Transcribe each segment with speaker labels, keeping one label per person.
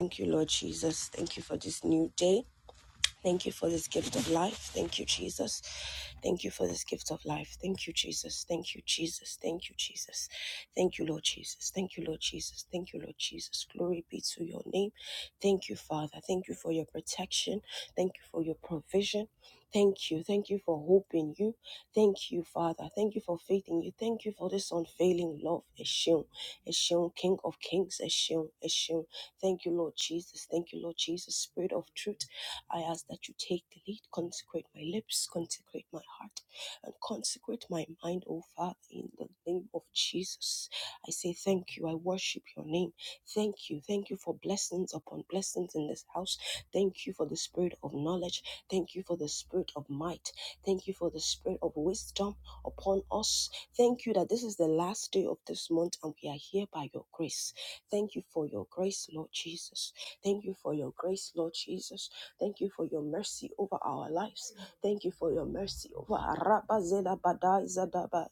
Speaker 1: Thank you, Lord Jesus. Thank you for this new day. Thank you for this gift of life. Thank you, Jesus. Thank you for this gift of life. Thank you, Jesus. Thank you, Jesus. Thank you, Jesus. Thank you, Lord Jesus. Thank you, Lord Jesus. Thank you, Lord Jesus. Glory be to your name. Thank you, Father. Thank you for your protection. Thank you for your provision. Thank you. Thank you for hope in you. Thank you, Father. Thank you for faith in you. Thank you for this unfailing love. Eshim, Eshim, King of Kings. Eshim, Eshim. Thank you, Lord Jesus. Thank you, Lord Jesus. Spirit of truth. I ask that you take the lead, consecrate my lips, consecrate my heart, and consecrate my mind, O Father, in the name of Jesus. I say thank you. I worship your name. Thank you. Thank you for blessings upon blessings in this house. Thank you for the spirit of knowledge. Thank you for the spirit of might. Thank you for the spirit of wisdom upon us. Thank you that this is the last day of this month and we are here by your grace. Thank you for your grace, Lord Jesus. Thank you for your grace, Lord Jesus. Thank you for your mercy over our lives. Thank you for your mercy over Araba Zela Badai Zadaba.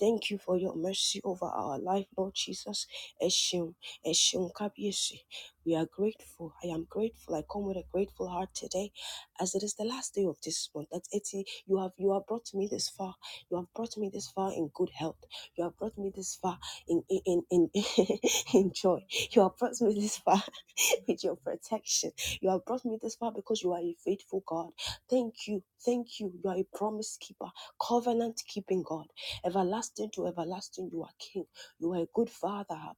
Speaker 1: Thank you for your mercy over our life, Lord Jesus. Eshim, Eshim Kabiyesi. We are grateful. I am grateful. I come with a grateful heart today, as it is the last day of this month. That's it. You have you have brought me this far. You have brought me this far in good health. You have brought me this far in in in, in, in joy. You have brought me this far with your protection you have brought me this far because you are a faithful God. Thank you. Thank you. You are a promise keeper, covenant keeping God. Everlasting to everlasting, you are King. You are a good Father. Abba.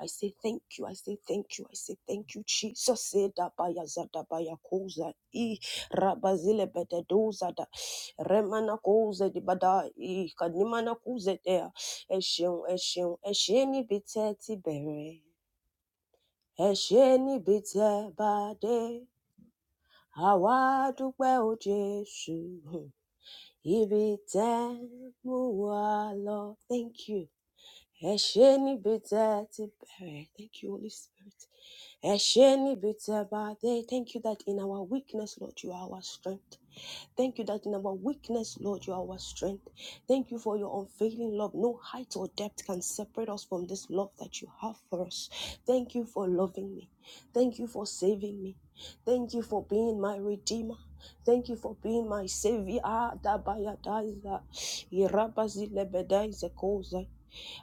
Speaker 1: I say thank you. I say thank you. I say thank you, Jesus. Say da baya zada baya koza i rabazile bede doza da remana koze di bada i kadimana koze dea eshion eshion esheni biteti bere esheni bite bade àwa dúpẹ́ o jésù Hmm. ibi tẹ́ mú wa lọ thank you ẹ ṣé níbi tẹ́ ti bẹ̀rẹ̀ thank you holy spirit ẹ ṣé níbi tẹ́ bá dé thank you that in our weakness lord you are our strength. Thank you that in our weakness, Lord, you are our strength. Thank you for your unfailing love. No height or depth can separate us from this love that you have for us. Thank you for loving me. Thank you for saving me. Thank you for being my redeemer. Thank you for being my savior. Ah, dabayadaza. Irabazilebedaizekoza.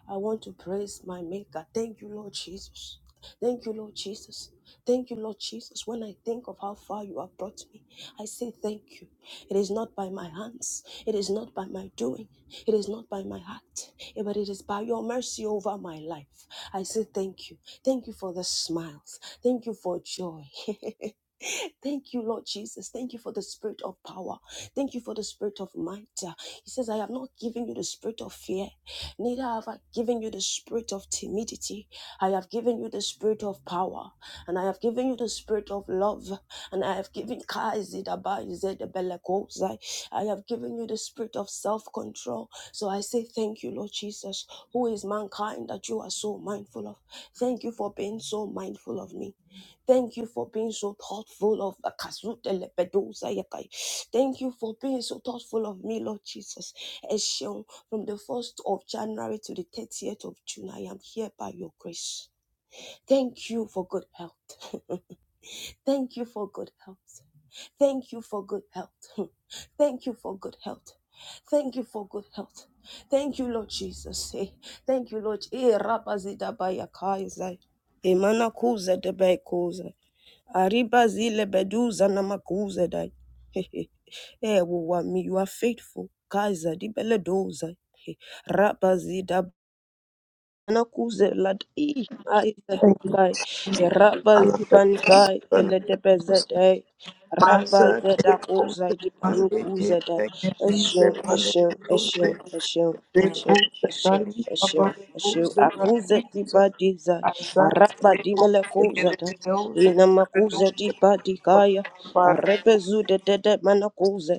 Speaker 1: I want to praise my Maker. Thank you, Lord Jesus. Thank you, Lord Jesus. Thank you, Lord Jesus. When I think of how far you have brought me, I say thank you. It is not by my hands, it is not by my doing, it is not by my heart, eh, but it is by your mercy over my life. I say thank you. Thank you for the smiles. Thank you for joy. Thank you, Lord Jesus. Thank you for the spirit of power. Thank you for the spirit of might. Uh, He says, I have not given you the spirit of fear, Neither have I given you the spirit of timidity. I have given you the spirit of power, and I have given you the spirit of love, and I have given I have given you the spirit of self-control. So I say thank you, Lord Jesus. Who is mankind that you are so mindful of? Thank you for being so mindful of me. Thank you for being so thoughtful of Thank you for being so thoughtful of me, Lord Jesus. Ẹ ṣeun. From the 1st of January to the 30th of June, I am here by your grace. Thank you for good health. Thank you for good health. Thank you for good health. Thank you for good health. Thank you for good health. Thank you, Lord Jesus. Eh, Thank you, Lord. Eh, rabazida baya Emana kuza de bai Ariba zile beduza na makuza dai. Hehe. Eh, wo you are faithful. Kaiser, di bele doza. nakuze lad i ai
Speaker 2: Thank
Speaker 1: zedukai
Speaker 2: you, Jesus.
Speaker 1: raba
Speaker 2: Alabakas,
Speaker 1: zipanikai eletebe
Speaker 2: Banakas,
Speaker 1: zede raba
Speaker 2: Maza,
Speaker 1: zeda ku
Speaker 2: Tepos,
Speaker 1: zaidi panuku
Speaker 2: Maleke,
Speaker 1: zede
Speaker 2: Tekis,
Speaker 1: eshin eshin eshin
Speaker 2: Panekuse,
Speaker 1: eshin eshin
Speaker 2: Repos,
Speaker 1: eshin
Speaker 2: Bali,
Speaker 1: eshin eshin
Speaker 2: Abakos,
Speaker 1: akuze di
Speaker 2: Banakus,
Speaker 1: badi zai
Speaker 2: Azat,
Speaker 1: araba di
Speaker 2: Repos,
Speaker 1: meleku zede
Speaker 2: Gedebedos,
Speaker 1: ina
Speaker 2: Gedebedos,
Speaker 1: makuze di badi kaya
Speaker 2: Babar,
Speaker 1: arebe zude de de de manakuze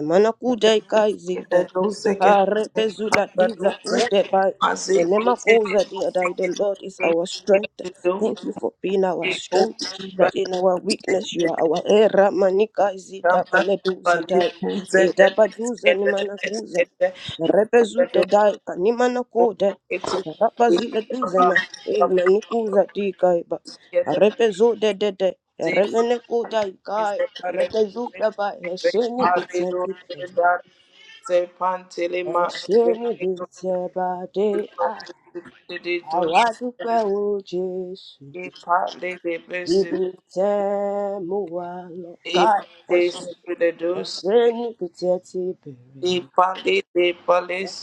Speaker 1: Imanakude
Speaker 2: Gedebedos,
Speaker 1: kaizide.
Speaker 2: Gedebedos,
Speaker 1: Harepezula diza
Speaker 2: Gedebedos,
Speaker 1: kude bai.
Speaker 2: Maze,
Speaker 1: Enemakoza diadai. The
Speaker 2: Gedebedos,
Speaker 1: Lord is our strength.
Speaker 2: Gedebedos, Gedebedos,
Speaker 1: Thank you for being our strength. That in our weakness you
Speaker 2: Gedebedos,
Speaker 1: are our era manika
Speaker 2: Ipalili,
Speaker 1: izida baleduza dai. Eda baduza ni manakuza. Repezute dai kanimana kude. Rapazile duzena. E manikuza dikai Repezo de de de. Remene kuda kai. Lepezo da ba. Hesheni bitse kipe. Hesheni bitse ba de. Ah. Àwa dúpẹ́ o Jésù. Ibi tẹ́ mú wa lọ. Káì ẹ ṣé. Ẹ ṣé níbi tí ẹ ti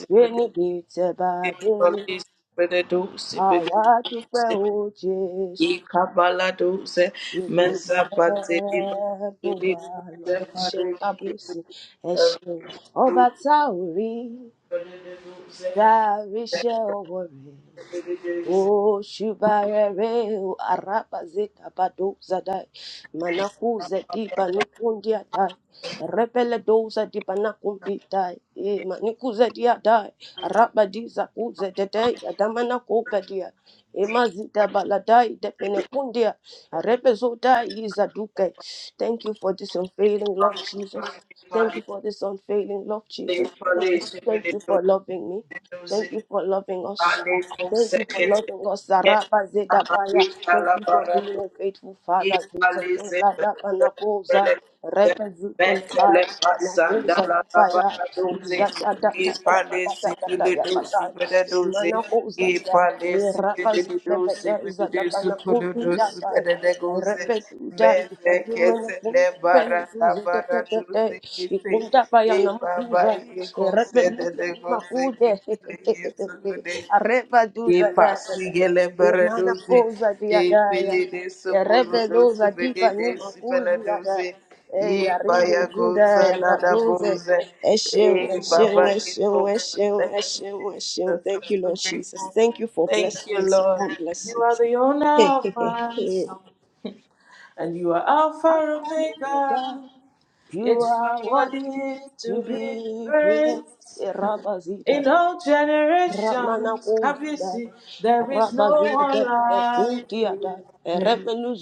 Speaker 2: palisi,
Speaker 1: ba dé.
Speaker 2: Beneduce,
Speaker 1: Àwa dúpẹ́
Speaker 2: beneduce,
Speaker 1: o Jésù.
Speaker 2: ikabaladuce, mezapatele,
Speaker 1: gbogbo
Speaker 2: beneduce,
Speaker 1: àlọ́ ẹ ṣeun kábíyèsí ẹ
Speaker 2: beneduce,
Speaker 1: ṣeun ọba tá ò rí
Speaker 2: beneduce,
Speaker 1: dáríṣẹ́ ọwọ́ rẹ̀ O shibarereu araba zeka bado zadai manakuze diba nikundia dai repele doza diba nakumbi dai e maniku dia dai araba di zaku dedei adamana nakupe dia e mazita baladai depene kundia arepe zodai iza thank you for this unfailing love Jesus thank you for this unfailing love Jesus
Speaker 2: beneduce, beneduce,
Speaker 1: thank you for loving me
Speaker 2: beneduce,
Speaker 1: Thank you for loving us.
Speaker 2: ale
Speaker 1: Thank you for
Speaker 2: consecete,
Speaker 1: loving us. Zaraba Zedabaya. Thank you for being a faithful father. Jesus.
Speaker 2: Equalize
Speaker 1: Lada Banakoza.
Speaker 2: mentally
Speaker 1: Repezutelebaya.
Speaker 2: Passing the
Speaker 1: Nakoza
Speaker 2: the
Speaker 1: Kifaya.
Speaker 2: the the the the the dosi,
Speaker 1: Izatadatatatatatataya.
Speaker 2: dosi,
Speaker 1: Manakoza Kia. Rapas the better
Speaker 2: dosi, with
Speaker 1: is
Speaker 2: the
Speaker 1: that the
Speaker 2: dosi,
Speaker 1: Panapuki
Speaker 2: colodos
Speaker 1: that
Speaker 2: with
Speaker 1: I
Speaker 2: the negozi, menekets nebara tabara dosi, Thank you.
Speaker 1: Areba
Speaker 2: Que
Speaker 1: duza da da da.
Speaker 2: pasigele
Speaker 1: Emana
Speaker 2: baradoze,
Speaker 1: koza
Speaker 2: e
Speaker 1: dia
Speaker 2: pele de
Speaker 1: ya
Speaker 2: sopolodoze,
Speaker 1: rebeloza dipa
Speaker 2: bede de
Speaker 1: nyuma kuzi ya
Speaker 2: sipaladoze,
Speaker 1: eh
Speaker 2: e
Speaker 1: aribe
Speaker 2: paya
Speaker 1: juda
Speaker 2: goza
Speaker 1: ya
Speaker 2: la da
Speaker 1: kadoze
Speaker 2: boze,
Speaker 1: eshew
Speaker 2: e
Speaker 1: eshew
Speaker 2: baba e
Speaker 1: eshew
Speaker 2: goza.
Speaker 1: eshew
Speaker 2: Thank you,
Speaker 1: eshew eshew
Speaker 2: Jesus.
Speaker 1: thank
Speaker 2: I'm
Speaker 1: you
Speaker 2: so
Speaker 1: lord jesus
Speaker 2: grateful.
Speaker 1: thank you for
Speaker 2: Thank you,
Speaker 1: blessings
Speaker 2: Lord.
Speaker 1: upon
Speaker 2: You
Speaker 1: blessings
Speaker 2: are the
Speaker 1: Hey,
Speaker 2: owner of
Speaker 1: hey,
Speaker 2: my
Speaker 1: hey,
Speaker 2: soul, and you are Alpha Omega.
Speaker 1: you
Speaker 2: Yet you
Speaker 1: are
Speaker 2: are worthy
Speaker 1: worthy to
Speaker 2: to be
Speaker 1: be praised
Speaker 2: praised.
Speaker 1: Eh, Rabba Zida.
Speaker 2: In all
Speaker 1: Ramana
Speaker 2: generations, have you
Speaker 1: Kozuda,
Speaker 2: seen there is no
Speaker 1: Rabazina
Speaker 2: one
Speaker 1: de
Speaker 2: like you?
Speaker 1: Petiada,
Speaker 2: Yeah.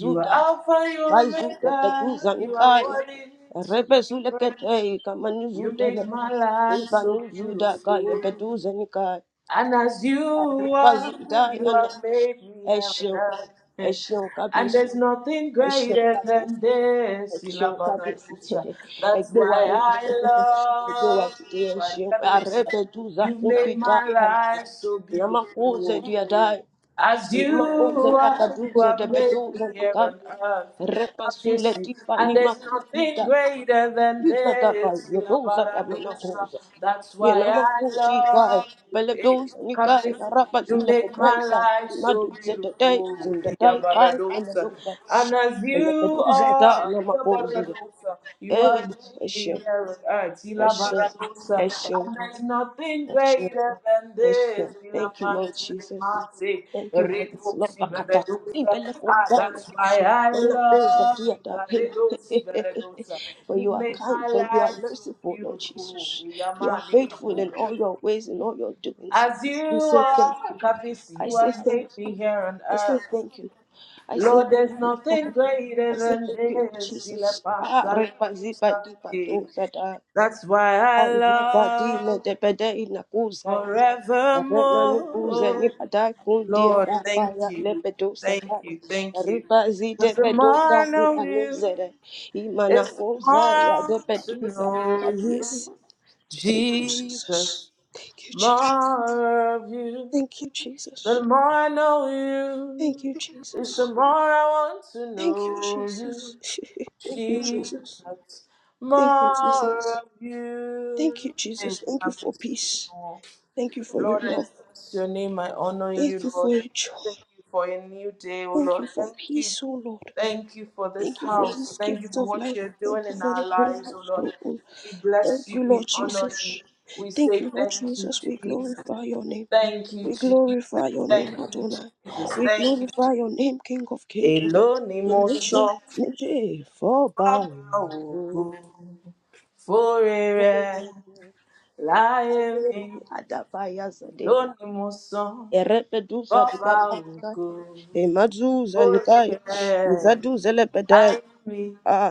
Speaker 2: You are Alpha, you are
Speaker 1: Kaizu de
Speaker 2: Omega,
Speaker 1: Petuza
Speaker 2: you are
Speaker 1: Nikaya,
Speaker 2: worthy to be
Speaker 1: Rebezule
Speaker 2: praised.
Speaker 1: Kete,
Speaker 2: You
Speaker 1: Kamanuzuda,
Speaker 2: make my life so
Speaker 1: Ivanuzuda, Kaya
Speaker 2: beautiful.
Speaker 1: Petuza Nikaya,
Speaker 2: And as you are,
Speaker 1: Rebazuda,
Speaker 2: you
Speaker 1: Yana
Speaker 2: have made me heaven. And
Speaker 1: Eshion,
Speaker 2: earth.
Speaker 1: Eshion
Speaker 2: And
Speaker 1: Kabis,
Speaker 2: there's nothing greater
Speaker 1: Eshion
Speaker 2: than this. Ila
Speaker 1: Shota bisi.
Speaker 2: Baradusa. That's
Speaker 1: Egbe
Speaker 2: why
Speaker 1: waro.
Speaker 2: I
Speaker 1: Egbe
Speaker 2: love
Speaker 1: wati
Speaker 2: you.
Speaker 1: e she.
Speaker 2: Baradusa.
Speaker 1: Arepe tuza
Speaker 2: You've made
Speaker 1: kumpita.
Speaker 2: my life so
Speaker 1: Nama kuze
Speaker 2: beautiful.
Speaker 1: diadai.
Speaker 2: As
Speaker 1: namakoze kuze
Speaker 2: you
Speaker 1: kaka
Speaker 2: are, you
Speaker 1: duze
Speaker 2: have
Speaker 1: de
Speaker 2: made me
Speaker 1: beduze
Speaker 2: here
Speaker 1: naka.
Speaker 2: on earth.
Speaker 1: Repa sule
Speaker 2: Kabisi.
Speaker 1: tipa ni
Speaker 2: And there's nothing
Speaker 1: makuta.
Speaker 2: greater than
Speaker 1: Yusa taka
Speaker 2: this.
Speaker 1: yodoza kamena
Speaker 2: Ilabaradosa.
Speaker 1: kuza.
Speaker 2: That's why
Speaker 1: Yenama
Speaker 2: I
Speaker 1: kai.
Speaker 2: love you.
Speaker 1: Bele
Speaker 2: Eh,
Speaker 1: doza ni kai.
Speaker 2: Kabisi.
Speaker 1: Arapa
Speaker 2: You
Speaker 1: zile
Speaker 2: make my
Speaker 1: bedeisa.
Speaker 2: life so
Speaker 1: Madu zete dei.
Speaker 2: beautiful.
Speaker 1: kai. Ele
Speaker 2: Ilabaradosa.
Speaker 1: doza.
Speaker 2: And as
Speaker 1: Ele
Speaker 2: you
Speaker 1: doza da
Speaker 2: are,
Speaker 1: namakoze.
Speaker 2: Ilabaradosa, you
Speaker 1: Hey,
Speaker 2: have made be
Speaker 1: Eshem,
Speaker 2: here on earth, Ila
Speaker 1: Eshem,
Speaker 2: Baradusa.
Speaker 1: Eshem,
Speaker 2: and there's nothing
Speaker 1: Eshem,
Speaker 2: greater than this.
Speaker 1: Eshem.
Speaker 2: Ila
Speaker 1: Thank you, Lord Jesus.
Speaker 2: Pantimasi,
Speaker 1: Thank you for this love.
Speaker 2: Redusi
Speaker 1: Bakatata.
Speaker 2: Beredusa.
Speaker 1: Ibeleko
Speaker 2: Ah,
Speaker 1: Gaya.
Speaker 2: that's why I
Speaker 1: Nana Oza
Speaker 2: love you,
Speaker 1: Diata.
Speaker 2: Baredusi Beredusa.
Speaker 1: For
Speaker 2: You
Speaker 1: you are
Speaker 2: made
Speaker 1: kind,
Speaker 2: my
Speaker 1: for you are
Speaker 2: life so
Speaker 1: merciful, Lord
Speaker 2: beautiful,
Speaker 1: Jesus. You are
Speaker 2: Yamani
Speaker 1: faithful in
Speaker 2: Kapusha.
Speaker 1: all your ways and all your doings.
Speaker 2: As you
Speaker 1: We say
Speaker 2: are,
Speaker 1: thank you.
Speaker 2: Kapisi,
Speaker 1: I
Speaker 2: you
Speaker 1: say
Speaker 2: have
Speaker 1: thank
Speaker 2: made
Speaker 1: you.
Speaker 2: me here on
Speaker 1: I say
Speaker 2: earth.
Speaker 1: thank you. I say
Speaker 2: Lord, there's
Speaker 1: thank you.
Speaker 2: nothing greater
Speaker 1: I say
Speaker 2: than
Speaker 1: thank you,
Speaker 2: this. Ila
Speaker 1: Jesus. Ah, repa zipa dipa
Speaker 2: Pantimasi.
Speaker 1: dosa
Speaker 2: That's why I
Speaker 1: Zikadile
Speaker 2: love
Speaker 1: debede na kuzai. Rema ni kuze ni
Speaker 2: forevermore.
Speaker 1: kundi ya
Speaker 2: Lord, thank
Speaker 1: baba ya
Speaker 2: you.
Speaker 1: lebedo
Speaker 2: Thank
Speaker 1: sakai.
Speaker 2: you. Thank you.
Speaker 1: Riba zide
Speaker 2: Because the
Speaker 1: bedo
Speaker 2: more I
Speaker 1: dasi
Speaker 2: know you,
Speaker 1: anuzere.
Speaker 2: it's the more I want to know
Speaker 1: Yes.
Speaker 2: you.
Speaker 1: Thank you,
Speaker 2: Jesus,
Speaker 1: Jesus. Thank you, Jesus.
Speaker 2: more of you.
Speaker 1: Thank you, Jesus.
Speaker 2: The more I know
Speaker 1: Thank
Speaker 2: you,
Speaker 1: you,
Speaker 2: it's the
Speaker 1: Jesus.
Speaker 2: more I want to
Speaker 1: Thank you,
Speaker 2: know
Speaker 1: Jesus.
Speaker 2: you.
Speaker 1: Thank you, Jesus.
Speaker 2: Jesus,
Speaker 1: Thank you,
Speaker 2: more
Speaker 1: Jesus.
Speaker 2: of
Speaker 1: Thank you,
Speaker 2: you.
Speaker 1: Jesus. Thank you for peace.
Speaker 2: Amen.
Speaker 1: Thank you for your
Speaker 2: Lord, I
Speaker 1: love.
Speaker 2: bless your name. I honor
Speaker 1: Thank
Speaker 2: you,
Speaker 1: you
Speaker 2: Lord.
Speaker 1: for your joy.
Speaker 2: Thank you for a new day, oh
Speaker 1: Thank
Speaker 2: Lord.
Speaker 1: you for
Speaker 2: Thank you.
Speaker 1: peace, O Lord.
Speaker 2: Thank you for this
Speaker 1: Thank you for
Speaker 2: house.
Speaker 1: this
Speaker 2: Thank you
Speaker 1: gift
Speaker 2: for
Speaker 1: of
Speaker 2: what
Speaker 1: life.
Speaker 2: you're
Speaker 1: Thank
Speaker 2: doing
Speaker 1: you
Speaker 2: in
Speaker 1: for the
Speaker 2: our lives, oh
Speaker 1: privilege,
Speaker 2: Lord.
Speaker 1: glory.
Speaker 2: We bless
Speaker 1: Thank
Speaker 2: you.
Speaker 1: you,
Speaker 2: We
Speaker 1: Lord
Speaker 2: honor you.
Speaker 1: Jesus.
Speaker 2: We
Speaker 1: Thank
Speaker 2: say
Speaker 1: you, Lord
Speaker 2: thank you,
Speaker 1: Jesus. We
Speaker 2: Jesus.
Speaker 1: glorify your name.
Speaker 2: Thank you,
Speaker 1: We
Speaker 2: Jesus.
Speaker 1: glorify your name,
Speaker 2: Thank you,
Speaker 1: Adonai.
Speaker 2: Jesus.
Speaker 1: We
Speaker 2: Thank you, Jesus.
Speaker 1: glorify your name, King of Kings.
Speaker 2: Èló ni
Speaker 1: The
Speaker 2: mo
Speaker 1: nation,
Speaker 2: sọ
Speaker 1: nation for
Speaker 2: bàbá
Speaker 1: bow.
Speaker 2: ògo fóore rẹ̀ láyé mi? Èló
Speaker 1: Adabayazade.
Speaker 2: ni mo sọ
Speaker 1: Erepedusa
Speaker 2: bàbá
Speaker 1: dibadaka.
Speaker 2: ògo
Speaker 1: Emazuza
Speaker 2: Oh,
Speaker 1: nikai.
Speaker 2: yeah.
Speaker 1: Izaduza lepedai.
Speaker 2: I me.
Speaker 1: Ah,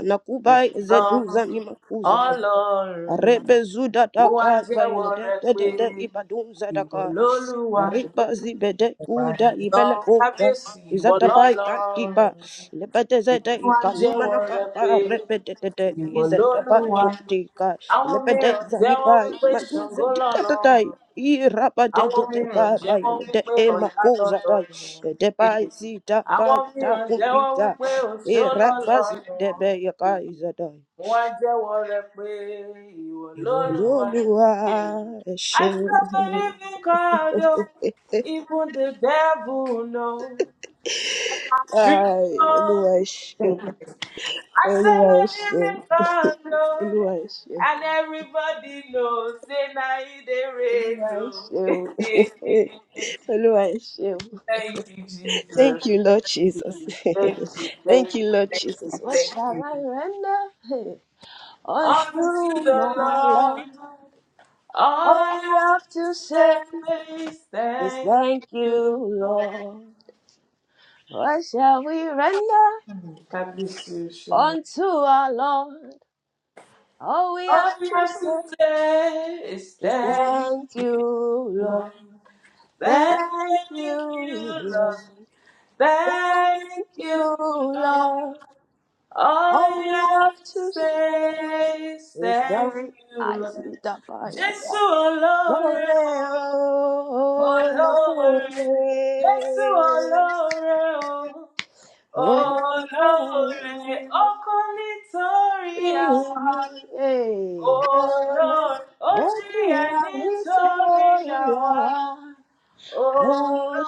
Speaker 2: I
Speaker 1: Nakuba is at
Speaker 2: know.
Speaker 1: who's name? Who's it?
Speaker 2: Ọlọ́run mi,
Speaker 1: Rebezuda
Speaker 2: mo
Speaker 1: da
Speaker 2: wá
Speaker 1: ka ba
Speaker 2: jẹ́wọ́
Speaker 1: ele de
Speaker 2: rẹ
Speaker 1: de
Speaker 2: pé
Speaker 1: de de ibadum zada
Speaker 2: ìwọ
Speaker 1: ka.
Speaker 2: lolúwa,
Speaker 1: Riba zibe
Speaker 2: why
Speaker 1: uda
Speaker 2: lọ
Speaker 1: ibele uda.
Speaker 2: kábíyèsí ìwọ
Speaker 1: Izata pa ikanti
Speaker 2: lọ́lọ́run
Speaker 1: pa.
Speaker 2: mi.
Speaker 1: Lebede zede
Speaker 2: Èmi wá
Speaker 1: ikanuma
Speaker 2: jẹ́wọ́
Speaker 1: na ka
Speaker 2: rẹ
Speaker 1: ka
Speaker 2: pé
Speaker 1: de de.
Speaker 2: ìwọ
Speaker 1: Izata pa
Speaker 2: lolúwa.
Speaker 1: ikuti ka.
Speaker 2: Àwọn
Speaker 1: Lebede
Speaker 2: mìíràn
Speaker 1: zani
Speaker 2: jẹ́wọ́
Speaker 1: ka
Speaker 2: wípé
Speaker 1: imadu
Speaker 2: Ṣàngó
Speaker 1: zedi da da
Speaker 2: lọ́lọ́run.
Speaker 1: I raba de
Speaker 2: Àwọn
Speaker 1: de de ka
Speaker 2: mìíràn
Speaker 1: ba
Speaker 2: jẹ́wọ́
Speaker 1: ele de
Speaker 2: wípé
Speaker 1: e
Speaker 2: ọ̀yá
Speaker 1: makuza da.
Speaker 2: lọ́lọ́run wọn.
Speaker 1: De pa
Speaker 2: Eh,
Speaker 1: izita ka
Speaker 2: Àwọn
Speaker 1: ita
Speaker 2: mìíràn jẹ́wọ́
Speaker 1: kumpita.
Speaker 2: wípé òṣó
Speaker 1: E raba
Speaker 2: lọ́lọ́run
Speaker 1: zide
Speaker 2: wọn.
Speaker 1: be ya
Speaker 2: Eh,
Speaker 1: izada.
Speaker 2: Wọ́n á jẹ́wọ́ rẹ pé ìwọ lólùwà.
Speaker 1: Olúwa
Speaker 2: Eh,
Speaker 1: ẹ
Speaker 2: I
Speaker 1: ṣeun,
Speaker 2: serve a living God, oh, even the devil knows. True,
Speaker 1: Ai,
Speaker 2: oh,
Speaker 1: Olúwa ẹ ṣeun,
Speaker 2: I
Speaker 1: Olúwa
Speaker 2: serve a
Speaker 1: ẹ ṣeun,
Speaker 2: living God, oh,
Speaker 1: Olúwa ẹ ṣeun,
Speaker 2: and everybody knows. Say na e dey
Speaker 1: Olúwa
Speaker 2: rain,
Speaker 1: ẹ ṣeun,
Speaker 2: oh.
Speaker 1: Olúwa ẹ ṣeun.
Speaker 2: Thank you,
Speaker 1: Thank
Speaker 2: Jesus.
Speaker 1: you,
Speaker 2: Thank
Speaker 1: Lord Jesus.
Speaker 2: you, thank you, thank
Speaker 1: Thank you,
Speaker 2: you,
Speaker 1: Lord
Speaker 2: thank
Speaker 1: Jesus.
Speaker 2: you,
Speaker 1: What
Speaker 2: thank
Speaker 1: shall
Speaker 2: you.
Speaker 1: I render hey,
Speaker 2: Unto
Speaker 1: unto
Speaker 2: the
Speaker 1: my
Speaker 2: Lord,
Speaker 1: Lord?
Speaker 2: all
Speaker 1: All
Speaker 2: I
Speaker 1: we have
Speaker 2: have to
Speaker 1: to say
Speaker 2: say is
Speaker 1: is
Speaker 2: thank
Speaker 1: thank you,
Speaker 2: you, Lord.
Speaker 1: Lord. What shall we render
Speaker 2: God bless you, Sean.
Speaker 1: unto our Lord? All we
Speaker 2: All
Speaker 1: have
Speaker 2: I
Speaker 1: to
Speaker 2: have to
Speaker 1: say
Speaker 2: say is
Speaker 1: is
Speaker 2: thank
Speaker 1: thank you,
Speaker 2: you, Lord.
Speaker 1: Lord.
Speaker 2: Thank
Speaker 1: Thank you,
Speaker 2: you,
Speaker 1: Lord.
Speaker 2: Lord. Thank
Speaker 1: Thank
Speaker 2: you,
Speaker 1: you,
Speaker 2: Lord.
Speaker 1: Lord.
Speaker 2: All
Speaker 1: All we
Speaker 2: I have
Speaker 1: have
Speaker 2: to
Speaker 1: to say
Speaker 2: say is
Speaker 1: is
Speaker 2: thank
Speaker 1: thank
Speaker 2: you,
Speaker 1: I
Speaker 2: Lord.
Speaker 1: see that by your
Speaker 2: Jésù
Speaker 1: time.
Speaker 2: olóore
Speaker 1: Lord,
Speaker 2: o,
Speaker 1: oh, Lord.
Speaker 2: olóore. Jésù olóore o,
Speaker 1: Oh,
Speaker 2: olóore. Ó
Speaker 1: Lord.
Speaker 2: kú nítorí
Speaker 1: Give
Speaker 2: àwa.
Speaker 1: me, eh, oh, Lord.
Speaker 2: Olóore, ó
Speaker 1: Oh,
Speaker 2: jìyà
Speaker 1: you
Speaker 2: nítorí
Speaker 1: are
Speaker 2: àwa.
Speaker 1: little,
Speaker 2: Olóore,
Speaker 1: Lord,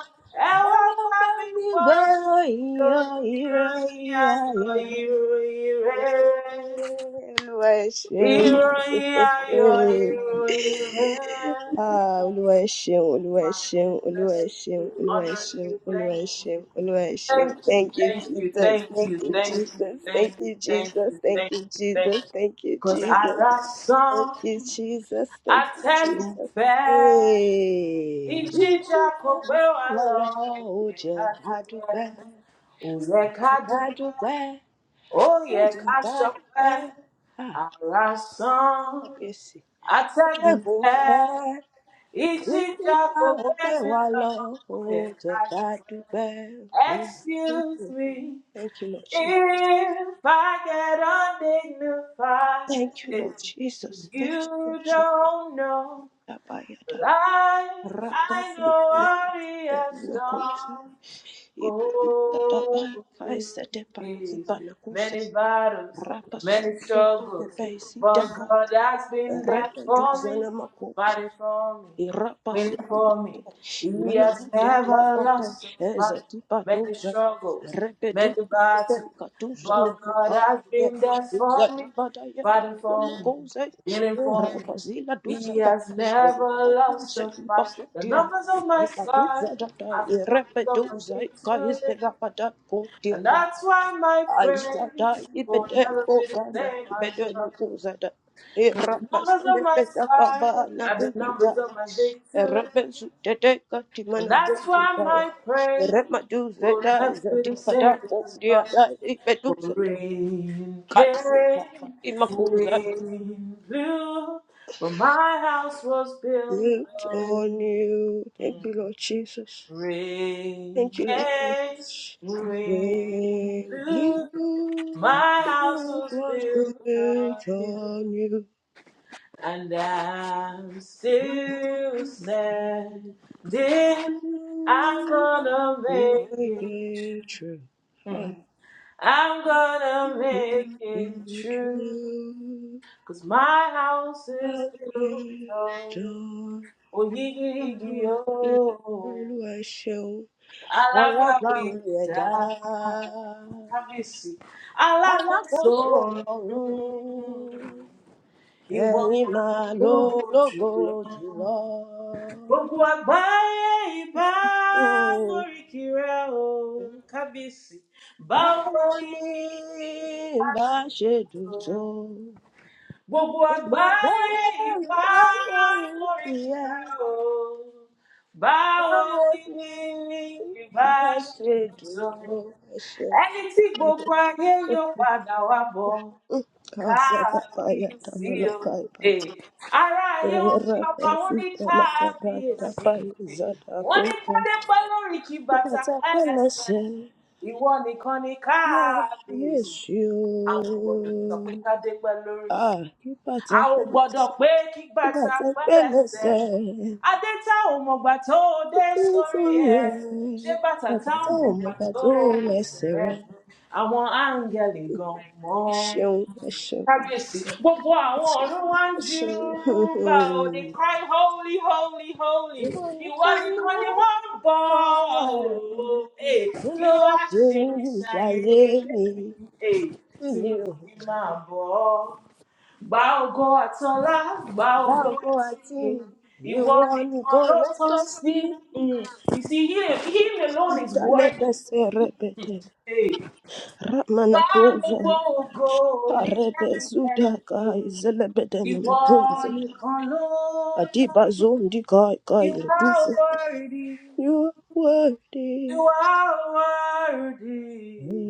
Speaker 2: ẹ wá bá mi
Speaker 1: everybody,
Speaker 2: gbọ́rọ̀ ìròyìn,
Speaker 1: yo, yo,
Speaker 2: ìròyìn
Speaker 1: yo,
Speaker 2: ayọ̀,
Speaker 1: yo.
Speaker 2: ìròyìn rere.
Speaker 1: Olúwa ẹ ṣeun.
Speaker 2: Ìròyìn ayọ̀, ìròyìn rere.
Speaker 1: Ah, Olúwa ẹ ṣeun, Olúwa ẹ
Speaker 2: Father,
Speaker 1: ṣeun,
Speaker 2: we
Speaker 1: Olúwa
Speaker 2: bless
Speaker 1: ẹ
Speaker 2: you, we
Speaker 1: ṣeun, Olúwa ẹ
Speaker 2: honor you,
Speaker 1: ṣeun, Olúwa
Speaker 2: thank
Speaker 1: ẹ ṣeun,
Speaker 2: you,
Speaker 1: Olúwa ẹ ṣeun.
Speaker 2: thank
Speaker 1: Thank
Speaker 2: you,
Speaker 1: you,
Speaker 2: thank you,
Speaker 1: Jesus.
Speaker 2: thank
Speaker 1: Thank
Speaker 2: you,
Speaker 1: you,
Speaker 2: thank you,
Speaker 1: Jesus.
Speaker 2: thank
Speaker 1: Thank
Speaker 2: you,
Speaker 1: you,
Speaker 2: thank
Speaker 1: Jesus.
Speaker 2: you,
Speaker 1: Thank
Speaker 2: thank
Speaker 1: you,
Speaker 2: you, thank
Speaker 1: Jesus.
Speaker 2: you.
Speaker 1: Thank you,
Speaker 2: Cause I
Speaker 1: Jesus.
Speaker 2: love
Speaker 1: Thank
Speaker 2: song,
Speaker 1: you, Jesus.
Speaker 2: I
Speaker 1: Thank you,
Speaker 2: atẹ́gùn
Speaker 1: Jesus.
Speaker 2: fẹ́,
Speaker 1: Hey.
Speaker 2: ìjìjà kò gbé wa lọ,
Speaker 1: Wàlá
Speaker 2: kò
Speaker 1: ó
Speaker 2: yẹ
Speaker 1: jẹ́
Speaker 2: ká
Speaker 1: ká dúpẹ́,
Speaker 2: dúpẹ́, ò yẹ ká
Speaker 1: ká
Speaker 2: dúpẹ́,
Speaker 1: dúpẹ́,
Speaker 2: ó
Speaker 1: ó
Speaker 2: yẹ
Speaker 1: jẹ́
Speaker 2: ká
Speaker 1: ká
Speaker 2: ṣọpẹ́,
Speaker 1: dúpẹ́. Ah,
Speaker 2: ara san
Speaker 1: kábíyèsí.
Speaker 2: atẹ́gùn
Speaker 1: Atẹ́gùn
Speaker 2: fẹ́
Speaker 1: fẹ́,
Speaker 2: ìjìjà
Speaker 1: ìgbéga
Speaker 2: kò
Speaker 1: ó gbé
Speaker 2: gbẹ́mí
Speaker 1: wa
Speaker 2: lọ
Speaker 1: lọ,
Speaker 2: kò
Speaker 1: ó
Speaker 2: yẹ
Speaker 1: jẹ́
Speaker 2: ká
Speaker 1: ká
Speaker 2: dúpẹ́.
Speaker 1: dúpẹ́. Mm, Thank
Speaker 2: excuse
Speaker 1: you,
Speaker 2: me
Speaker 1: Thank you, Lord Jesus.
Speaker 2: if I get undignified
Speaker 1: Thank you,
Speaker 2: eh,
Speaker 1: Lord Jesus.
Speaker 2: 'cause
Speaker 1: Thank
Speaker 2: you
Speaker 1: you, Lord Jesus.
Speaker 2: don't know
Speaker 1: Dabayada.
Speaker 2: like I
Speaker 1: Rakasi.
Speaker 2: know what he has done
Speaker 1: Dabai
Speaker 2: Glory.
Speaker 1: kaisa debai kibana kusa
Speaker 2: Many battles,
Speaker 1: rapa
Speaker 2: many
Speaker 1: suda
Speaker 2: struggles,
Speaker 1: debai si
Speaker 2: but
Speaker 1: daba
Speaker 2: God has been there
Speaker 1: rebe
Speaker 2: for me,
Speaker 1: duzana
Speaker 2: fighting for me,
Speaker 1: Thank you.
Speaker 2: winning for me. He has never lost a fight. Many struggles, many battles, but God has been there for me, fighting for me, winning for me. He has never lost a fight. The numbers of my side are the numbers of my victory. And that's why my praise will never be the same as yours. The numbers of my scars are the numbers of my
Speaker 1: Built on
Speaker 2: victory. And that's why my praise will never be the same as yours. For rain came, wind blew, but my house was built on
Speaker 1: you. Thank you, Lord Jesus.
Speaker 2: rain
Speaker 1: Thank you, Lord
Speaker 2: came,
Speaker 1: Jesus.
Speaker 2: wind
Speaker 1: When blue
Speaker 2: blew, my house
Speaker 1: house
Speaker 2: was
Speaker 1: was
Speaker 2: built on
Speaker 1: built
Speaker 2: you.
Speaker 1: on you,
Speaker 2: And I'm still standing. I'm gonna
Speaker 1: you
Speaker 2: make
Speaker 1: made
Speaker 2: it.
Speaker 1: it true.
Speaker 2: Mm. I'm gonna
Speaker 1: Let
Speaker 2: make it
Speaker 1: Your
Speaker 2: true.
Speaker 1: truth
Speaker 2: Cause my house is
Speaker 1: has
Speaker 2: built
Speaker 1: been
Speaker 2: on
Speaker 1: done.
Speaker 2: oh, ye, ye, ye, oh.
Speaker 1: Olúwa ṣeun. Alábàáwí ẹ̀dá.
Speaker 2: Alagbawida, Kábíyèsí, alákòóso
Speaker 1: Alákòóso
Speaker 2: ọ̀run,
Speaker 1: ọ̀run.
Speaker 2: ìwọ
Speaker 1: Ẹ̀yin
Speaker 2: mà ló
Speaker 1: máa lo
Speaker 2: lógo
Speaker 1: lógo
Speaker 2: jùlọ.
Speaker 1: jùlọ.
Speaker 2: gbogbo àgbáyé ìbá
Speaker 1: Mm.
Speaker 2: móríkì rẹ o kábíyèsí báwo
Speaker 1: Báwo
Speaker 2: ni
Speaker 1: ni
Speaker 2: a
Speaker 1: bá
Speaker 2: ti
Speaker 1: ṣe dùn
Speaker 2: lò ó?
Speaker 1: tó?
Speaker 2: gbogbo
Speaker 1: Gbogbo
Speaker 2: àgbáyé
Speaker 1: àgbáyé ń
Speaker 2: ìbá
Speaker 1: bá lórí
Speaker 2: móríkì rẹ
Speaker 1: tiẹ̀.
Speaker 2: o
Speaker 1: Yes,
Speaker 2: báwo ni ìbá ṣe lò tó ẹni tí gbogbo ayé yóò padà wá bọ kábíyèsí o. Eh, ará ayé wọn kí ọba wọn ní kábíyèsí. Eh, Wọ́n ní kádé pẹ́ lórí kí bàtà pẹ́ lẹ́sẹ̀. Ìwọ nìkan ni kábíyèsí.
Speaker 1: you.
Speaker 2: A ò gbọ́dọ̀ sọ pé kádé pẹ́ lórí. A ò gbọ́dọ̀ pé kí bàtà pẹ́ lẹ́sẹ̀. Adé tá ò mọ̀gbà tó o dé sórí ẹ̀. Ṣé bàtà tá
Speaker 1: Bàtà tó
Speaker 2: ò
Speaker 1: ò mọ
Speaker 2: mọ̀gbà
Speaker 1: bá
Speaker 2: tó
Speaker 1: tó rìn
Speaker 2: wẹsẹ̀
Speaker 1: ẹsẹ̀
Speaker 2: rẹ̀?
Speaker 1: rẹ̀.
Speaker 2: Àwọn áńgẹ̀lì gan
Speaker 1: Ẹ
Speaker 2: mọ́
Speaker 1: ṣeun, ẹ ṣeun.
Speaker 2: kábíyèsí gbogbo àwọn ọ̀run wá ń ju
Speaker 1: you
Speaker 2: bá o they
Speaker 1: know
Speaker 2: cry holy holy holy
Speaker 1: you
Speaker 2: ìwọ
Speaker 1: got me
Speaker 2: nìkan ni wọ́n ń bọ̀ o
Speaker 1: for
Speaker 2: Eh,
Speaker 1: you
Speaker 2: kí
Speaker 1: know
Speaker 2: ló wá
Speaker 1: what you
Speaker 2: ṣe ní
Speaker 1: mean
Speaker 2: ṣayé
Speaker 1: ṣayé mi
Speaker 2: mi Eh,
Speaker 1: sí
Speaker 2: tí
Speaker 1: mi o
Speaker 2: mo ní máa bọ̀ ọ́ gba ògo àtọlá gba ògo
Speaker 1: láòkó àti
Speaker 2: àtìyìn ìwọ
Speaker 1: ìwọ
Speaker 2: nìkan
Speaker 1: nìkan
Speaker 2: ló
Speaker 1: ló
Speaker 2: tán
Speaker 1: tọ́ sí
Speaker 2: sí Mm, you see him, him alone is worthy
Speaker 1: ìdálẹ́kẹsẹ̀ rẹpẹtẹ
Speaker 2: Eh, gba
Speaker 1: ramanakoza
Speaker 2: gbogbo ògo ní
Speaker 1: arẹbẹ sudaka
Speaker 2: ẹnikẹ́ni
Speaker 1: ìzẹlẹbẹdẹ
Speaker 2: Ìwọ
Speaker 1: namakoze
Speaker 2: nìkan ló tọ́ sí.
Speaker 1: adibazo kai Kai,
Speaker 2: You are worthy.
Speaker 1: you are worthy
Speaker 2: You are worthy.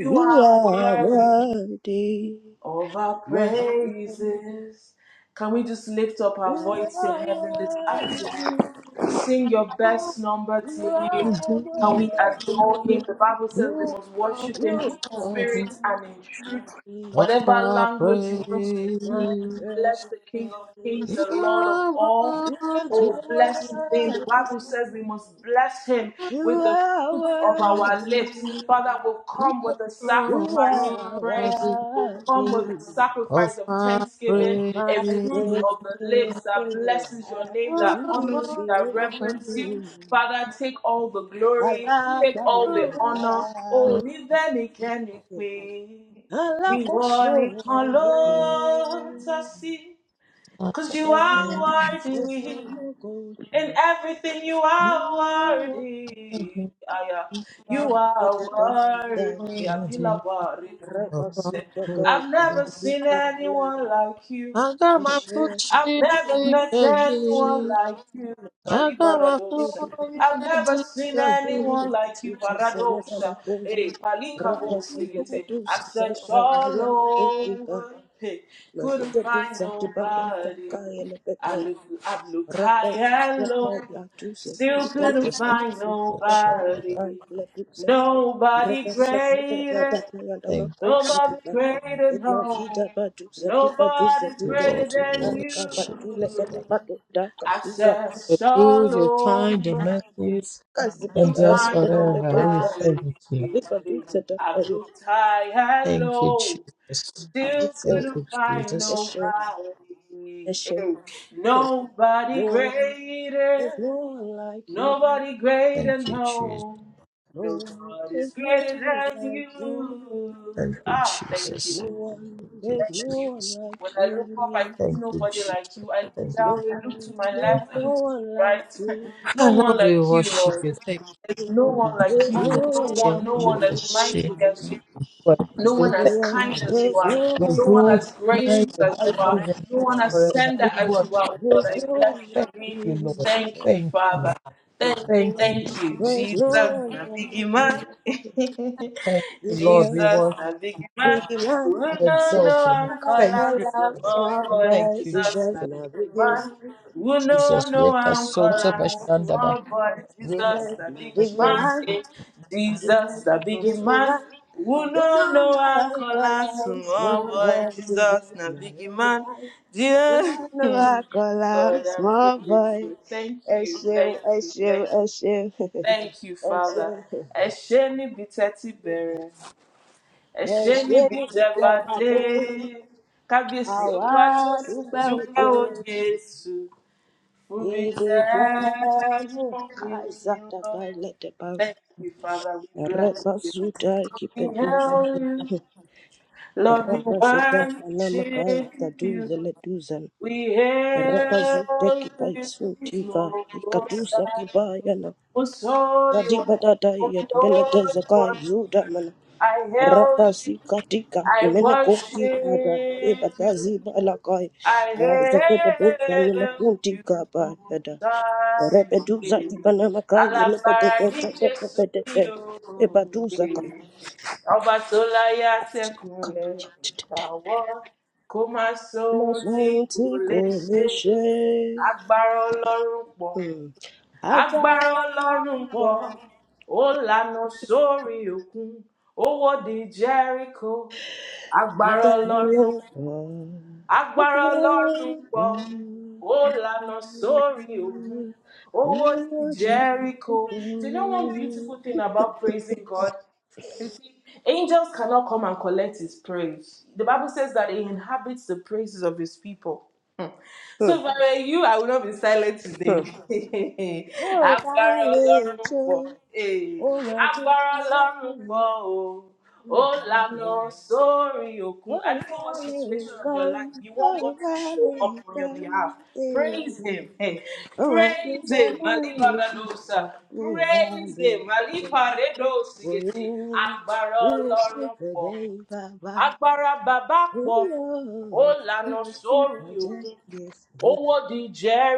Speaker 2: You are
Speaker 1: are
Speaker 2: worthy
Speaker 1: worthy,
Speaker 2: of our
Speaker 1: my.
Speaker 2: praises. Can we just lift up our
Speaker 1: You
Speaker 2: voice to
Speaker 1: are
Speaker 2: heaven this
Speaker 1: worthy.
Speaker 2: afternoon? Sing your
Speaker 3: You are
Speaker 2: best number
Speaker 1: You
Speaker 2: to Him.
Speaker 3: worthy
Speaker 1: are
Speaker 2: Can we
Speaker 1: worthy.
Speaker 2: adore Him? The Bible says we must worship Him
Speaker 1: You
Speaker 2: in
Speaker 1: are
Speaker 2: spirit and in truth.
Speaker 1: worthy,
Speaker 3: of
Speaker 2: Whatever
Speaker 3: our
Speaker 2: language you want to
Speaker 1: my
Speaker 3: praise.
Speaker 2: Bless the King of Kings,
Speaker 3: You
Speaker 2: the Lord of
Speaker 3: are
Speaker 2: all.
Speaker 3: worthy.
Speaker 2: Oh, bless his name. The
Speaker 1: worthy.
Speaker 2: Bible says we must bless him
Speaker 1: You
Speaker 2: with the
Speaker 1: are
Speaker 2: fruits of
Speaker 3: You
Speaker 2: our
Speaker 1: worthy.
Speaker 2: lips. Father, will come with a
Speaker 1: You are worthy.
Speaker 3: are
Speaker 1: You
Speaker 2: sacrifice of praise.
Speaker 3: worthy
Speaker 2: Will
Speaker 1: are
Speaker 2: come with
Speaker 1: worthy
Speaker 2: a sacrifice
Speaker 3: of
Speaker 2: of
Speaker 3: our
Speaker 1: of
Speaker 2: thanksgiving,
Speaker 3: praise.
Speaker 1: my
Speaker 2: a
Speaker 3: You are
Speaker 2: fruit
Speaker 1: praise.
Speaker 2: of the
Speaker 1: I
Speaker 2: lips that blesses your
Speaker 3: worthy.
Speaker 2: name, that
Speaker 1: give
Speaker 2: honors you, that reverence
Speaker 1: you.
Speaker 2: you. Father, take all the
Speaker 1: I
Speaker 2: glory,
Speaker 3: You are worthy. You
Speaker 1: love
Speaker 2: take all the honor.
Speaker 1: you.
Speaker 2: Oh,
Speaker 3: are
Speaker 2: ni ve ni ke ni pe. Ìwọ
Speaker 1: Alákòóso
Speaker 2: nìkan ló tọ́
Speaker 1: ọ̀run,
Speaker 2: sí. Cause you
Speaker 1: ẹ̀rí
Speaker 2: are
Speaker 3: worthy.
Speaker 1: náà
Speaker 2: worthy.
Speaker 1: gbogbo
Speaker 2: In
Speaker 1: jùlọ
Speaker 2: everything you
Speaker 3: You
Speaker 2: are worthy. Aya.
Speaker 1: bá
Speaker 2: You are
Speaker 1: gẹ́gẹ́ bá ìgbà
Speaker 3: are
Speaker 2: worthy.
Speaker 1: èso
Speaker 3: worthy
Speaker 2: Abilaba Redu.
Speaker 1: rẹ̀ bá
Speaker 3: of
Speaker 1: sí
Speaker 3: our
Speaker 1: gẹ́gẹ́
Speaker 2: I've
Speaker 3: praise.
Speaker 2: never
Speaker 1: ìgbòho
Speaker 2: seen
Speaker 1: dípa
Speaker 2: anyone
Speaker 1: lọ́nà
Speaker 2: like you.
Speaker 3: I got my
Speaker 1: ẹ̀ṣẹ̀
Speaker 3: food
Speaker 2: I've
Speaker 1: ẹ̀ṣẹ̀
Speaker 3: chicken
Speaker 2: never met
Speaker 1: ẹ̀ṣẹ̀.
Speaker 2: anyone
Speaker 3: again.
Speaker 2: like you,
Speaker 3: I
Speaker 2: Bali
Speaker 3: got my
Speaker 1: Thank
Speaker 2: Baradosa.
Speaker 1: you,
Speaker 3: food
Speaker 2: I've never
Speaker 3: magic
Speaker 2: seen
Speaker 1: thank you,
Speaker 2: anyone
Speaker 3: again.
Speaker 2: like you,
Speaker 1: Jesus, for never
Speaker 2: Baradosa.
Speaker 1: that
Speaker 2: Hey,
Speaker 1: si lepe
Speaker 2: Palikabosigite.
Speaker 1: tu
Speaker 2: I've
Speaker 1: si te
Speaker 2: searched
Speaker 1: kaya
Speaker 2: all
Speaker 1: lepe tu ka.
Speaker 2: over, hey, couldn't
Speaker 1: Masita tu
Speaker 2: find
Speaker 1: sa ti pa tu ta
Speaker 2: nobody.
Speaker 1: kaya
Speaker 2: I looked, I've looked
Speaker 1: Rabbi
Speaker 2: high and
Speaker 1: Rabbi
Speaker 2: low,
Speaker 1: Latusa
Speaker 2: still
Speaker 1: Kita
Speaker 2: couldn't
Speaker 3: Just
Speaker 1: Rabbi
Speaker 2: find
Speaker 3: gonna
Speaker 1: Sita
Speaker 3: shut
Speaker 1: Rabbi
Speaker 2: nobody.
Speaker 1: Lepusa
Speaker 2: Nobody
Speaker 1: Rabbi Sita
Speaker 2: greater.
Speaker 1: Rabbi
Speaker 3: Thank
Speaker 1: Yadamako
Speaker 3: you,
Speaker 2: Nobody's
Speaker 3: sweet
Speaker 1: Sita
Speaker 2: greater, no.
Speaker 1: Elajida Badu Zatika
Speaker 2: Nobody's
Speaker 1: Duzatika
Speaker 2: greater
Speaker 3: Lord, to
Speaker 2: than
Speaker 1: Yifuta
Speaker 2: you.
Speaker 1: Kaba
Speaker 3: worship
Speaker 1: Tule
Speaker 3: this
Speaker 1: Kata
Speaker 3: thing.
Speaker 1: Badu Daka
Speaker 2: I've
Speaker 1: Duka
Speaker 3: The
Speaker 2: searched
Speaker 3: good, your
Speaker 2: all
Speaker 3: kind, your
Speaker 2: over
Speaker 3: mercies,
Speaker 2: to
Speaker 3: and
Speaker 1: Kazibata
Speaker 3: just
Speaker 2: find
Speaker 3: forever. We
Speaker 1: Debeleto
Speaker 3: thank
Speaker 2: nobody.
Speaker 3: you.
Speaker 1: Abiba Duzata
Speaker 2: I've looked high and
Speaker 3: Thank you,
Speaker 2: low,
Speaker 3: Jesus.
Speaker 2: still
Speaker 3: Thank
Speaker 1: Esho
Speaker 2: couldn't
Speaker 3: you,
Speaker 2: find
Speaker 3: Jesus.
Speaker 1: Esho
Speaker 2: nobody.
Speaker 1: Esho
Speaker 2: Hey, Nobody
Speaker 1: No one,
Speaker 2: greater,
Speaker 1: there's no one like you.
Speaker 2: nobody greater,
Speaker 3: Thank you, Jesus.
Speaker 2: no.
Speaker 1: No one,
Speaker 2: Nobody's
Speaker 1: there's no
Speaker 2: greater
Speaker 1: one
Speaker 2: than
Speaker 1: like you.
Speaker 3: Thank
Speaker 2: you.
Speaker 3: you,
Speaker 2: Ah,
Speaker 1: There's
Speaker 2: thank
Speaker 3: Jesus.
Speaker 1: no
Speaker 2: you.
Speaker 1: one,
Speaker 3: Thank you,
Speaker 1: there's
Speaker 2: Thank
Speaker 1: no
Speaker 2: you.
Speaker 1: one
Speaker 3: Jesus.
Speaker 2: When
Speaker 1: like
Speaker 2: I look
Speaker 1: you.
Speaker 2: up, I see
Speaker 3: Thank you,
Speaker 2: nobody
Speaker 3: Jesus.
Speaker 2: like you. I look
Speaker 3: Thank
Speaker 1: There's no
Speaker 3: you.
Speaker 2: down, I look to
Speaker 1: one,
Speaker 2: my
Speaker 1: there's
Speaker 2: left, I
Speaker 1: no
Speaker 2: look to
Speaker 1: one
Speaker 2: my
Speaker 1: like
Speaker 2: right.
Speaker 1: you.
Speaker 3: Ah,
Speaker 2: no one
Speaker 3: Lord, we
Speaker 2: like you,
Speaker 3: worship
Speaker 2: Lord.
Speaker 3: you. Thank
Speaker 2: There's no one like you.
Speaker 1: There's no
Speaker 2: No
Speaker 1: one
Speaker 2: one,
Speaker 3: worship,
Speaker 2: no
Speaker 1: like
Speaker 2: one as mighty
Speaker 3: worship,
Speaker 1: Jesus.
Speaker 2: as you.
Speaker 3: worship.
Speaker 2: No
Speaker 1: There's
Speaker 2: one
Speaker 1: no
Speaker 3: Thank
Speaker 2: as
Speaker 1: one,
Speaker 2: kind
Speaker 3: you.
Speaker 2: as you
Speaker 1: there's
Speaker 2: are.
Speaker 1: no
Speaker 3: You're
Speaker 2: No
Speaker 1: one
Speaker 2: one
Speaker 1: like
Speaker 3: good,
Speaker 2: as
Speaker 3: you're
Speaker 2: gracious
Speaker 3: kind,
Speaker 1: you.
Speaker 3: your
Speaker 2: as you
Speaker 1: I
Speaker 2: are.
Speaker 3: mercies
Speaker 1: got
Speaker 3: and
Speaker 2: No one
Speaker 3: grace
Speaker 2: as
Speaker 3: forever.
Speaker 2: tender
Speaker 3: We
Speaker 1: there's no
Speaker 2: as you
Speaker 1: one,
Speaker 3: worship.
Speaker 2: are. Lord,
Speaker 3: you.
Speaker 1: there's
Speaker 2: I
Speaker 1: no
Speaker 2: bless
Speaker 1: one
Speaker 2: your
Speaker 3: Thank
Speaker 2: name.
Speaker 1: like
Speaker 3: you,
Speaker 1: Jesus.
Speaker 3: Lord.
Speaker 2: Thank you,
Speaker 3: Thank you.
Speaker 2: Father. Thank,
Speaker 1: There's
Speaker 2: you,
Speaker 1: no
Speaker 3: Thank you.
Speaker 1: one,
Speaker 2: thank you,
Speaker 1: there's
Speaker 2: Jesus.
Speaker 3: Lord.
Speaker 1: no
Speaker 2: Na
Speaker 1: one like
Speaker 2: big
Speaker 1: you.
Speaker 2: man.
Speaker 3: Thank you,
Speaker 1: There's
Speaker 3: Lord.
Speaker 2: Jesus,
Speaker 3: We
Speaker 1: no
Speaker 3: worship
Speaker 2: na big man.
Speaker 1: big
Speaker 2: We
Speaker 1: man,
Speaker 3: you,
Speaker 2: no
Speaker 3: exalt
Speaker 2: know
Speaker 3: your name.
Speaker 2: I'm
Speaker 1: not
Speaker 3: Thank
Speaker 2: calling
Speaker 3: you.
Speaker 2: so
Speaker 1: a
Speaker 2: more
Speaker 1: small
Speaker 2: boy.
Speaker 3: Thank
Speaker 1: boy,
Speaker 3: you, Jesus.
Speaker 2: Jesus,
Speaker 1: Jesus,
Speaker 2: na
Speaker 1: not
Speaker 2: big
Speaker 1: big
Speaker 2: man.
Speaker 1: man.
Speaker 2: We no
Speaker 3: Jesus,
Speaker 1: Thunder
Speaker 2: know
Speaker 3: make us
Speaker 1: and
Speaker 2: I'm
Speaker 3: so
Speaker 1: thunder,
Speaker 3: to
Speaker 2: calling so
Speaker 3: Bashandaba.
Speaker 2: more
Speaker 1: thunder.
Speaker 2: boy.
Speaker 3: Yeme
Speaker 2: Jesus,
Speaker 1: Jesus,
Speaker 2: na
Speaker 1: my
Speaker 2: big man.
Speaker 1: vigilance.
Speaker 3: bashandaba.
Speaker 2: Eh.
Speaker 1: Jesus,
Speaker 2: Jesus, na
Speaker 1: my
Speaker 2: big man.
Speaker 1: vigilance.
Speaker 2: We no know I'm
Speaker 1: Unana
Speaker 2: calling so
Speaker 1: kolam,
Speaker 2: more
Speaker 1: Small
Speaker 2: boy.
Speaker 1: boy,
Speaker 2: Jesus,
Speaker 1: Jesus,
Speaker 2: na
Speaker 1: my
Speaker 2: big man.
Speaker 1: vigilance.
Speaker 2: Dear
Speaker 1: Unana
Speaker 2: God,
Speaker 1: kolam,
Speaker 2: I'm so
Speaker 1: Small
Speaker 2: grateful. Thank you,
Speaker 1: issue,
Speaker 2: thank you,
Speaker 1: issue,
Speaker 2: thank you,
Speaker 1: issue,
Speaker 2: thank you, Father.
Speaker 1: issue.
Speaker 2: Esheni biteti bere ẹṣẹ
Speaker 1: Ẹ̀ṣẹ̀
Speaker 2: níbi tẹ
Speaker 1: ìdíkẹ́
Speaker 2: bá dé
Speaker 1: bàdé,
Speaker 2: kábíyèsí
Speaker 1: àwa
Speaker 2: olúwa tí ó sì
Speaker 1: dúpẹ́
Speaker 2: dúpẹ́
Speaker 1: òde,
Speaker 2: o jésù fúnbi tẹ
Speaker 1: ìdíkẹ́ ló
Speaker 2: fún
Speaker 1: ká
Speaker 2: mi lọ.
Speaker 1: ìsàtàbà
Speaker 2: Thank you, Father. We bless you.
Speaker 1: Rapasuta
Speaker 2: We
Speaker 1: kipetuzi.
Speaker 2: hail you. Lord, we
Speaker 1: Rapaseta anamakai
Speaker 2: worship you.
Speaker 1: taduze letuzan.
Speaker 2: We
Speaker 1: Rapazute
Speaker 2: hail you,
Speaker 1: kipaisuntika.
Speaker 2: Most
Speaker 1: Ikatusa
Speaker 2: High,
Speaker 1: kibayana.
Speaker 2: Most Holy One,
Speaker 1: Ladibadada
Speaker 2: Most
Speaker 1: yet beleteza
Speaker 2: Holy
Speaker 1: kai
Speaker 2: One.
Speaker 1: zudaman.
Speaker 2: I hail you.
Speaker 1: Rapasi katika.
Speaker 2: I
Speaker 1: Mene koki ada.
Speaker 2: worship you.
Speaker 1: Ebatazi balakai.
Speaker 2: I
Speaker 1: Zakepetuza ni
Speaker 2: hail
Speaker 1: makunti
Speaker 2: you,
Speaker 1: kaba yada.
Speaker 2: Christ.
Speaker 1: Repetuza
Speaker 2: eh.
Speaker 1: kibanamakai.
Speaker 2: Alágbára ní Jésù yìí
Speaker 1: Lepetete.
Speaker 2: o.
Speaker 1: Ebaduza
Speaker 2: eh. Ọba tó láyé àtẹ̀kùn rẹ̀ gbàwọ́ kó má sóhun
Speaker 1: Must
Speaker 2: tí
Speaker 1: won't
Speaker 2: kò
Speaker 1: take
Speaker 2: lè ṣe.
Speaker 1: ownership.
Speaker 2: Agbára Ọlọ́run pọ̀,
Speaker 1: Hmm. Agbára
Speaker 2: agbára Ọlọ́run pọ̀,
Speaker 1: ọ̀pọ̀,
Speaker 2: ó lànà sórí òkun, ó wọ́de Jẹ́ríkò. Agbára
Speaker 1: agbára
Speaker 2: Ọlọ́run
Speaker 1: ọ̀pọ̀,
Speaker 2: pọ̀, agbára
Speaker 1: agbára
Speaker 2: ọlọ́run pọ̀
Speaker 1: ọ̀pọ̀.
Speaker 2: ó lànà sórí òkun owó di
Speaker 1: Mo jí
Speaker 2: jericho do you know one beautiful thing about praising god you see, angels cannot come and collect his praise. The Bible says that he inhabits the praises of his people. Hmm.
Speaker 1: Hmm.
Speaker 2: So if I were you, I would not be silent
Speaker 1: Hmm.
Speaker 2: today.
Speaker 1: Tó o bá
Speaker 2: Agbára
Speaker 1: lè
Speaker 2: Ọlọ́run
Speaker 1: jó,
Speaker 2: pọ̀. eh.
Speaker 1: ó máa jó
Speaker 2: Agbára Ọlọ́run
Speaker 1: aláìní.
Speaker 2: pọ̀ o.
Speaker 1: Tó o maa
Speaker 2: Ó
Speaker 1: Oh, my to I love
Speaker 2: lànà
Speaker 1: you.
Speaker 2: sórí òkun.
Speaker 1: Oh,
Speaker 2: I don't know what
Speaker 1: vale,
Speaker 2: situation of your life.
Speaker 1: gone.
Speaker 2: You want God
Speaker 1: Oh,
Speaker 2: to show up
Speaker 1: vale,
Speaker 2: on your behalf.
Speaker 1: gone. eh.
Speaker 2: Praise him. Hey,
Speaker 1: Oh, my
Speaker 2: praise
Speaker 1: future
Speaker 2: him.
Speaker 1: line is
Speaker 2: Malibaradosa.
Speaker 1: missing. Oh,
Speaker 2: Praise
Speaker 1: vale,
Speaker 2: him.
Speaker 1: oh,
Speaker 2: Maliparedosigeti.
Speaker 1: yeah.
Speaker 2: Agbára
Speaker 1: We will see
Speaker 2: Ọlọ́run
Speaker 1: for
Speaker 2: pọ̀.
Speaker 1: day, Baba.
Speaker 2: Agbára bàbá
Speaker 1: Oh,
Speaker 2: pọ̀. Ó
Speaker 1: yo. We
Speaker 2: lànà
Speaker 1: will see
Speaker 2: sórí
Speaker 1: for day,
Speaker 2: òkun.
Speaker 1: yes, we
Speaker 2: Owó di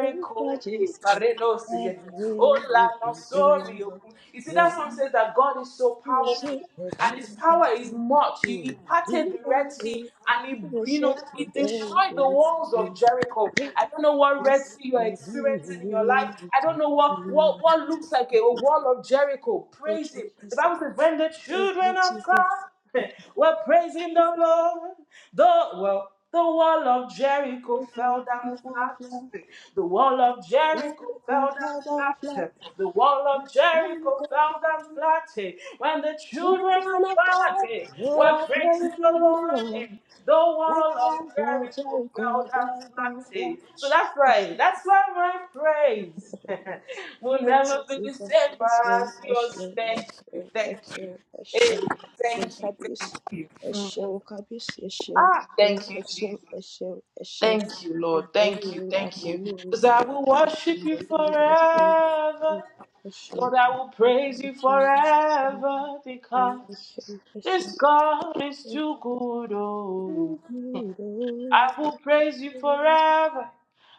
Speaker 1: will for
Speaker 2: eh,
Speaker 1: Jesus.
Speaker 2: Barredo
Speaker 1: And
Speaker 2: Sigete.
Speaker 1: we will
Speaker 2: Ola no
Speaker 1: be doing
Speaker 2: sorry.
Speaker 1: it.
Speaker 2: Okun. You see,
Speaker 1: Oh,
Speaker 2: that
Speaker 1: yeah.
Speaker 2: song says that God is so
Speaker 1: we will
Speaker 2: powerful
Speaker 1: see for day,
Speaker 2: and his
Speaker 1: Baba.
Speaker 2: power is much.
Speaker 1: Oh,
Speaker 2: He,
Speaker 1: yo.
Speaker 2: he
Speaker 1: We
Speaker 2: parted the Red Sea and
Speaker 1: will
Speaker 2: he, you
Speaker 1: see
Speaker 2: know,
Speaker 1: for
Speaker 2: he destroyed the
Speaker 1: day,
Speaker 2: walls
Speaker 1: yes.
Speaker 2: of Jericho. I don't know what
Speaker 1: Yes,
Speaker 2: Red Sea you're
Speaker 1: Lord,
Speaker 2: experiencing in your life.
Speaker 1: hallelujah.
Speaker 2: I don't know what,
Speaker 1: Thank
Speaker 2: what, what looks like a wall of Jericho.
Speaker 1: you,
Speaker 2: Praise him. The
Speaker 1: Jesus.
Speaker 2: Bible says, when the
Speaker 1: Thank you,
Speaker 2: children of
Speaker 1: Jesus.
Speaker 2: God
Speaker 1: Let
Speaker 2: were praising the Lord, the, well, the wall of Jericho
Speaker 1: me go
Speaker 2: fell
Speaker 1: fly
Speaker 2: down
Speaker 1: down, fly.
Speaker 2: flat. The wall of
Speaker 1: Let me
Speaker 2: Jericho
Speaker 1: go
Speaker 2: fell
Speaker 1: fly
Speaker 2: down
Speaker 1: down, fly.
Speaker 2: flat. The wall of
Speaker 1: Let me go
Speaker 2: Jericho fell
Speaker 1: fly
Speaker 2: down
Speaker 1: down.
Speaker 2: flat. eh, When the
Speaker 1: You're
Speaker 2: children
Speaker 1: town
Speaker 2: of
Speaker 1: of
Speaker 2: God
Speaker 1: God.
Speaker 2: eh, were
Speaker 1: You're
Speaker 2: praising the
Speaker 1: praising the
Speaker 2: Lord, eh,
Speaker 1: Lord.
Speaker 2: the
Speaker 1: Let
Speaker 2: wall
Speaker 1: me
Speaker 2: of
Speaker 1: go,
Speaker 2: Jericho
Speaker 1: Jericho,
Speaker 2: fell down
Speaker 1: fly down,
Speaker 2: flat. eh. So
Speaker 1: fly.
Speaker 2: that's right. That's why my praise will
Speaker 1: Thank
Speaker 2: never
Speaker 1: you,
Speaker 2: be the
Speaker 1: Jesus.
Speaker 2: same. but
Speaker 1: Eshio,
Speaker 2: yours.
Speaker 1: Eshio,
Speaker 2: Thank you. Thank you.
Speaker 1: Eshio, Eshio,
Speaker 2: Hey,
Speaker 1: Eshio, Eshio,
Speaker 2: thank you.
Speaker 1: Kabis,
Speaker 2: Thank you. Mm.
Speaker 1: Eshio, Kabis, Eshio,
Speaker 2: Ah, thank you,
Speaker 1: Eshio,
Speaker 2: Jesus.
Speaker 1: Eshio, Eshio,
Speaker 2: Thank you, Lord.
Speaker 1: Eshio,
Speaker 2: Thank you.
Speaker 1: Omoni,
Speaker 2: Thank you.
Speaker 1: Omoni,
Speaker 2: Because I will worship you
Speaker 1: Omoni, Eshio,
Speaker 2: forever.
Speaker 1: Eshio,
Speaker 2: Lord, I will praise you
Speaker 1: Eshio,
Speaker 2: forever
Speaker 1: Eshio,
Speaker 2: because
Speaker 1: Eshio,
Speaker 2: this
Speaker 1: Eshio,
Speaker 2: God is
Speaker 1: Eshio,
Speaker 2: too good. oh.
Speaker 1: Oh, great, oh,
Speaker 2: I will praise you
Speaker 1: oh,
Speaker 2: forever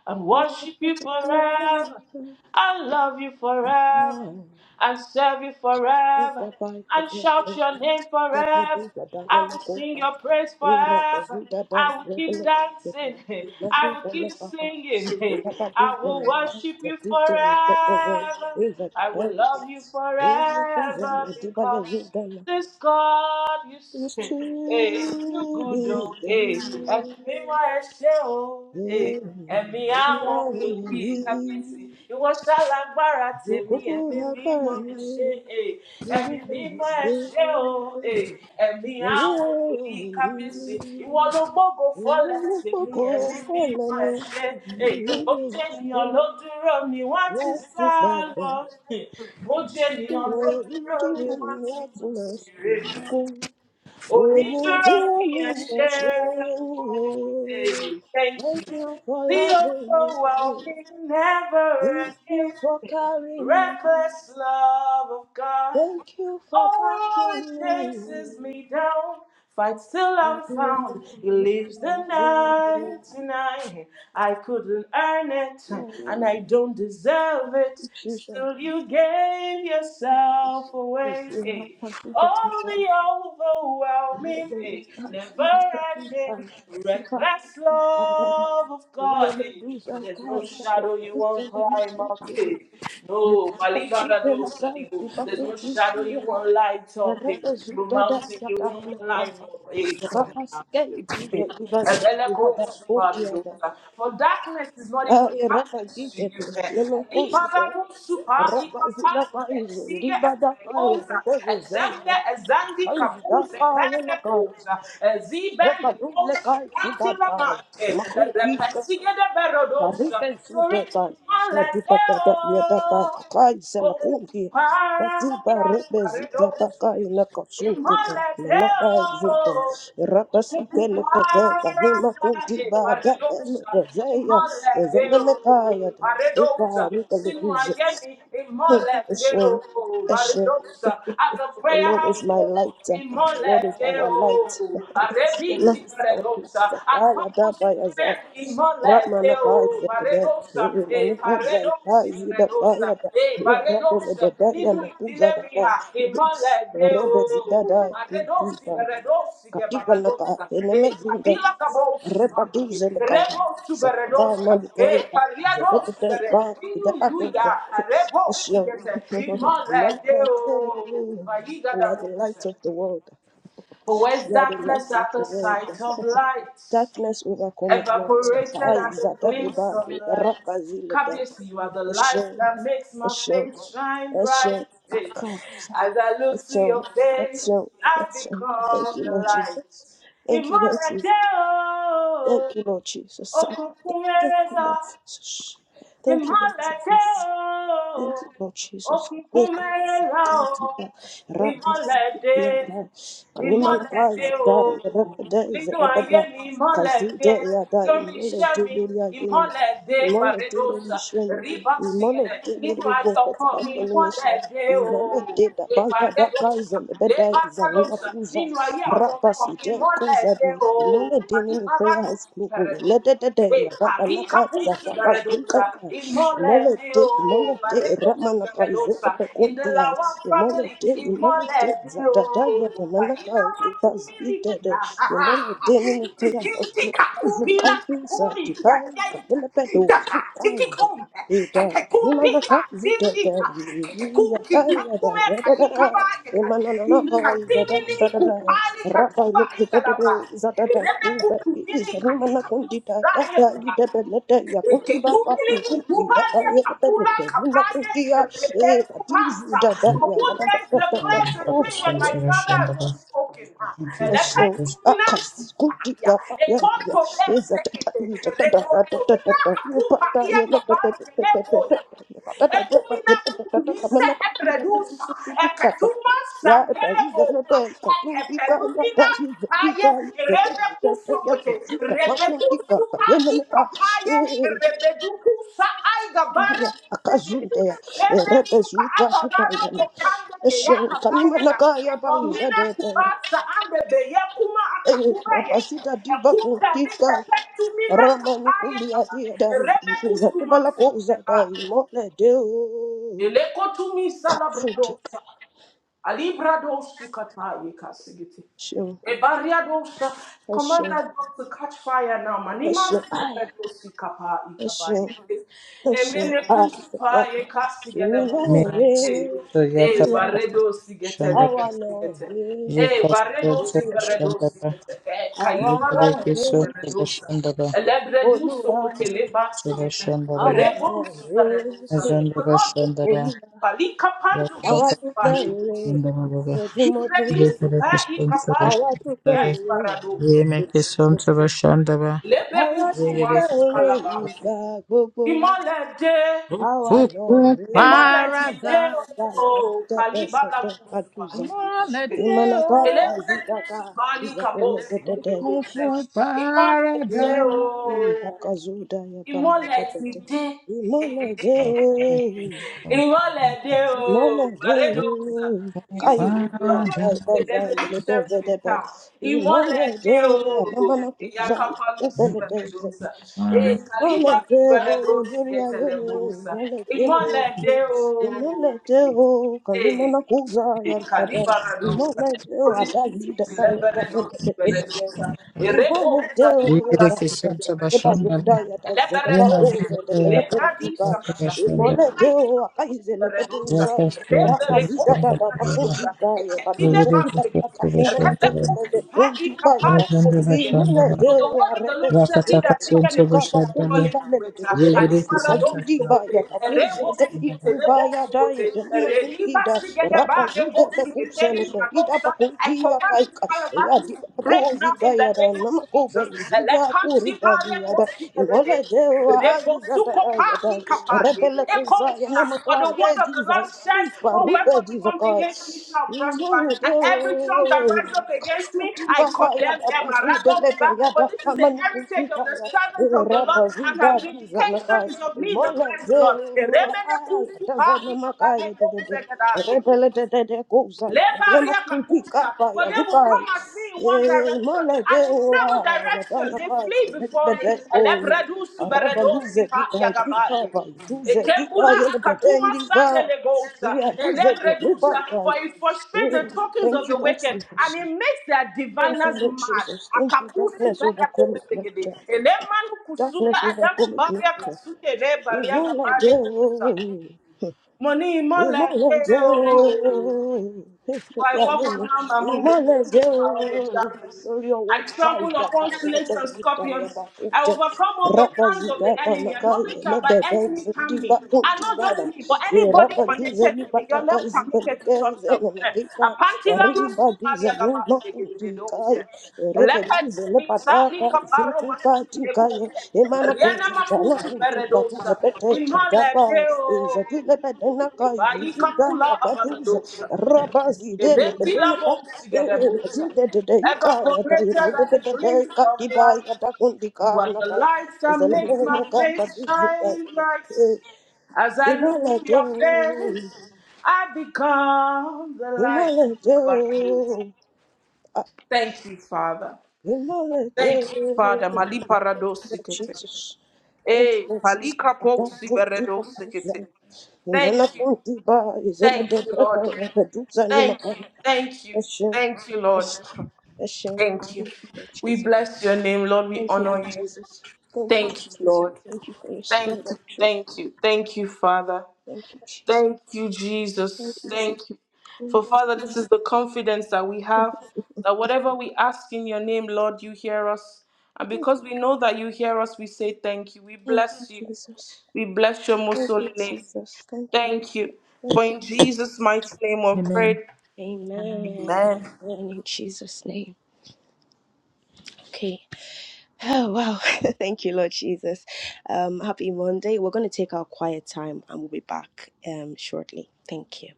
Speaker 2: and
Speaker 1: oh, oh, oh, oh,
Speaker 2: worship you forever.
Speaker 1: oh,
Speaker 2: I love you
Speaker 1: oh, oh,
Speaker 2: forever
Speaker 1: oh,
Speaker 2: and serve you forever
Speaker 1: oh, oh, oh,
Speaker 2: and
Speaker 1: oh,
Speaker 2: shout
Speaker 1: oh,
Speaker 2: your name
Speaker 1: da da
Speaker 2: forever.
Speaker 1: di
Speaker 2: I will sing your praise forever. I will keep dancing. I will keep singing.
Speaker 1: e
Speaker 2: I will worship you
Speaker 1: e
Speaker 2: forever.
Speaker 1: e
Speaker 2: I will love you
Speaker 1: e
Speaker 2: forever because this God you
Speaker 1: is
Speaker 2: see.
Speaker 1: to
Speaker 2: Hey, it's too
Speaker 1: be
Speaker 2: good, oh. Hey, and me wá
Speaker 1: there
Speaker 2: ẹṣẹ́ o. Hey, ẹ̀mí
Speaker 1: I
Speaker 2: àwọn
Speaker 1: will
Speaker 2: wòlíì kábíyèsí.
Speaker 1: leave
Speaker 2: Ìwọ ṣálágbára
Speaker 1: your
Speaker 2: tèmi, ẹ̀mí
Speaker 1: cool
Speaker 2: mímọ́ ẹṣẹ́. Hey,
Speaker 1: You
Speaker 2: ẹ̀mí
Speaker 1: will
Speaker 2: mímọ́
Speaker 1: say,
Speaker 2: ẹṣẹ́ o. Hey, ẹ̀mí àwọn
Speaker 1: Hello,
Speaker 2: wòlíì kábíyèsí. Ìwọ ló gbógo
Speaker 1: Thank
Speaker 2: fọ́lẹ̀
Speaker 1: you
Speaker 2: tèmi, ẹ̀mí
Speaker 1: for
Speaker 2: mímọ́
Speaker 1: loving me.
Speaker 2: ẹṣẹ́. Hey,
Speaker 1: Thank
Speaker 2: bójú
Speaker 1: you
Speaker 2: ènìyàn ló dúró ni wọ́n ti sá lọ. Hmm. Bójú ènìyàn ló dúró ni wọ́n ti mọ̀ sí rere onídúró fi àṣẹ wọn èyí thank you The ó kó wa never ending
Speaker 1: for carrying
Speaker 2: reckless
Speaker 1: me.
Speaker 2: love of God
Speaker 1: Thank you for
Speaker 2: all it
Speaker 1: backing
Speaker 2: takes
Speaker 1: me.
Speaker 2: is me down fight till I'm
Speaker 1: Happy
Speaker 2: found he leaves the night tonight I couldn't earn it and I don't deserve it
Speaker 1: Jesus.
Speaker 2: still you gave yourself
Speaker 1: Yes,
Speaker 2: away Hey.
Speaker 1: Rapasita.
Speaker 2: Oh, the
Speaker 1: Rabba
Speaker 2: overwhelming, eh, never ending, reckless love of God. eh, For there's no shadow you won't climb up. eh. No, Malibarado Sadibo. There's no shadow you won't light up. eh. No mountain you won't climb up. eh, Come now. For darkness is not even darkness to you. Iparabusupa, ikapandu, esige, epredosa, ezende, ezandi, kabuze, perebosa, ezibende,
Speaker 1: Repadule
Speaker 2: koshe,
Speaker 1: kai sibatai.
Speaker 2: kantilamante,
Speaker 1: Makuki kai.
Speaker 2: repesige de berodosa.
Speaker 1: Tarike sude
Speaker 2: Sorry,
Speaker 1: kai. Sadi patata yatata
Speaker 2: maledeo.
Speaker 1: kai selakumpi.
Speaker 2: Okutupa,
Speaker 1: Katiba rebe zitata kai nakasunti kai. Manaka zinte. Rapasi kele kai makunti bada ele dezeya. Ezelele kaya. Eka rika liduze. Eshem. Eshem.
Speaker 2: at the
Speaker 1: The
Speaker 2: prayer
Speaker 1: Lord is
Speaker 2: house,
Speaker 1: my
Speaker 2: Lord,
Speaker 1: light.
Speaker 2: in
Speaker 1: The Lord is our light.
Speaker 2: Moledeo, a
Speaker 1: We are the
Speaker 2: rebisi paradoxa, a purpose to prayer in Redosa, e paredosi redosa, e paredosa, nínú ìdílé mi ha, ìmọ̀lẹ̀ Paredosi redosi ge paredosa, e kabila kabo subaki, rebo e pariadosi re, nínú ìlú ya, rebo sugete, ìmọ̀lẹ̀ dé o. Fayiga da bo.
Speaker 1: light of the world.
Speaker 2: For where's
Speaker 1: We are the
Speaker 2: darkness
Speaker 1: light of
Speaker 2: at the
Speaker 1: the world.
Speaker 2: sight of light?
Speaker 1: Darkness overcome it, Lord.
Speaker 2: evaporated at
Speaker 1: Ay,
Speaker 2: a
Speaker 1: zada
Speaker 2: glimpse
Speaker 1: iba,
Speaker 2: of light.
Speaker 1: rapa zilada.
Speaker 2: Kabisi, you are the light
Speaker 1: Eshem,
Speaker 2: that makes my
Speaker 1: Eshem,
Speaker 2: face shine bright.
Speaker 1: Eshem.
Speaker 2: Hey.
Speaker 1: Aka, zai.
Speaker 2: As I look to
Speaker 1: Eshem,
Speaker 2: your face,
Speaker 1: Eshem,
Speaker 2: I
Speaker 1: Eshem. Thank
Speaker 2: become
Speaker 1: you,
Speaker 2: the
Speaker 1: Lord
Speaker 2: light.
Speaker 1: Jesus. Thank you, Lord Jesus.
Speaker 2: Imorate
Speaker 1: Thank
Speaker 2: o,
Speaker 1: you, Lord Jesus.
Speaker 2: okunkun
Speaker 1: Thank you, Lord
Speaker 2: ereda
Speaker 1: Jesus. Thank you, Lord
Speaker 2: ìmọ̀lẹ́dẹ́
Speaker 1: Jesus. Thank you,
Speaker 2: o
Speaker 1: Lord Jesus.
Speaker 2: òkùnkùn
Speaker 1: Thank
Speaker 2: mẹ́rẹ̀ o
Speaker 1: you, thank you, Lord
Speaker 2: ìmọ̀lẹ́dẹ́ ìmọ̀lẹ́dẹ́ o nínú ayé mi ìmọ̀lẹ́dẹ́ lórí iṣẹ́ mi ìmọ̀lẹ́dẹ́ pàrẹ́dọ́sà rìbá sìgẹ̀dẹ̀ nínú ayé ọkọ mi ìmọ̀lẹ́dẹ́ o ìpàrẹ́dọ́sà lẹ́bàrẹ́dọ́sà nínú ayé àwọn ọmọ mi ìmọ̀lẹ́dẹ́ o àdìbáradù pẹ̀rẹ̀dọ́. E palika pusu da redosa,
Speaker 1: Let
Speaker 2: in mole
Speaker 1: Molete,
Speaker 2: dio,
Speaker 1: molete,
Speaker 2: baredosu da
Speaker 1: ramanaka izete
Speaker 2: redosa, in the
Speaker 1: pekuntia.
Speaker 2: lawa family,
Speaker 1: Imolete,
Speaker 2: in mole
Speaker 1: imolete, zadadaya de Zadadaya,
Speaker 2: dio,
Speaker 1: the
Speaker 2: paina
Speaker 1: manaka
Speaker 2: makumi
Speaker 1: ipazitete.
Speaker 2: likila,
Speaker 1: Imolete, nini kriya
Speaker 2: tiki
Speaker 1: oslo.
Speaker 2: tika kubila
Speaker 1: Zukazi sa
Speaker 2: kakumi, ya
Speaker 1: tipai
Speaker 2: yenta,
Speaker 1: kapele pedo
Speaker 2: daka,
Speaker 1: zukai.
Speaker 2: tiki kumbe,
Speaker 1: Ida,
Speaker 2: kake kumbi ka,
Speaker 1: inanaka zutete.
Speaker 2: tiki ka, kake
Speaker 1: Yada,
Speaker 2: kumbi
Speaker 1: yada,
Speaker 2: kakume
Speaker 1: yada,
Speaker 2: kalika
Speaker 1: yada,
Speaker 2: baye
Speaker 1: Oh,
Speaker 2: ka, inka ni kupali katumba ikalaba, rebe kutumini Zion, Father. Ekekukiri kukubalia kakula kapaye eleken kupasa. For who dares declare the thing
Speaker 3: so
Speaker 2: when my
Speaker 3: me
Speaker 2: brother has not
Speaker 3: Bashandaba.
Speaker 2: spoken? Ah,
Speaker 3: Thank you,
Speaker 1: Eshe
Speaker 2: eleken
Speaker 3: Jesus.
Speaker 2: kumina
Speaker 1: akasikuti
Speaker 2: kupalia.
Speaker 1: gapa yangu
Speaker 2: Ekoto
Speaker 1: iza tata
Speaker 2: bezekete.
Speaker 1: iza tata tata tata
Speaker 2: Rekotumina
Speaker 1: tata yupata
Speaker 2: akupalia
Speaker 1: yele tata
Speaker 2: babali
Speaker 1: tata tata tata
Speaker 2: kenekoya.
Speaker 1: yupata tata yapa
Speaker 2: Ekumina
Speaker 1: yele tata tata tata
Speaker 2: kutumise
Speaker 1: mana kati ya tutu
Speaker 2: ebredusa.
Speaker 1: tutu tutu tata
Speaker 2: Eketuma
Speaker 1: ya ipa iza na
Speaker 2: sandeleboka.
Speaker 1: teka tumpika ya ta
Speaker 2: Ekepelumina
Speaker 1: iza
Speaker 2: kapaye.
Speaker 1: tika ya tata
Speaker 2: Rebeku
Speaker 1: tata ya
Speaker 2: sokote.
Speaker 1: tutika mama
Speaker 2: Rebeku
Speaker 1: tika pa
Speaker 2: suka
Speaker 1: yele meka
Speaker 2: ikapaye. Rebeduku sa aigabare.
Speaker 1: ya
Speaker 2: sebebe.
Speaker 1: akazunda ya
Speaker 2: Rebe
Speaker 1: erebe
Speaker 2: suka
Speaker 1: zuta kupa
Speaker 2: abarado
Speaker 1: yana
Speaker 2: kopande
Speaker 1: Eshe
Speaker 2: keya
Speaker 1: kanima
Speaker 2: kabaya na.
Speaker 1: nakaya pa
Speaker 2: Ekomina
Speaker 1: iza
Speaker 2: kubasa ande beye kuma akakube yeke.
Speaker 1: Rapasita diva
Speaker 2: Ekumbe ni
Speaker 1: kuntika
Speaker 2: tepe tumina
Speaker 1: ramani
Speaker 2: kapaye
Speaker 1: kumbia
Speaker 2: kaba.
Speaker 1: dia dai za bala
Speaker 2: siku
Speaker 1: koza
Speaker 2: de
Speaker 1: dai
Speaker 2: sikude
Speaker 1: mole deo
Speaker 2: Elekotumi
Speaker 1: kafuti
Speaker 2: salabradosa. Alibradosu kataye kasigiti.
Speaker 1: kashin
Speaker 2: Ebariadosa. Command
Speaker 1: kashin
Speaker 2: that dog to catch fire now. Manima
Speaker 1: kashin ai
Speaker 2: siparadosi kapa
Speaker 1: kashin
Speaker 2: ikabayi.
Speaker 1: kashin
Speaker 2: Emene
Speaker 1: ai fata
Speaker 2: kusupa ye kasigelebusa.
Speaker 3: Make
Speaker 1: minore
Speaker 3: us
Speaker 2: Eh,
Speaker 3: so
Speaker 2: eh,
Speaker 3: Yakaba
Speaker 2: baredo gete.
Speaker 3: Bashandaba.
Speaker 2: liga sigete. Eh, baredo siberedo
Speaker 3: Yekasodabashandaba,
Speaker 2: gete. Eh,
Speaker 1: Olúwa àwa náà rè
Speaker 2: Kaibaradusu
Speaker 1: é
Speaker 2: Baradusa.
Speaker 3: Yekasodabashandaba,
Speaker 2: Elebredusu
Speaker 1: Olúwa
Speaker 2: Kutelebasigete.
Speaker 3: Sodabashandaba,
Speaker 1: àwa náà
Speaker 2: Rebonsu
Speaker 1: rè
Speaker 2: Baradusa.
Speaker 1: é
Speaker 2: The Lord
Speaker 3: Azandabashandaba,
Speaker 2: rebukes.
Speaker 1: Olúwa
Speaker 2: Palika Pandu
Speaker 1: àwa náà rè é Olúwa àwa dúpẹ́ rè
Speaker 2: Kufayedusa.
Speaker 1: é
Speaker 3: Yakasodabashandaba,
Speaker 2: Ibredis Pai
Speaker 3: Yekasodabashandaba,
Speaker 1: I
Speaker 2: Kapale
Speaker 1: want to
Speaker 2: Get Baradusa.
Speaker 1: fẹ́rẹ̀
Speaker 3: Yemakasodabashandaba,
Speaker 1: I
Speaker 2: Lebe
Speaker 1: want to
Speaker 2: Kutumasi
Speaker 3: Yekasodabashandaba,
Speaker 1: fẹ́rẹ̀
Speaker 2: Kalabasi.
Speaker 1: ìgbà gbogbo.
Speaker 2: Imolede.
Speaker 1: Àwa náà rèé.
Speaker 2: Imọlẹ ti dé
Speaker 3: Parada,
Speaker 1: Àgbàlagbà
Speaker 2: o,
Speaker 1: ìgbẹ́jẹ̀dẹ̀
Speaker 2: kàlíbàlà
Speaker 1: sọ̀tọ̀
Speaker 2: gùsù
Speaker 1: kàdùzà.
Speaker 2: báyìí.
Speaker 1: Ìmọ̀nàkọ́
Speaker 3: Molateo,
Speaker 2: Elébré
Speaker 1: ìpàzídàkà
Speaker 2: gùsù báyìí kàbó ṣègbèdè
Speaker 1: ìgbàgbẹ́lẹ́gẹ́dẹ́dẹ́.
Speaker 2: gòsè. Imọlẹ
Speaker 3: Parada.
Speaker 2: dé o,
Speaker 1: Ìhàkàzọ́dà yaba
Speaker 2: ìmọ́lẹ̀ ti
Speaker 1: lẹ́dẹ́dẹ́dẹ́.
Speaker 2: dé
Speaker 3: Yes, Lord. Thank you,
Speaker 1: Ìmọ̀lẹ́dẹ́
Speaker 3: thank you,
Speaker 2: ìmọ́lẹ̀ dé
Speaker 3: thank
Speaker 2: o
Speaker 1: Imalade,
Speaker 3: you.
Speaker 2: àrédòwòsà you see as
Speaker 3: Amen.
Speaker 2: my
Speaker 1: kairude,
Speaker 2: husband
Speaker 1: kai
Speaker 2: would say
Speaker 1: kai
Speaker 2: there's
Speaker 1: kai,
Speaker 2: a new
Speaker 1: ilede
Speaker 2: sheriff in
Speaker 1: zedebe.
Speaker 2: town ìmọ́lẹ̀ dé
Speaker 1: Imalade,
Speaker 2: o
Speaker 1: anamana
Speaker 2: ìyá
Speaker 1: kuzai,
Speaker 2: kápálù
Speaker 1: epele deze.
Speaker 2: sùgbẹ́mẹdọ́sà ee kàlíbà
Speaker 1: Imalade, o
Speaker 2: sùgbẹ́mẹdọ́sì
Speaker 1: duria yene,
Speaker 2: yẹtẹlẹmọ́sà
Speaker 1: imalade
Speaker 2: ìmọ́lẹ̀ dé o
Speaker 1: Imalade o,
Speaker 2: ee
Speaker 1: kanimana kuzai
Speaker 2: ee
Speaker 1: alpada.
Speaker 2: kàlíbàràdọ́sà
Speaker 1: Imalade adazi da
Speaker 2: oríṣiríṣi
Speaker 1: kai, da da
Speaker 2: lẹ́gbẹ̀rẹ̀dọ́sì
Speaker 1: da da da.
Speaker 2: gbẹ̀rẹ̀dọ́sà èrè bò sàlíbàràdọ́sì Leberedos, lebradisa kata, lebraika leberedosa, leberekosi leberedosa, eketile maskeliti, lebekosu pa ikapali For the word of the Lord said, He that diggeth the pit shall fall into it. Alibaradosogote, rebosukete, rebosugote, redibasigede
Speaker 1: Rapa
Speaker 2: ba
Speaker 1: zida da
Speaker 2: rebosukete,
Speaker 1: kusa leke ida
Speaker 2: libradosa. I
Speaker 1: pakuti ya
Speaker 2: command
Speaker 1: kai
Speaker 2: this alabaster Break now
Speaker 1: zida
Speaker 2: in the
Speaker 1: yada
Speaker 2: name of
Speaker 1: namako be
Speaker 2: Jesus.
Speaker 1: zida
Speaker 2: Elepasiba reposikede. Rebosukopa ikapaye.
Speaker 1: rebele kuza
Speaker 2: Ekosa.
Speaker 1: yana
Speaker 2: For the
Speaker 1: makai
Speaker 2: word
Speaker 1: be
Speaker 2: of the
Speaker 1: diza
Speaker 2: Lord says,
Speaker 1: is
Speaker 2: No
Speaker 1: barube
Speaker 2: weapon formed against me shall prosper. And every tongue that rises up against me, I condemn them. Aradosa. For this is the heritage of the servants of the Lord, and her vindication is of me, the Christ the Lord. Eremene kusupa ikapane ozegadaye. Lebariakapusa. For
Speaker 1: ya
Speaker 2: they will come
Speaker 1: nukai
Speaker 2: at me in one
Speaker 1: Yay,
Speaker 2: direction, and in
Speaker 1: Maladewa,
Speaker 2: seven directions they
Speaker 1: Yadanaba,
Speaker 2: flee before me.
Speaker 1: Bedeko,
Speaker 2: Elebredu suberedo
Speaker 1: Rabaluze,
Speaker 2: sipa
Speaker 1: Dika, Dika,
Speaker 2: yagabai.
Speaker 1: by Duze, Dika,
Speaker 2: Ekebula akatuma
Speaker 1: Yelbedendiba,
Speaker 2: sandelegosa.
Speaker 1: Here, Duze,
Speaker 2: Elebredusa. For
Speaker 1: Ribaka.
Speaker 2: it frustrates the tokens
Speaker 1: Thank
Speaker 2: of
Speaker 1: you,
Speaker 2: the
Speaker 1: Lord
Speaker 2: wicked, and
Speaker 1: Jesus.
Speaker 2: it makes their
Speaker 1: Thank you,
Speaker 2: diviners
Speaker 1: Lord
Speaker 2: mad.
Speaker 1: Jesus. Thank you,
Speaker 2: Akapusu
Speaker 1: darkness overcome it, Lord.
Speaker 2: beregosigede. Elemanu kusuba
Speaker 1: Darkness overcome it,
Speaker 2: adagabaria
Speaker 1: Lord.
Speaker 2: kasuke lebariakabale kusa.
Speaker 1: Maladewa
Speaker 2: Money, more like, for I walk unharmed among the fiercest powers of darkness.
Speaker 1: lórí ọwọ́
Speaker 2: I
Speaker 1: ká
Speaker 2: trample
Speaker 1: ìjà
Speaker 2: upon
Speaker 1: ẹlẹ́dẹ̀
Speaker 2: snakes and
Speaker 1: sí ìjà ìyàbá
Speaker 2: scorpions.
Speaker 1: kò
Speaker 2: I
Speaker 1: jẹ́
Speaker 2: overcome all the plans of
Speaker 1: rábàzìgà
Speaker 2: the enemy, and
Speaker 1: ìpànàká
Speaker 2: nothing shall
Speaker 1: ẹlẹ́dẹ̀
Speaker 2: by any
Speaker 1: bẹ́ẹ̀
Speaker 2: means
Speaker 1: sí
Speaker 2: harm
Speaker 1: dìgbà
Speaker 2: me.
Speaker 1: kò
Speaker 2: And not
Speaker 1: dìgbà dà
Speaker 2: just me, but anybody
Speaker 1: ìrábàdúzẹ
Speaker 2: connected
Speaker 1: ní
Speaker 2: to me. You're
Speaker 1: bàtàkà
Speaker 2: not permitted
Speaker 1: ìsìbẹ̀lẹ̀kẹ́
Speaker 2: to touch them.
Speaker 1: ẹ̀yẹ̀nà
Speaker 2: Eh.
Speaker 1: kíkà
Speaker 2: Apantila masu
Speaker 1: ìrìbàdúzẹ
Speaker 2: palia
Speaker 1: ní
Speaker 2: gaba
Speaker 1: lọ́kùnkùn
Speaker 2: segededo,
Speaker 1: ká
Speaker 2: eh.
Speaker 1: ìrẹ́bẹ̀dúzẹ
Speaker 2: Lepetu
Speaker 1: ní
Speaker 2: bisa
Speaker 1: bàtàkà
Speaker 2: lika
Speaker 1: ìsìlẹ̀kùn
Speaker 2: masu
Speaker 1: pàtì ká
Speaker 2: deko, eh.
Speaker 1: Imana
Speaker 2: Riana
Speaker 1: kuntika na
Speaker 2: makusu
Speaker 1: kuntika
Speaker 2: peredosa.
Speaker 1: na pete
Speaker 2: Imhala
Speaker 1: kudaba is
Speaker 2: deo.
Speaker 1: a pete na kai
Speaker 2: Bayi
Speaker 1: vidida
Speaker 2: kapula
Speaker 1: kapaduz
Speaker 2: abardosa.
Speaker 1: rabazi dele pete
Speaker 2: Ebetila
Speaker 1: bedena ka
Speaker 2: bosi gede bosa.
Speaker 1: imagine de de
Speaker 2: Ever
Speaker 1: ka ya da ye
Speaker 2: promoted
Speaker 1: de de
Speaker 2: at the
Speaker 1: de de
Speaker 2: glimpse
Speaker 1: ka
Speaker 2: of
Speaker 1: diba
Speaker 2: light.
Speaker 1: ya da
Speaker 2: You
Speaker 1: kuntika
Speaker 2: are
Speaker 1: na
Speaker 2: the
Speaker 1: ka
Speaker 2: light that
Speaker 1: is a
Speaker 2: makes
Speaker 1: lemon
Speaker 2: my
Speaker 1: ka
Speaker 2: face
Speaker 1: paduz
Speaker 2: shine bright. As I look
Speaker 1: imala
Speaker 2: to
Speaker 1: de
Speaker 2: your face, I become the light.
Speaker 1: imala
Speaker 2: you
Speaker 1: de
Speaker 2: have made. Thank you, Father.
Speaker 1: imala de
Speaker 2: Thank you, Father. Mali paradosikete.
Speaker 1: Jesus thank you
Speaker 2: Eh,
Speaker 1: Lord Jesus
Speaker 2: palika
Speaker 1: I got
Speaker 2: posi
Speaker 1: to do what
Speaker 2: beredosikete.
Speaker 1: Imana
Speaker 2: Thank you.
Speaker 1: kunti ba izela de
Speaker 2: Thank you,
Speaker 1: beka
Speaker 2: Lord.
Speaker 1: repeduza ni
Speaker 2: Thank you.
Speaker 1: makari.
Speaker 2: Thank you.
Speaker 1: Eshem,
Speaker 2: Thank you, Lord.
Speaker 1: Eshem, Eshem,
Speaker 2: Thank you.
Speaker 1: Lord
Speaker 2: We
Speaker 1: Jesus.
Speaker 2: bless your name, Lord. We
Speaker 1: Thank you,
Speaker 2: honor
Speaker 1: Lord
Speaker 2: you.
Speaker 1: Jesus. Thank you, Lord
Speaker 2: Thank you,
Speaker 1: Jesus.
Speaker 2: Lord.
Speaker 1: Thank you for your
Speaker 2: Thank
Speaker 1: spirit
Speaker 2: you.
Speaker 1: of truth.
Speaker 2: Thank you. Thank you, Father.
Speaker 1: Thank you, Jesus.
Speaker 2: Thank you,
Speaker 1: Thank
Speaker 2: Jesus.
Speaker 1: you,
Speaker 2: Thank
Speaker 1: Jesus.
Speaker 2: you.
Speaker 1: Glory
Speaker 2: For
Speaker 1: be
Speaker 2: Father,
Speaker 1: to
Speaker 2: this is the confidence that we have that whatever we ask in your name, Lord, you hear us. And
Speaker 1: you.
Speaker 2: because we know that you hear us, we say thank you. We
Speaker 1: Thank you,
Speaker 2: bless you.
Speaker 1: Jesus.
Speaker 2: We bless your most
Speaker 1: Thank you,
Speaker 2: holy name.
Speaker 1: Jesus. Thank you.
Speaker 2: Thank you. For
Speaker 1: Thank you.
Speaker 2: in
Speaker 1: Jesus.
Speaker 2: Jesus' mighty name we've prayed.
Speaker 1: Amen.
Speaker 2: Amen.
Speaker 1: Amen. In Jesus' name. Okay. Oh wow. Thank you, Lord Jesus. Um, happy Monday. We're gonna take our quiet time and we'll be back um shortly. Thank you.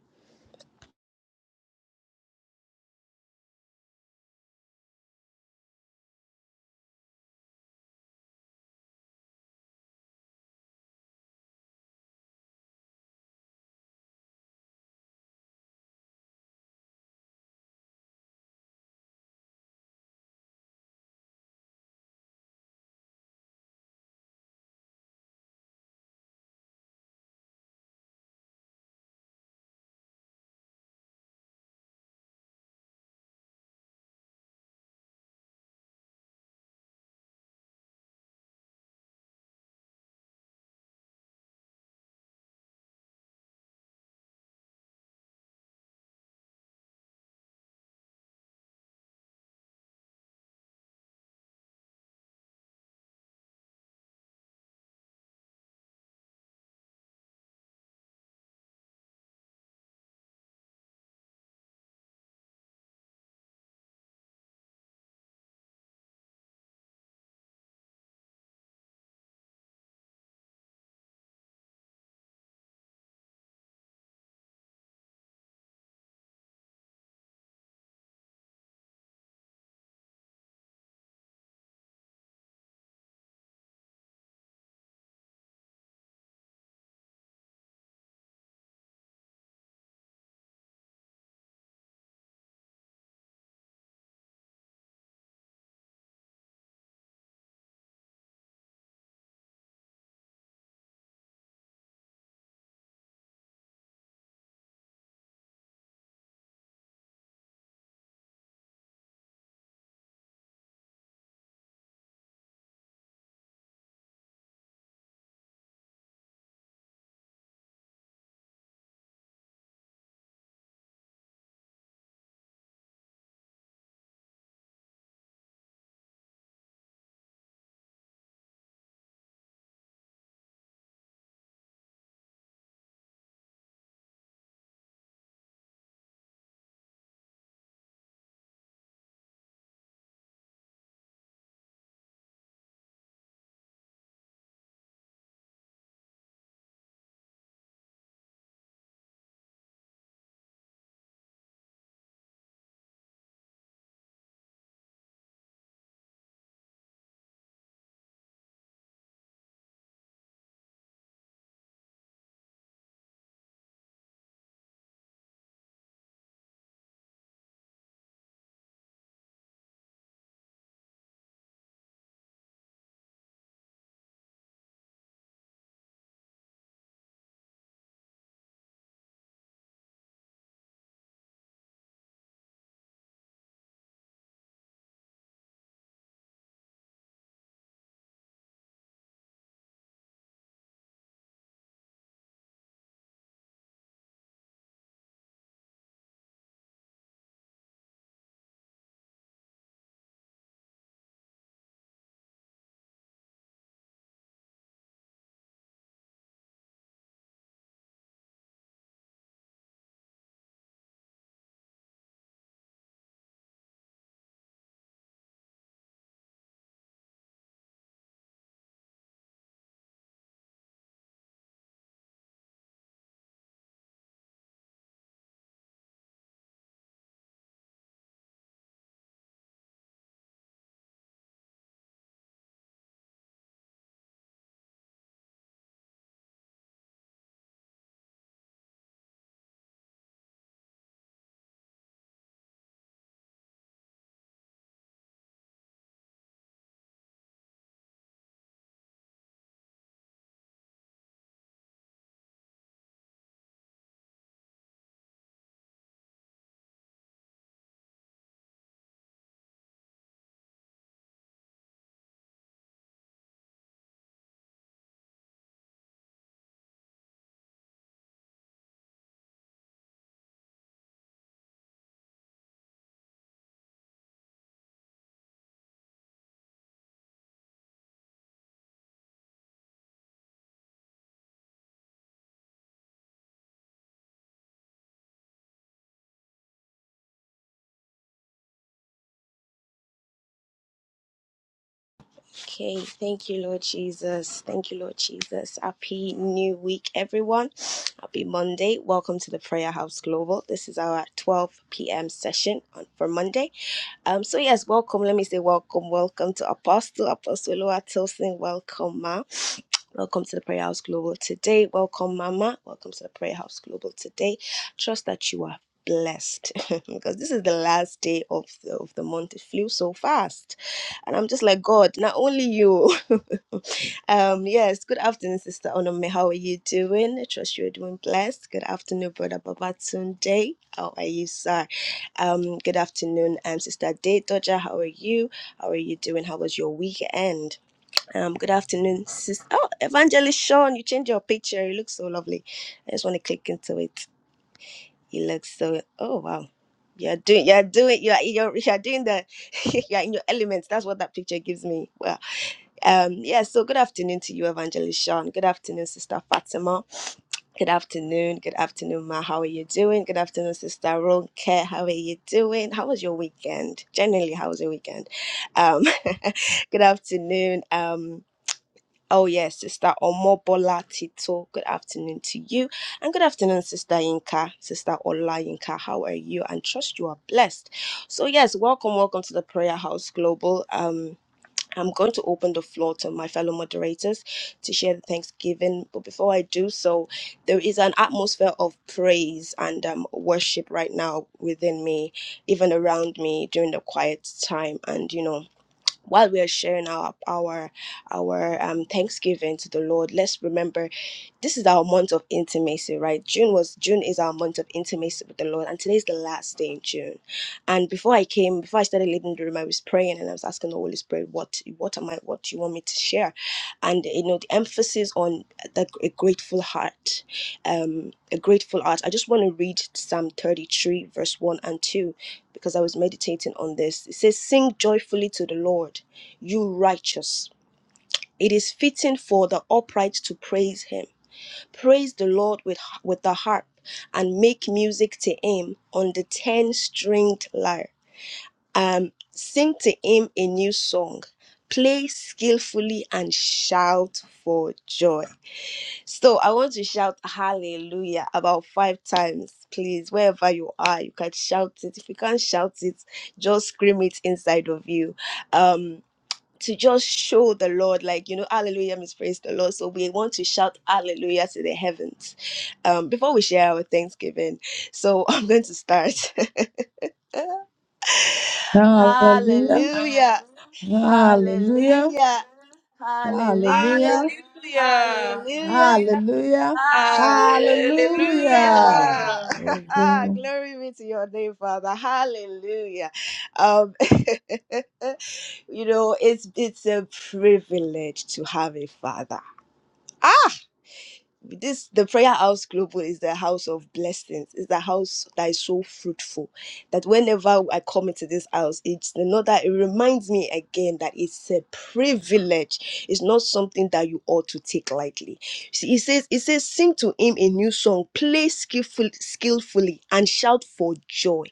Speaker 1: Okay, thank you, Lord Jesus. Thank you, Lord Jesus. Happy new week, everyone. Happy Monday. Welcome to the Prayer House Global. This is our 12 p.m. session on, for Monday. Um, so yes, welcome. Let me say welcome, welcome to Apostle Apostle Loa Tilson. Welcome, ma. Welcome to the Prayer House Global today. Welcome, Mama. Welcome to the Prayer House Global today. Trust that you are blessed because this is the last day of the, of the month it flew so fast and i'm just like god not only you Um, yes, good afternoon, Sister Onome. How are you doing? I trust you're doing blessed. Good afternoon, Brother Babatunde. How are you, sir? Um, good afternoon, um, Sister Day Dodger. How are you? How are you doing? How was your weekend? Um, good afternoon, Sister. Oh, Evangelist Sean, you changed your picture. You look so lovely. I just want to click into it. You look so, oh, wow. You're doing, you're doing, you're, you're, you're doing the, you're in your elements. That's what that picture gives me. Wow. Um, yeah, so good afternoon to you, Evangelist Sean. Good afternoon, Sister Fatima. Good afternoon. Good afternoon, Ma. How are you doing? Good afternoon, Sister Ronke. How are you doing? How was your weekend? Generally, how was your weekend? Um, good afternoon. Um, oh yes, Sister Omobola Tito. Good afternoon to you, and good afternoon, Sister Yinka, Sister Ola Yinka. How are you? And trust you are blessed. So yes, welcome, welcome to the Prayer House Global. Um I'm going to open the floor to my fellow moderators to share the Thanksgiving. But before I do so, there is an atmosphere of praise and um, worship right now within me, even around me during the quiet time. And you know, while we are sharing our our our um, Thanksgiving to the Lord, let's remember this is our month of intimacy, right? June was June is our month of intimacy with the Lord, and today is the last day in June. And before I came, before I started leading the room, I was praying and I was asking the Holy Spirit, what what am I, what do you want me to share? And you know, the emphasis on the, a grateful heart, um, a grateful heart. I just want to read Psalm 33, verse 1 and 2, because I was meditating on this. It says, Sing joyfully to the Lord, you righteous. It is fitting for the upright to praise him praise the Lord with, with the harp, and make music to him on the ten stringed lyre. Um, sing to him a new song, play skillfully, and shout for joy. So I want to shout hallelujah about five times, please. Wherever you are, you can shout it. If you can't shout it, just scream it inside of you. Um to just show the Lord, like, you know, hallelujah means praise the Lord. So we want to shout hallelujah to the heavens um, before we share our Thanksgiving. So I'm going to start. hallelujah,
Speaker 3: Hallelujah. Hallelujah.
Speaker 1: hallelujah,
Speaker 3: Hallelujah.
Speaker 1: hallelujah,
Speaker 2: Hallelujah.
Speaker 1: hallelujah,
Speaker 3: Hallelujah.
Speaker 2: Hallelujah.
Speaker 1: Hallelujah.
Speaker 3: Hallelujah. Oh,
Speaker 1: Glory be to your name, Father. Hallelujah. Um, you know, it's it's a privilege to have a father. Ah this the prayer house global is the house of blessings it's the house that is so fruitful that whenever i come into this house it's not that it reminds me again that it's a privilege it's not something that you ought to take lightly See, he says it says sing to him a new song play skillful, skillfully and shout for joy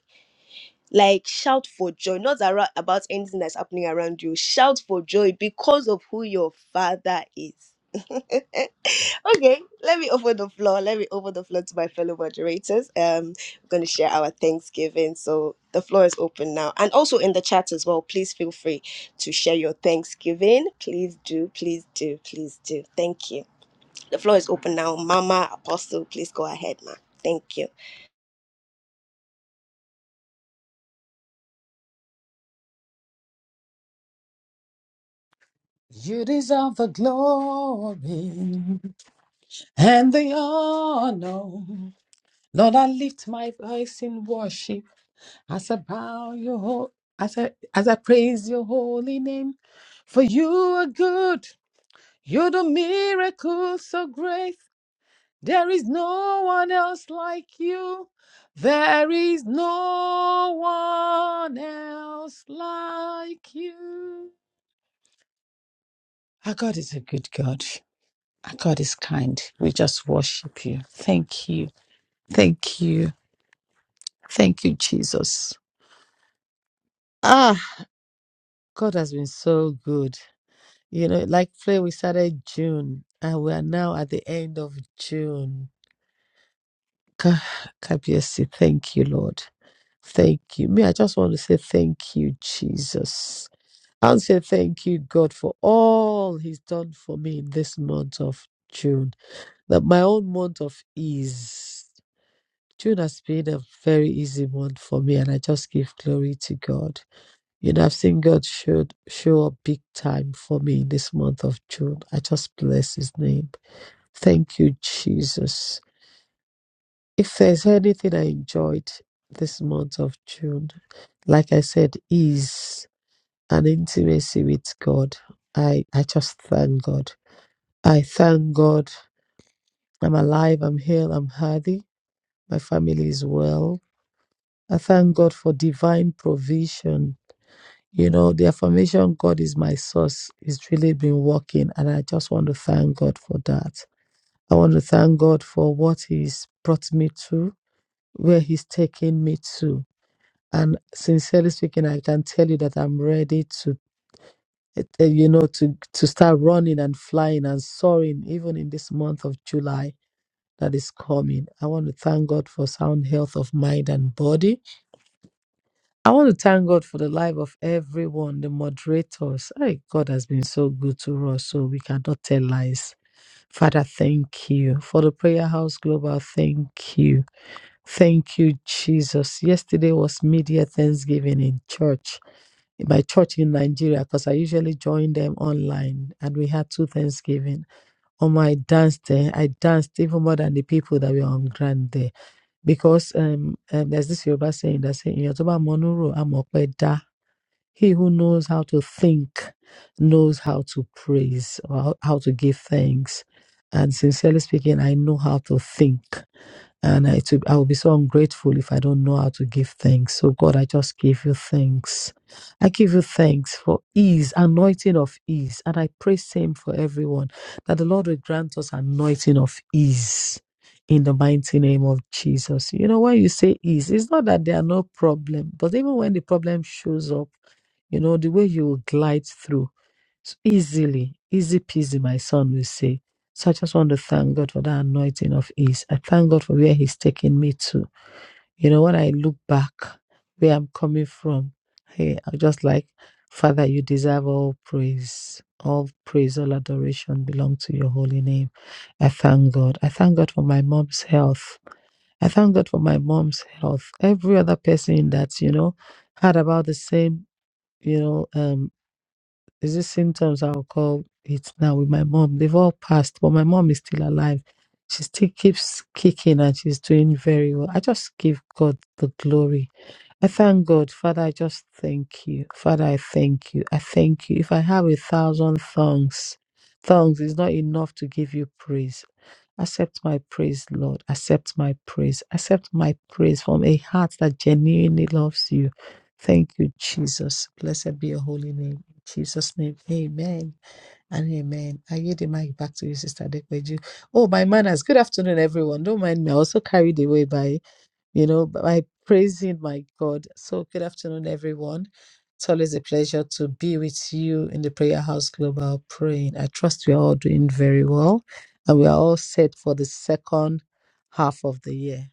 Speaker 1: like shout for joy not arou- about anything that's happening around you shout for joy because of who your father is Okay, let me open the floor. Let me open the floor to my fellow moderators. Um, we're going to share our Thanksgiving. So the floor is open now. And also in the chat as well, please feel free to share your Thanksgiving. Please do, please do, please do. Thank you. The floor is open now. Mama Apostle, please go ahead, ma. Thank you.
Speaker 3: You deserve the glory and the honor. Lord, I lift my voice in worship as I bow your ho- as I as I praise your holy name. For you are good. You do miracles so great. There is no one else like you. There is no one else like you. Our God is a good God. Our God is kind. We just worship you. Thank you. Thank you. Thank you, Jesus. Ah, God has been so good. You know, like Flay, we started June and we are now at the end of June. Ka- Kabiesi, thank you, Lord. Thank you. Me, I just want to say thank you, Jesus. And say thank you, God, for all He's done for me in this month of June. That my own month of ease. June has been a very easy month for me, and I just give glory to God. You know, I've seen God show, show up big time for me in this month of June. I just bless His name. Thank you, Jesus. If there's anything I enjoyed this month of June, like I said, is an intimacy with God. I, I just thank God. I thank God I'm alive, I'm healed, I'm healthy, my family is well. I thank God for divine provision. You know, the affirmation God is my source is really been working, and I just want to thank God for that. I want to thank God for what He's brought me to, where He's taken me to. And sincerely speaking, I can tell you that I'm ready to, eh, eh, you know, to to start running and flying and soaring, even in this month of July that is coming. I want to thank God for sound health of mind and body. I want to thank God for the life of everyone, the moderators. Hey, God has been so good to us, so we cannot tell lies. Father, thank you. For the Prayer House Global, thank you. Thank you, Jesus. Yesterday was Media Thanksgiving in church. my church in Nigeria because I usually join them online. And we had two Thanksgiving. On my dance day, I danced even more than the people that were on Grand Day because um, um, there's this Yoruba saying that say, in Yoruba, "Monuro amope da." He who knows how to think knows how to praise, or how how to give thanks. And sincerely speaking, I know how to think. And I, to, I will be so ungrateful if I don't know how to give thanks. So, God, I just give you thanks. I give you thanks for ease, anointing of ease. And I pray same for everyone that the Lord will grant us anointing of ease in the mighty name of Jesus. You know, when you say ease, it's not that there are no problem, but even when the problem shows up, you know, the way you glide through s- easily, easy peasy, my son will say. So I just want to thank God for that anointing of ease. I thank God for where He's taking me to. You know, when I look back where I'm coming from, hey, I'm just like, Father, you deserve all praise. All praise, all adoration belong to your holy name. I thank God. I thank God for my mom's health. I thank God for my mom's health. Every other person that, you know, had about the same, you know, um, there's these symptoms I'll call it now with my mom. They've all passed, but my mom is still alive. She still keeps kicking and she's doing very well. I just give God the glory. I thank God. Father, I just thank you. Father, I thank you. I thank you. If I have a thousand tongues, tongues is not enough to give you praise. Accept my praise, Lord. Accept my praise. Accept my praise from a heart that genuinely loves you. Thank you, Jesus. Blessed be your holy name. Jesus' name. Amen and amen. I yield the mic back to you, Sister Dekweju. Oh, my manners. Good afternoon, everyone. Don't mind me. I was so carried away by, you know, by praising my God. So good afternoon, everyone. It's always a pleasure to be with you in the Prayer House Global praying. I trust we are all doing very well and we are all set for the second half of the year.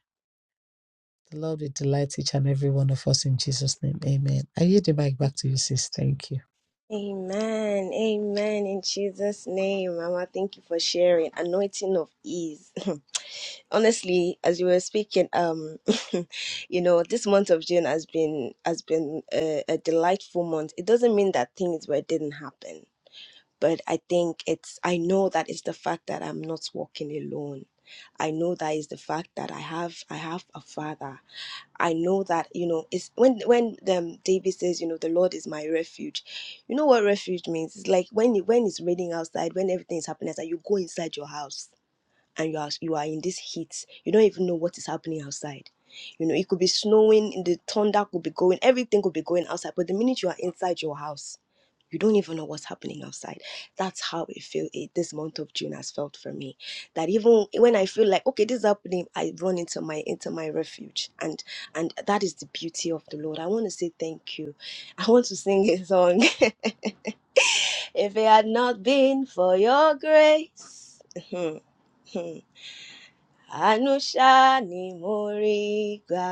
Speaker 3: The Lord will delight each and every one of us in Jesus' name. Amen. I yield the mic back to you, sis. Thank you.
Speaker 1: Amen. Amen. In Jesus' name, Mama, thank you for sharing. Anointing of ease. honestly as you were speaking um you know this month of june has been has been a, a delightful month it doesn't mean that things were didn't happen but i think it's i know that it's the fact that i'm not walking alone i know that is the fact that i have i have a father i know that you know it's when when um, david says you know the lord is my refuge you know what refuge means it's like when you when it's raining outside when everything is happening outside you go inside your house and you are you are in this heat you don't even know what is happening outside you know it could be snowing the thunder could be going everything could be going outside but the minute you are inside your house you don't even know what's happening outside that's how it feel it, this month of june has felt for me that even when i feel like okay this is happening i run into my into my refuge and and that is the beauty of the lord i want to say thank you i want to sing a song if it had not been for your grace Àánú ṣá ni mo rí gbà.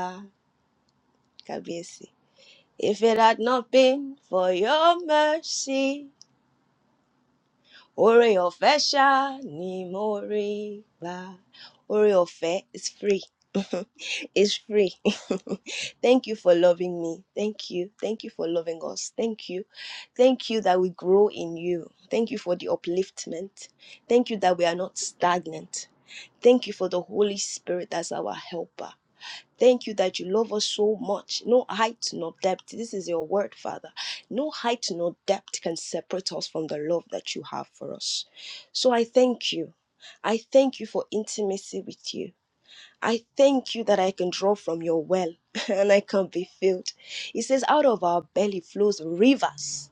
Speaker 1: Kábíyèsí. If it had not been for your mercy, oore ọ̀fẹ́ ṣá ni mo rí gbà. Oore ọ̀fẹ́ is free. It's free. Thank you for loving me. Thank you. Thank you for loving us. Thank you. Thank you that we grow in you. Thank you for the upliftment. Thank you that we are not stagnant. Thank you for the Holy Spirit as our helper. Thank you that you love us so much. No height, no depth. This is your word, Father. No height, no depth can separate us from the love that you have for us. So I thank you. I thank you for intimacy with you. I thank you that I can draw from your well and I can be filled. It says, out of our belly flows rivers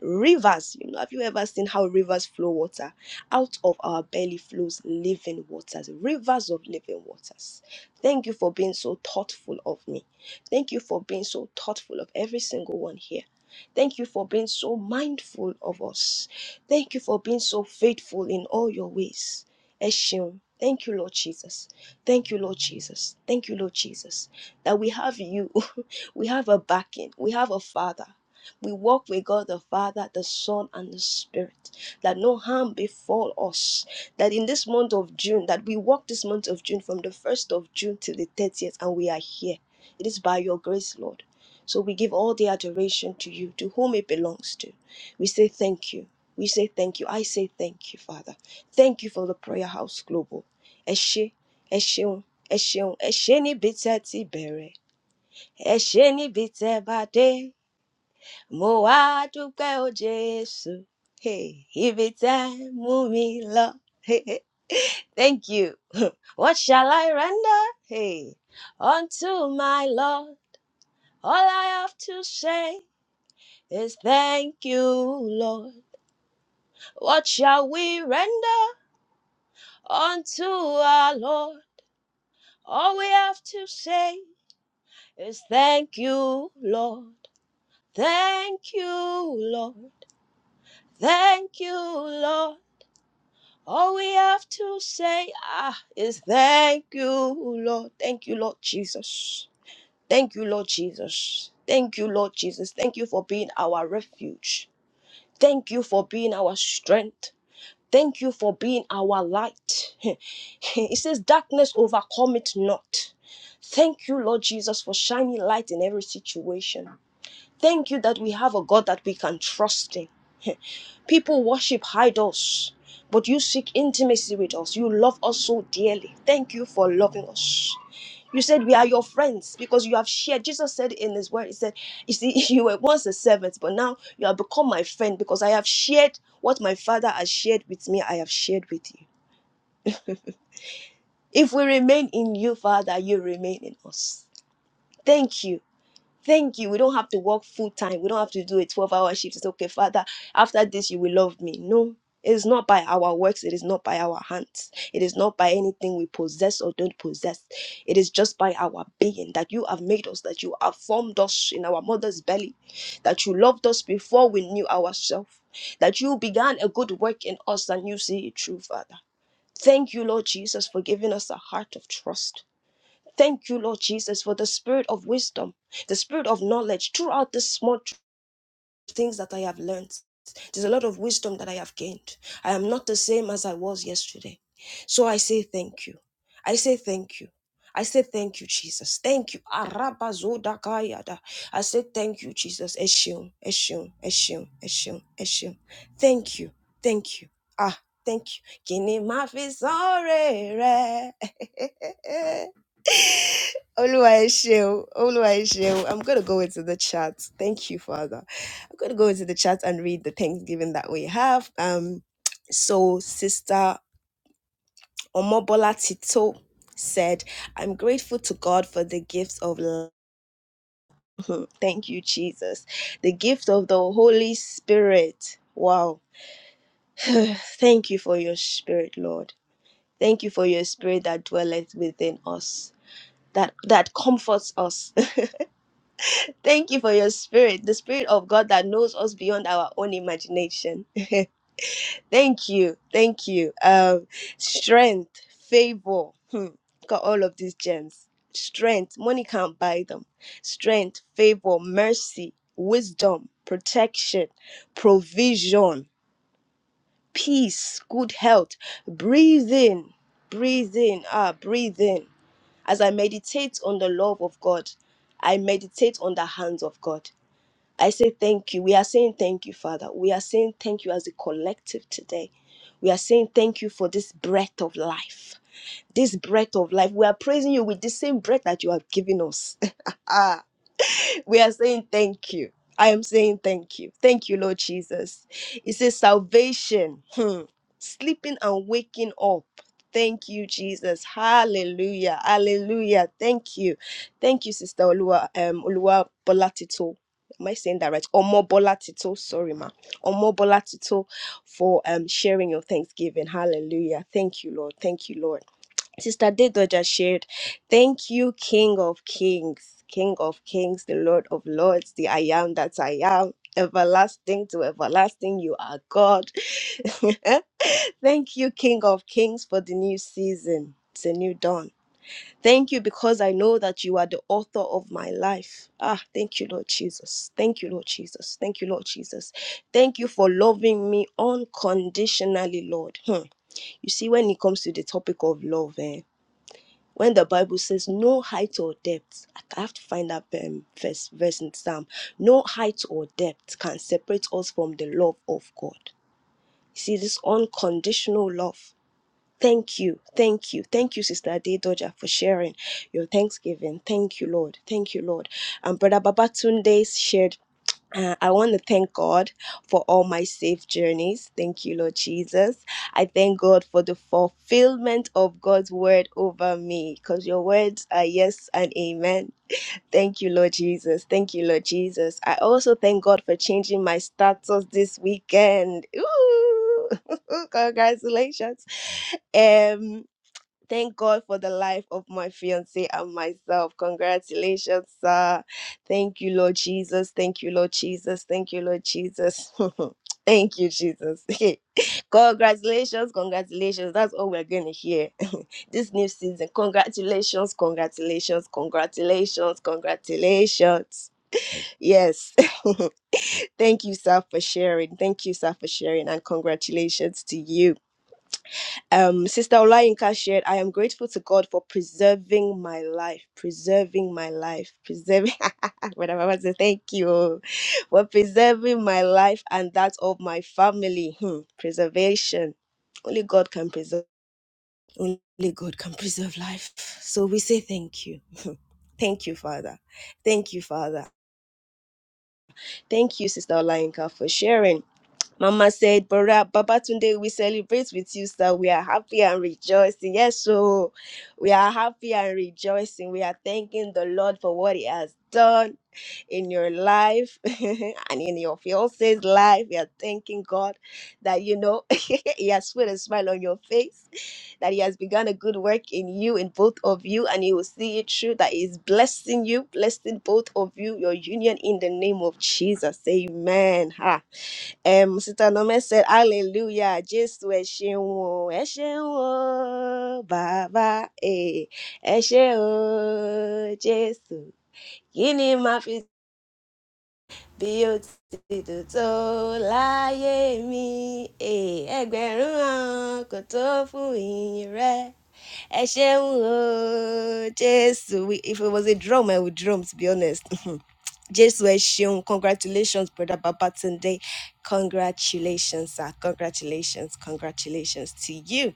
Speaker 1: Rivers, you know, have you ever seen how rivers flow water? Out of our belly flows living waters, rivers of living waters. Thank you for being so thoughtful of me. Thank you for being so thoughtful of every single one here. Thank you for being so mindful of us. Thank you for being so faithful in all your ways. Eshion. Thank you, Lord Jesus. Thank you, Lord Jesus. Thank you, Lord Jesus, that we have you. we have a backing. We have a father. We walk with God the Father, the Son, and the Spirit, that no harm befall us. That in this month of June, that we walk this month of June from the 1st of June till the 30th, and we are here. It is by your grace, Lord. So we give all the adoration to you, to whom it belongs to. We say thank you. We say thank you. I say thank you, Father. Thank you for the Prayer House Global. Ẹ ṣé, ẹ ṣeun, ẹ ṣeun, ẹ ṣé níbi tẹ́ ti bẹ̀rẹ̀, ẹ ṣé níbi tẹ́ bá dé mo o Jésù. Hey, ibi tẹ́ ẹ mú mi Hey, hey, thank you. What shall I render? Hey, unto my Lord. All I have to say is thank you, Lord. What shall we render unto our Lord? All we have to say is thank you, Lord. Thank you, Lord. Thank you, Lord. All we have to say ah, is thank you, Lord. Thank you, Lord Jesus. Thank you, Lord Jesus. Thank you, Lord Jesus. Thank you for being our refuge. Thank you for being our strength. Thank you for being our light. it says, Darkness overcome it not. Thank you, Lord Jesus, for shining light in every situation. Thank you that we have a God that we can trust in. People worship idols, but you seek intimacy with us. You love us so dearly. Thank you for loving us. You said we are your friends because you have shared. Jesus said in his word, He said, You see, you were once a servant, but now you have become my friend because I have shared what my Father has shared with me, I have shared with you. If we remain in you, Father, you remain in us. Thank you. Thank you. We don't have to work full time. We don't have to do a 12 hour shift. It's okay, Father. After this, you will love me. No, it is not by our works. It is not by our hands. It is not by anything we possess or don't possess. It is just by our being that you have made us, that you have formed us in our mother's belly, that you loved us before we knew ourselves, that you began a good work in us and you see it true, Father. Thank you, Lord Jesus, for giving us a heart of trust. Thank you, Lord Jesus, for the spirit of wisdom, the spirit of knowledge throughout the small tr- things that I have learned. There's a lot of wisdom that I have gained. I am not the same as I was yesterday. So I say thank you. I say thank you. I say thank you, Jesus. Thank you. Arabazodakayada. I say thank you, Jesus. Eshim, Eshim, Eshim, Eshim, Eshim. Thank you. Thank you. Ah, thank you. Kini mafi sore re. Oluwaseun, Oluwaseun. I'm going to go into the chat. Thank you, Father. I'm going to go into the chat and read the Thanksgiving that we have. Um, so, Sister Omobola Tito said, I'm grateful to God for the gifts of love. Thank you, Jesus. The gift of the Holy Spirit. Wow. Thank you for your spirit, Lord. Thank you for your spirit that dwelleth within us, that, that comforts us. Thank you for your spirit, the spirit of God that knows us beyond our own imagination. thank you, thank you. Um, strength, favor. Hmm. Got all of these gems. Strength, money can't buy them. Strength, favor, mercy, wisdom, protection, provision, peace, good health. Breathe in, breathe in, ah, breathe in. As I meditate on the love of God, I meditate on the hands of God. I say thank you. We are saying thank you, Father. We are saying thank you as a collective today. We are saying thank you for this breath of life. This breath of life. We are praising you with the same breath that you have given us. we are saying thank you. I am saying thank you. Thank you, Lord Jesus. It says salvation, hmm, sleeping and waking up. Thank you, Jesus. Hallelujah. Hallelujah. Thank you. Thank you, Sister Olua, um, Olua Bolatito. Am I saying that right? Omo Bolatito. Sorry, ma. Omo Bolatito for um, sharing your thanksgiving. Hallelujah. Thank you, Lord. Thank you, Lord. Sister Dido just shared, thank you, King of Kings, King of Kings, the Lord of Lords, the I am that I am, everlasting to everlasting, you are God. Thank you, King of Kings, for the new season. It's a new dawn. Thank you because I know that you are the author of my life. Ah, thank you, Lord Jesus. Thank you, Lord Jesus. Thank you, Lord Jesus. Thank you for loving me unconditionally, Lord. Hmm. You see, when it comes to the topic of love, eh? when the Bible says no height or depth, I have to find that um, verse, verse in Psalm. No height or depth can separate us from the love of God. You see, this unconditional love. Thank you. Thank you. Thank you, Sister Ade Doja, for sharing your Thanksgiving. Thank you, Lord. Thank you, Lord. And Brother Babatunde shared uh, I want to thank God for all my safe journeys. Thank you, Lord Jesus. I thank God for the fulfillment of God's word over me because your words are yes and amen. Thank you, Lord Jesus. Thank you, Lord Jesus. I also thank God for changing my status this weekend. Ooh, congratulations. Um, thank God for the life of my fiance and myself. Congratulations, sir. Thank you, Lord Jesus. Thank you, Lord Jesus. Thank you, Lord Jesus. Thank you, Jesus. congratulations, congratulations. That's all we're going to hear this new season. Congratulations, congratulations, congratulations, congratulations. Yes. Thank you, sir, for sharing. Thank you, sir, for sharing. And congratulations to you. Um, Sister Olayinka shared, I am grateful to God for preserving my life, preserving my life, preserving, whatever I want to say, thank you for preserving my life and that of my family. Hmm, preservation. Only God can preserve, only God can preserve life. So we say thank you. Thank you, Father. Thank you, Father. Thank you, Sister Olayinka, for sharing. Mama said, Baba, Baba, today we celebrate with you, sir. We are happy and rejoicing. Yes, so we are happy and rejoicing. We are thanking the Lord for what He has done in your life and in your fiance's life. We are thanking God that, you know, He has put a smile on your face, that He has begun a good work in you, in both of you, and He will see it through, that He is blessing you, blessing both of you, your union in the name of Jesus. Amen. Ha. Um, Sister Nome said, Hallelujah, Jésù ẹ ṣeun o, ẹ ṣeun o, bàbá ẹ, ẹ ṣe o, Jésù. Kí ni màá fi bí o ti dùn tó láyé mi? Eh, Ẹgbẹ̀rún ọ̀run kò tó fún ìyìn rẹ. Ẹ ṣeun o, Jésù. We- If it was a drum, I would drum, to be honest. Jésù ẹ ṣeun congratulations brother Babatunde congratulations sir congratulations congratulations to you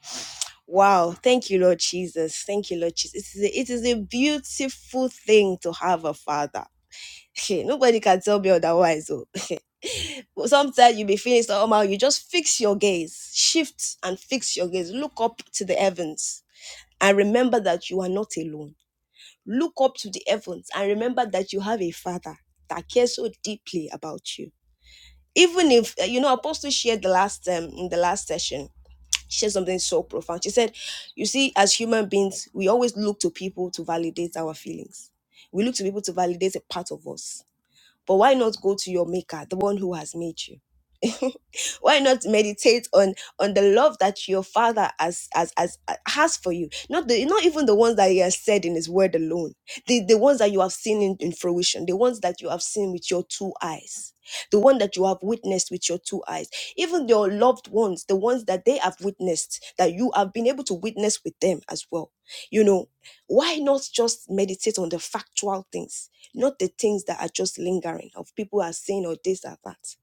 Speaker 1: wow thank you Lord Jesus thank you Lord Jesus it is a, it is a beautiful thing to have a father Hey, nobody can tell me otherwise oh. sometimes you be feeling so, somehow you just fix your gaze shift and fix your gaze look up to the heavens and remember that you are not alone look up to the heavens and remember that you have a father that cares so deeply about you even if uh, you know apostle shared the last um in the last session she said something so profound she said you see as human beings we always look to people to validate our feelings we look to people to validate a part of us but why not go to your maker the one who has made you why not meditate on on the love that your father has has, has has for you not the not even the ones that he has said in his word alone the the ones that you have seen in, in fruition the ones that you have seen with your two eyes the one that you have witnessed with your two eyes even your loved ones the ones that they have witnessed that you have been able to witness with them as well you know why not just meditate on the factual things not the things that are just lingering of people are saying or this or that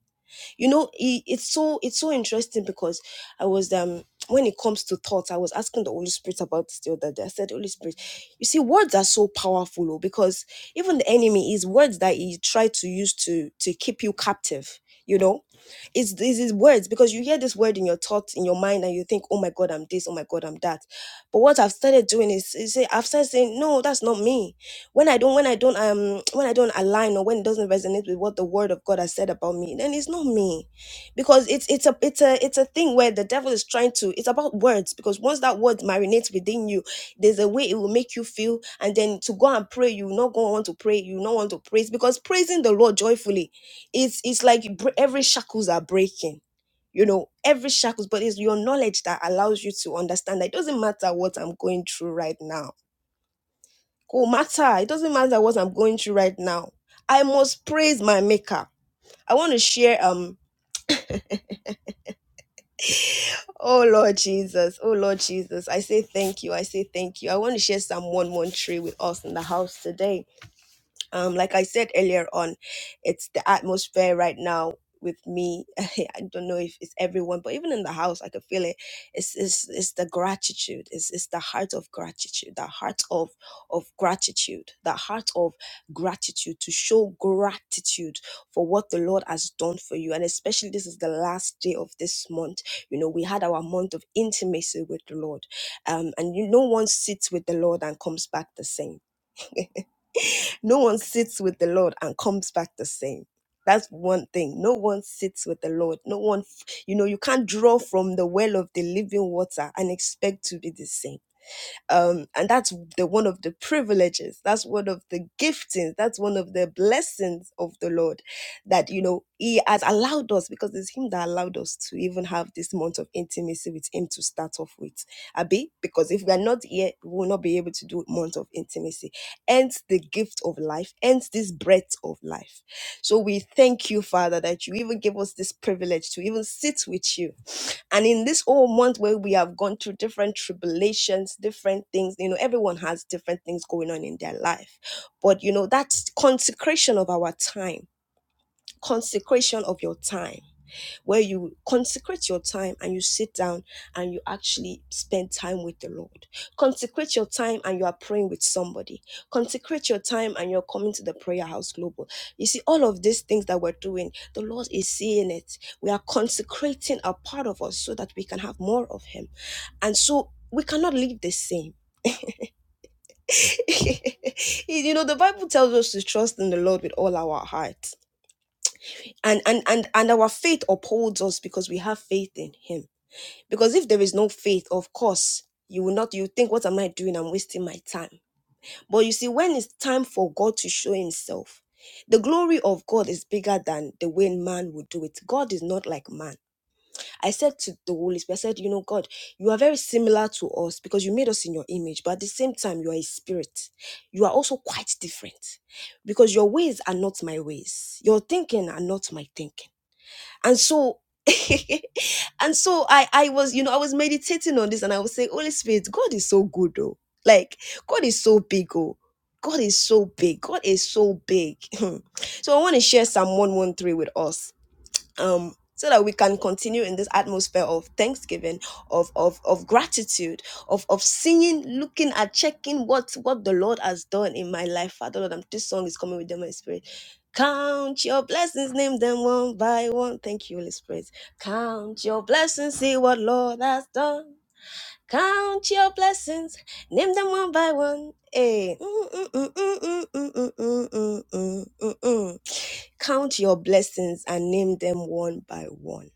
Speaker 1: you know it, it's so it's so interesting because i was um when it comes to thoughts i was asking the holy spirit about this the other day i said holy spirit you see words are so powerful oh, because even the enemy is words that he tried to use to to keep you captive you know it's it's his words because you hear this word in your thoughts in your mind and you think oh my god i'm this oh my god i'm that but what i've started doing is, is say- i've started saying no that's not me when I don't when I don't um when I don't align or when it doesn't resonate with what the word of God has said about me, then it's not me. Because it's it's a it's a it's a thing where the devil is trying to it's about words because once that word marinates within you, there's a way it will make you feel and then to go and pray, you will not go want to pray, you will not want to praise because praising the Lord joyfully it's it's like you bre- every shackles are breaking. You know, every shackles, but it's your knowledge that allows you to understand that it doesn't matter what I'm going through right now go matter. It doesn't matter what I'm going through right now. I must praise my maker. I want to share um oh Lord Jesus, oh Lord Jesus. I say thank you. I say thank you. I want to share Psalm 113 with us in the house today. um, like I said earlier on, it's the atmosphere right now with me. I don't know if it's everyone, but even in the house, I could feel it. It's it's, it's the gratitude. It's, it's the heart of gratitude. The heart of of gratitude. The heart of gratitude to show gratitude for what the Lord has done for you. And especially this is the last day of this month. You know, we had our month of intimacy with the Lord, um, and you, no one sits with the Lord and comes back the same no one sits with the Lord and comes back the same. That's one thing. No one sits with the Lord. No one, you know, you can't draw from the well of the living water and expect to be the same um, and that's the one of the privileges that's one of the giftings that's one of the blessings of the lord that you know he has allowed us because it's him that allowed us to even have this month of intimacy with him to start off with abi because if we are not here we will not be able to do month of intimacy hence the gift of life hence this breath of life so we thank you father that you even give us this privilege to even sit with you and in this whole month where we have gone through different tribulations, different things, you know, everyone has different things going on in their life. But, you know, that's consecration of our time, consecration of your time where you consecrate your time and you sit down and you actually spend time with the Lord. Consecrate your time and you are praying with somebody. Consecrate your time and you're coming to the prayer house global. You see, all of these things that we're doing, the Lord is seeing it. We are consecrating a part of us so that we can have more of Him. And so we cannot live the same. you know, the Bible tells us to trust in the Lord with all our heart. And and and and our faith upholds us because we have faith in Him Because if there is no faith, of course, you will not, you think, what am I doing? I'm wasting my time. But you see, when it's time for God to show himself, the glory of God is bigger than the way man would do it. God is not like man. I said to the Holy Spirit, I said, you know, God, you are very similar to us because you made us in your image, but at the same time, you are a spirit. You are also quite different because your ways are not my ways. Your thinking are not my thinking and so and so i i was you know i was meditating on this and i was saying holy spirit god is so good though like god is so big oh god is so big god is so big so i want to share psalm 113 with us um so that we can continue in this atmosphere of thanksgiving of of of gratitude of of seeing looking at checking what what the lord has done in my life father lord I'm, this song is coming with them Count your blessings, name them one by one. Thank you, Holy Spirit. Count your blessings, see what Lord has done. Count your blessings, name them one by one. Hey. Count your blessings and name them one by one.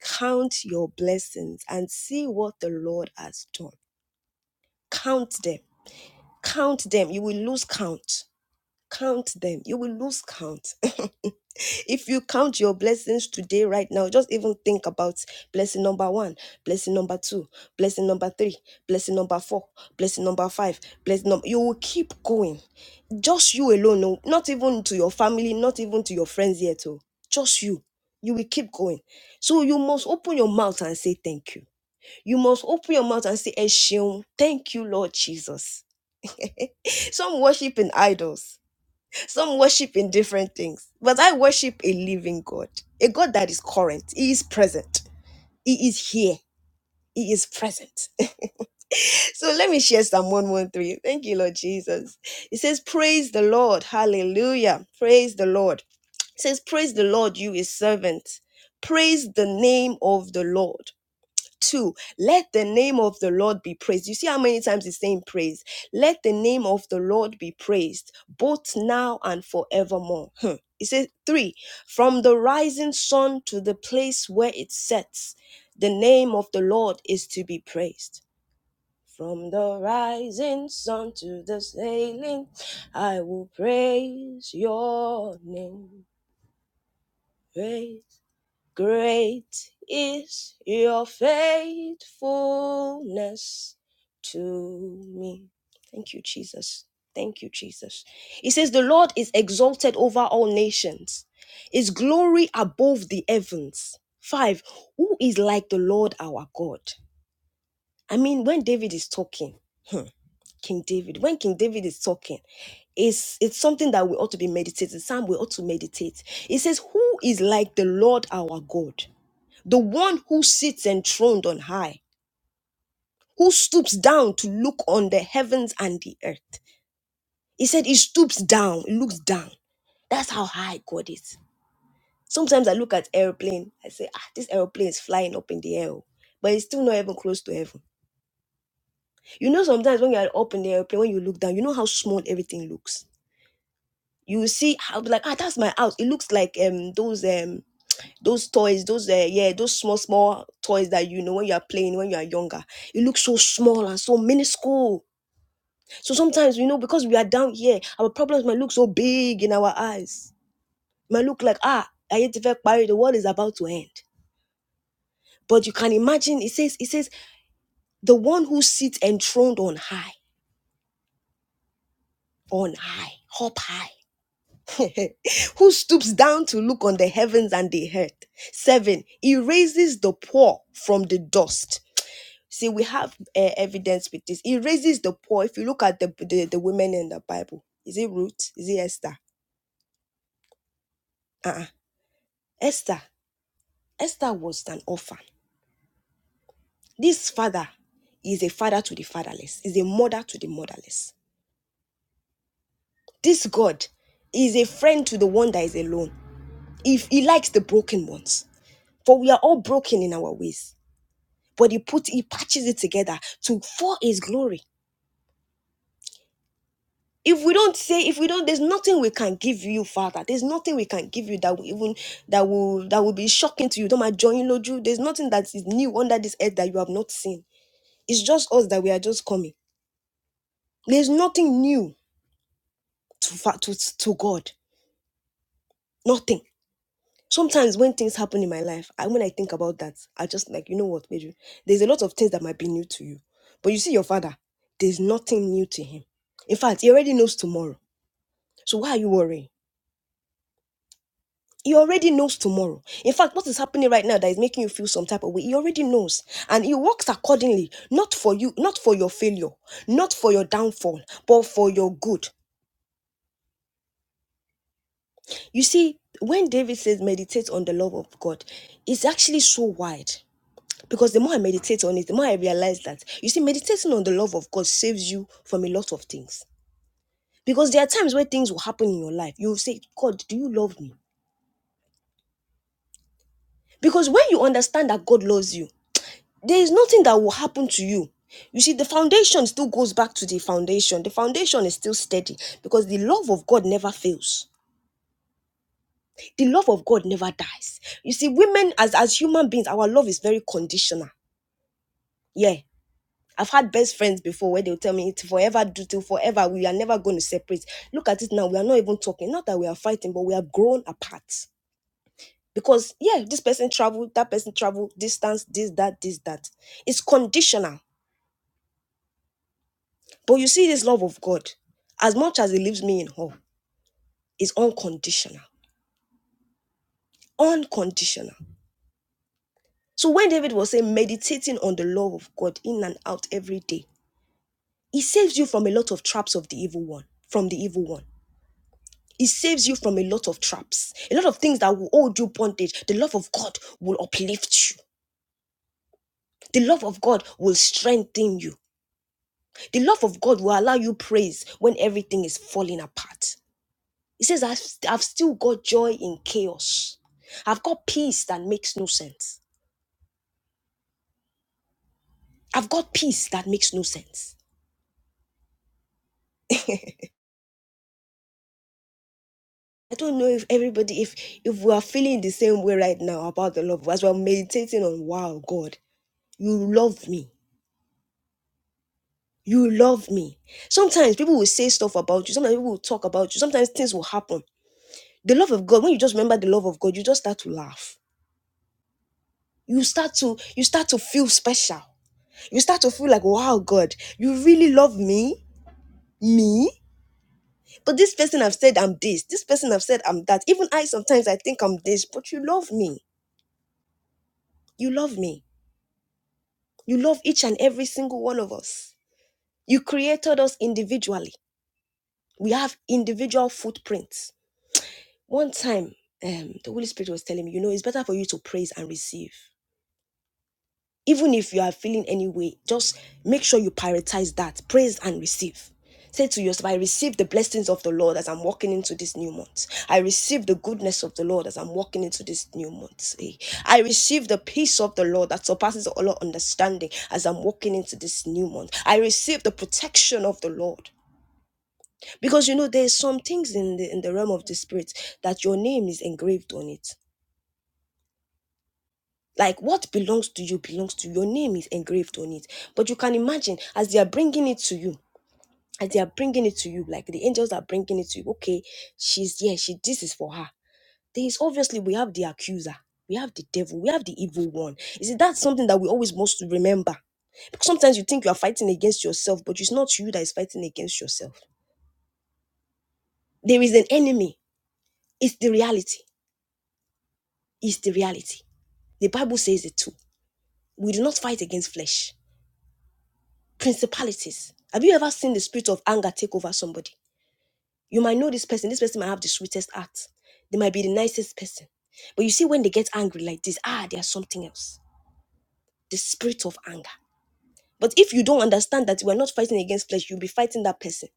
Speaker 1: Count your blessings and see what the Lord has done. Count them. Count them. You will lose count. Count them. You will lose count. if you count your blessings today right now just even think about blessing number one blessing number two blessing number three blessing number four blessing number five blessing number you will keep going just you alone no, not even to your family not even to your friends yet oh just you you will keep going so you must open your mouth and say thank you you must open your mouth and say "Ẹ thank you lord jesus some worship in idols some worship in different things, but I worship a living God, a God that is current. He is present. He is here. He is present. so let me share Psalm 113. Thank you, Lord Jesus. It says, Praise the Lord. Hallelujah. Praise the Lord. It says, Praise the Lord, you his servant. Praise the name of the Lord. Two, let the name of the Lord be praised. You see how many times it's saying praise. Let the name of the Lord be praised, both now and forevermore. Hmm. It says three, from the rising sun to the place where it sets, the name of the Lord is to be praised. From the rising sun to the sailing, I will praise your name. Praise. Great is your faithfulness to me. Thank you, Jesus. Thank you, Jesus. It says, The Lord is exalted over all nations, His glory above the heavens. Five, who is like the Lord our God? I mean, when David is talking, King David, when King David is talking, it's, it's something that we ought to be meditating. Psalm we ought to meditate. It says, Who is like the Lord our God? the one who sits enthroned on high, who stoops down to look on the heavens and the earth. He said he stoops down, he looks down. That's how high God is. Sometimes I look at airplane, I say, ah, this airplane is flying up in the air, oh," but it's still not even close to heaven. You know, sometimes when you're up in the airplane, when you look down, you know how small everything looks. You will see, I'll be like, ah, that's my house. It looks like um those um those toys, those uh, yeah, those small small toys that you know when you are playing when you are younger, it looks so small and so minuscule. So sometimes you know because we are down here, our problems might look so big in our eyes. It might look like ah, I hate to feel the world is about to end. But you can imagine it says it says the one who sits enthroned on high, on high, up high. who stoops down to look on the heavens and the earth. Seven, he raises the poor from the dust See, we have uh, evidence with this. It raises the poor. If you look at the, the, the women in the Bible, is it Ruth? Is it Esther? Uh-uh. Esther. Esther was an orphan. This father is a father to the fatherless, is a mother to the motherless. This God is a friend to the one that is alone. If he likes the broken ones, for we are all broken in our ways. But he put he patches it together to for his glory. if we don't say if we don't there's nothing we can give you father there's nothing we can give you that will even that will that will be shocking to you don't mind joining loju there's nothing that is new under this earth that you have not seen it's just us that we are just coming there's nothing new to fa- to, to god nothing sometimes when things happen in my life I when i think about that i just like you know what Pedro, there's a lot of things that might be new to you but you see your father there's nothing new to him in fact he already knows tomorrow so why are you worrying He already knows tomorrow. In fact, what is happening right now that is making you feel some type of way, he already knows. And he works accordingly, not for you, not for your failure, not for your downfall, but for your good. You see, when David says meditate on the love of God, it's actually so wide. Because the more I meditate on it, the more I realize that. You see, meditating on the love of God saves you from a lot of things. Because there are times where things will happen in your life. You'll say, God, do you love me? Because when you understand that God loves you, there is nothing that will happen to you. You see, the foundation still goes back to the foundation. The foundation is still steady because the love of God never fails. The love of God never dies. You see, women as, as human beings, our love is very conditional. Yeah. I've had best friends before where they'll tell me it's forever do till forever. We are never going to separate. Look at it now. We are not even talking. Not that we are fighting, but we are grown apart. Because yeah, this person traveled, that person traveled, distance, this, that, this, that. It's conditional But you see, this love of God, as much as it leaves me in awe, is unconditional. Unconditional. So when David was saying, meditating on the love of God in and out every day, it saves you from a lot of traps of the evil one, from the evil one. It saves you from a lot of traps, a lot of things that will hold you bondage. The love of God will uplift you. The love of God will strengthen you. The love of God will allow you praise when everything is falling apart. He says, I've, I've still got joy in chaos. I've got peace that makes no sense. I've got peace that makes no sense. I don't know if everybody, if if we are feeling the same way right now about the love, as we're meditating on, wow, God, you love me. You love me. Sometimes people will say stuff about you. Sometimes people will talk about you. Sometimes things will happen. The love of God, when you just remember the love of God, you just start to laugh. You start to, you start to feel special. You start to feel like, wow, God, you really love me? Me? But this person have said I'm this. This person have said I'm that. Even I sometimes I think I'm this, but you love me. You love me. You love each and every single one of us. You created us individually. We have individual footprints. One time, um, the Holy Spirit was telling me, you know, it's better for you to praise and receive. even if you are feeling any way, just make sure you prioritize that. Praise and receive. Say to yourself, I receive the blessings of the Lord as I'm walking into this new month. I receive the goodness of the Lord as I'm walking into this new month. Eh, I receive the peace of the Lord that surpasses all understanding as I'm walking into this new month. I receive the protection of the Lord. Because you know, there's some things in the in the realm of the spirit that your name is engraved on it. like what belongs to you belongs to you. your name is engraved on it but you can imagine as they are bringing it to you as they are bringing it to you like the angels are bringing it to you okay she's yeah she this is for her there is obviously we have the accuser we have the devil we have the evil one you see that's something that we always must remember because sometimes you think you are fighting against yourself but it's not you that is fighting against yourself there is an enemy it's the reality it's the reality the bible says it too we do not fight against flesh Principalities. Have you ever seen the spirit of anger take over somebody? You might know this person. This person might have the sweetest heart. They might be the nicest person. But you see, when they get angry like this, ah, there's something else. The spirit of anger. But if you don't understand that we're not fighting against flesh, you'll be fighting that person.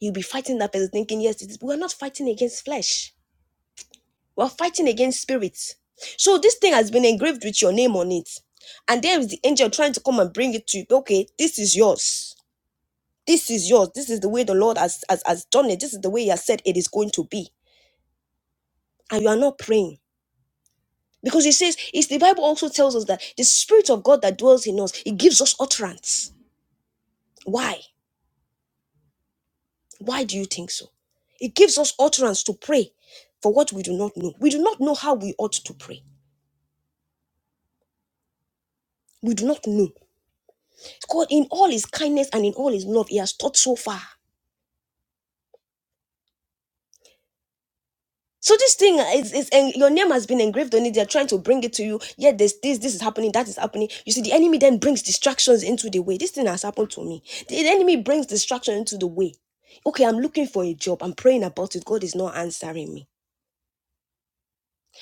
Speaker 1: You'll be fighting that person thinking, yes, it is. we're not fighting against flesh. We're fighting against spirits. So this thing has been engraved with your name on it. And there is the angel trying to come and bring it to you. Okay, this is yours This is yours. This is the way the Lord has, has, has done it. This is the way He has said it is going to be. And you are not praying. Because He says, it's the Bible also tells us that the Spirit of God that dwells in us, it gives us utterance. Why? Why do you think so? It gives us utterance to pray for what we do not know. We do not know how we ought to pray. We do not know. God, in all His kindness and in all His love, He has taught so far. So this thing is, is and your name has been engraved on it. They're trying to bring it to you. Yet there's this, this is happening, that is happening. You see, the enemy then brings distractions into the way. This thing has happened to me. The enemy brings distraction into the way. Okay, I'm looking for a job. I'm praying about it. God is not answering me.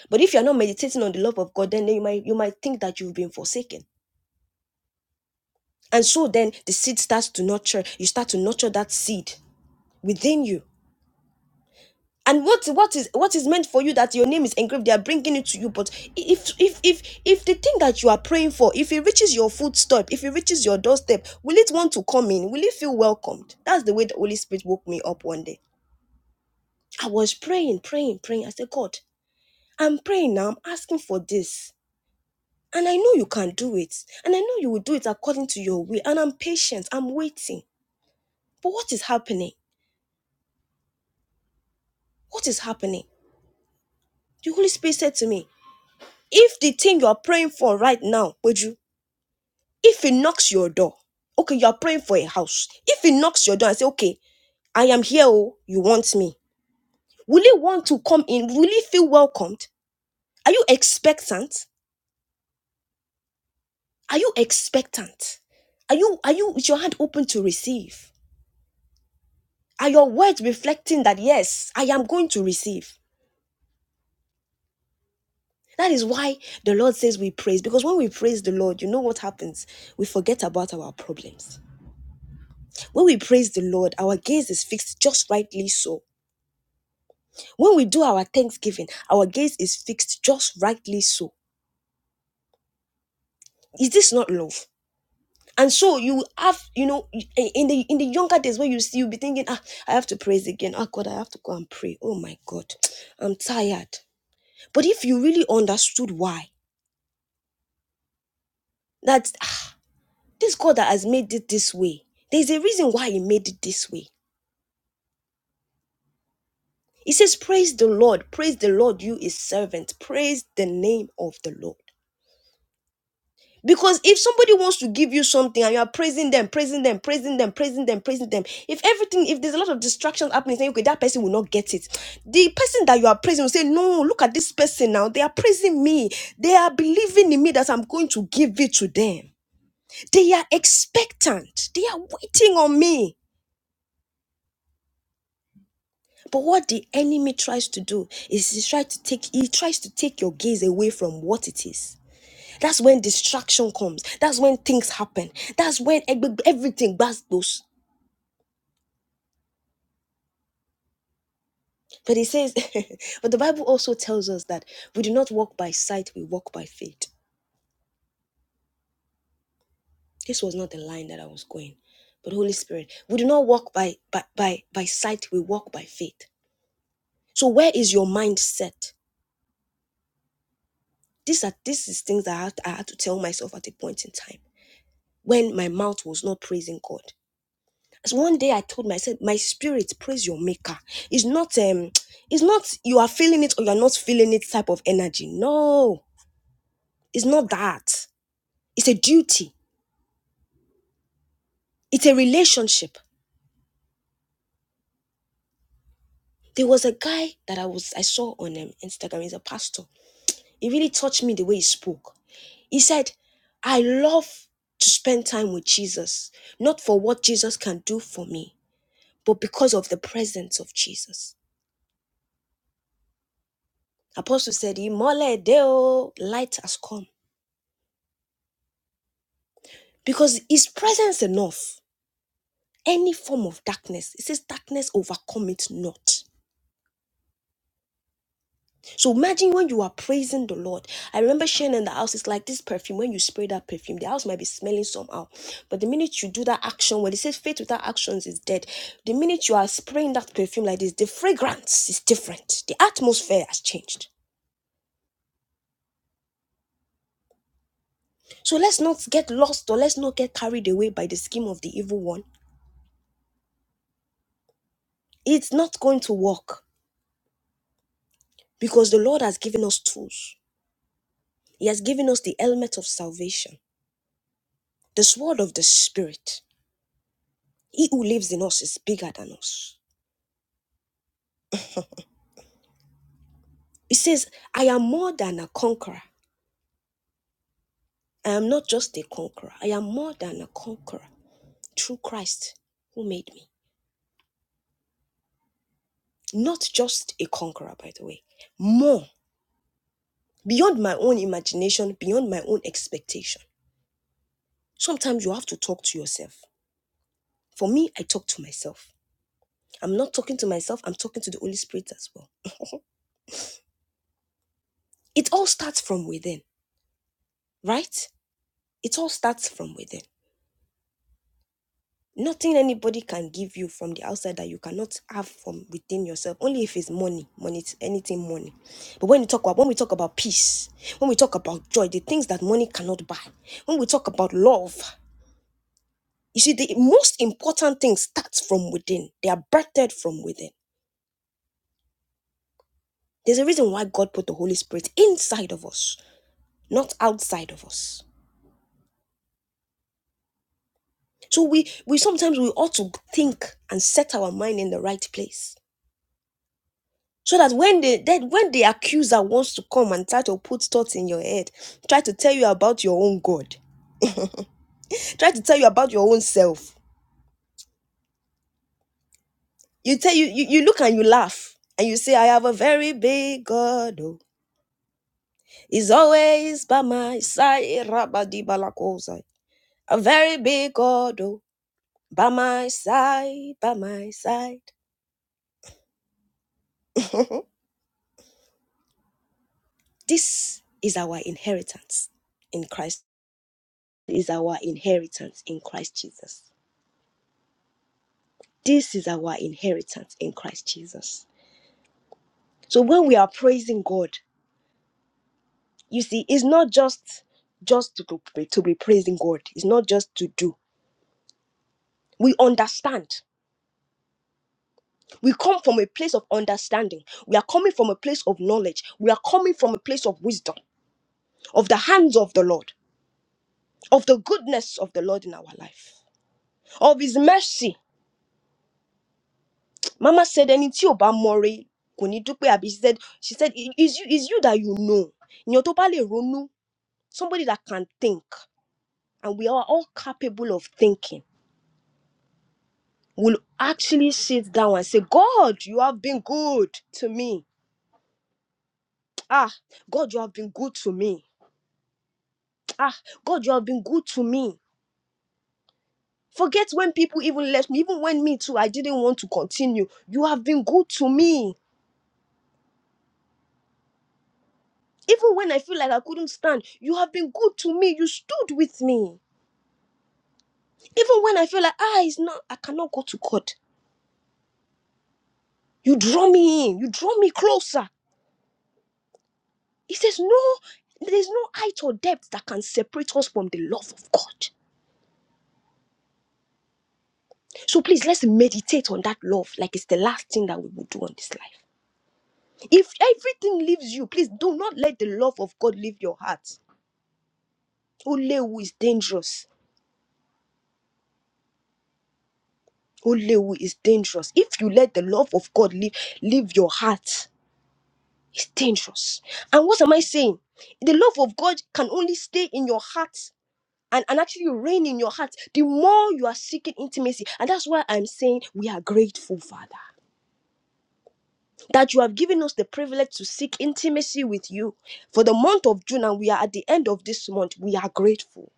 Speaker 1: But if you're not meditating on the love of God, then you might you might think that you've been forsaken. And so then the seed starts to nurture. You start to nurture that seed within you and what what is what is meant for you that your name is engraved they are bringing it to you but if if if if the thing that you are praying for if it reaches your footstep if it reaches your doorstep will it want to come in will it feel welcomed that's the way the holy spirit woke me up one day i was praying praying praying i said god i'm praying now i'm asking for this and i know you can do it and i know you will do it according to your will and i'm patient i'm waiting but what is happening what is happening the holy spirit said to me if the thing you are praying for right now Peju, If he knocks your door, okay, you are praying for a house. If he knocks your door and say, okay, I am here, oh, you want me? Will he want to come in? Will he feel welcomed? Are you expectant? Are you expectant? Are you are you with your hand open to receive? Are your words reflecting that yes, I am going to receive? That is why the Lord says we praise because when we praise the Lord, you know what happens? We forget about our problems. When we praise the Lord, our gaze is fixed just rightly so When we do our thanksgiving, our gaze is fixed just rightly so. Is this not love? And so you have, you know, in the in the younger days where you see you be thinking, ah, I have to praise again. Ah God, I have to go and pray. Oh my God, I'm tired. But if you really understood why, that ah, this God that has made it this way, there's a reason why he made it this way. He says, Praise the Lord, praise the Lord, you his servant, praise the name of the Lord. Because if somebody wants to give you something and you are praising them, praising them, praising them, praising them, praising them, if everything, if there's a lot of distractions happening, saying, okay, that person will not get it. The person that you are praising will say, no, look at this person now. They are praising me. They are believing in me that I'm going to give it to them. They are expectant. They are waiting on me. But what the enemy tries to do is he tries to take he tries to take your gaze away from what it is That's when distraction comes. That's when things happen. That's when everything bas- goes. But it says, but the Bible also tells us that we do not walk by sight, we walk by faith. This was not the line that I was going. But Holy Spirit, we do not walk by by by, by sight, we walk by faith. So where is your mindset? These are this is things that I had, I had to tell myself at a point in time when my mouth was not praising God. So one day I told myself, my spirit, praise your maker. It's not um, it's not you are feeling it or you're not feeling it type of energy. No, it's not that. It's a duty, it's a relationship. There was a guy that I was I saw on um, Instagram, he's a pastor. He really touched me the way he spoke. He said, I love to spend time with Jesus, not for what Jesus can do for me, but because of the presence of Jesus. Apostle said, Imole deo, light has come because his presence enough any form of darkness it says darkness overcome it not so imagine when you are praising the lord i remember sharing in the house it's like this perfume when you spray that perfume the house might be smelling somehow but the minute you do that action when it says faith without actions is dead the minute you are spraying that perfume like this the fragrance is different the atmosphere has changed so let's not get lost or let's not get carried away by the scheme of the evil one it's not going to work because the lord has given us tools He has given us the helmet of salvation, the sword of the Spirit. He who lives in us is bigger than us. He says, I am more than a conqueror. I am not just a conqueror. I am more than a conqueror through Christ who made me. Not just a conqueror, by the way. More, beyond my own imagination, beyond my own expectation. Sometimes you have to talk to yourself. For me, I talk to myself. I'm not talking to myself, I'm talking to the Holy Spirit as well. It all starts from within, right? it all starts from within. Nothing anybody can give you from the outside that you cannot have from within yourself. Only if it's money, money, anything money. But when you talk about when we talk about peace, when we talk about joy, the things that money cannot buy, when we talk about love, you see, the most important thing starts from within. They are birthed from within. There's a reason why God put the Holy Spirit inside of us, not outside of us. So we we sometimes we ought to think and set our mind in the right place so that when the then when the accuser wants to come and try to put thoughts in your head try to tell you about your own god try to tell you about your own self you tell you you, you look and you laugh and you say i have a very big god oh. he's always by my side Rabadibalakosai. a very big god oh, by my side by my side this is our inheritance in christ is our inheritance in christ jesus This is our inheritance in Christ Jesus. So when we are praising God, you see, it's not just just to be, to be praising God. It's not just to do. We understand. We come from a place of understanding. We are coming from a place of knowledge. We are coming from a place of wisdom, of the hands of the Lord, of the goodness of the Lord in our life, of His mercy. Mama said, "Ẹni tí ò bá mọre kò ní dúpẹ́," àbí She said, she said, "Is you, is you that you know. Ìyẹn tó bá lè ronú, Somebody that can think. and we are all capable of thinking, will actually sit down and say, God, you have been good to me. Ah, God, you have been good to me. Ah, God, you have been good to me. Forget when people even left me, even when me too, I didn't want to continue. You have been good to me. Even when I feel like I couldn't stand, you have been good to me. You stood with me. Even when I feel like, ah, it's not, I cannot go to God. You draw me in, you draw me closer He says, No, there's no height or depth that can separate us from the love of God. So please let's meditate on that love like it's the last thing that we will do on this life. If everything leaves you, please do not let the love of God leave your heart. Olewu is dangerous. Olewu is dangerous. If you let the love of God leave, leave your heart, it's dangerous. And what am I saying? The love of God can only stay in your heart and, and actually reign in your heart, the more you are seeking intimacy. And that's why I'm saying we are grateful, Father, that you have given us the privilege to seek intimacy with you. For the month of June, and we are at the end of this month, we are grateful.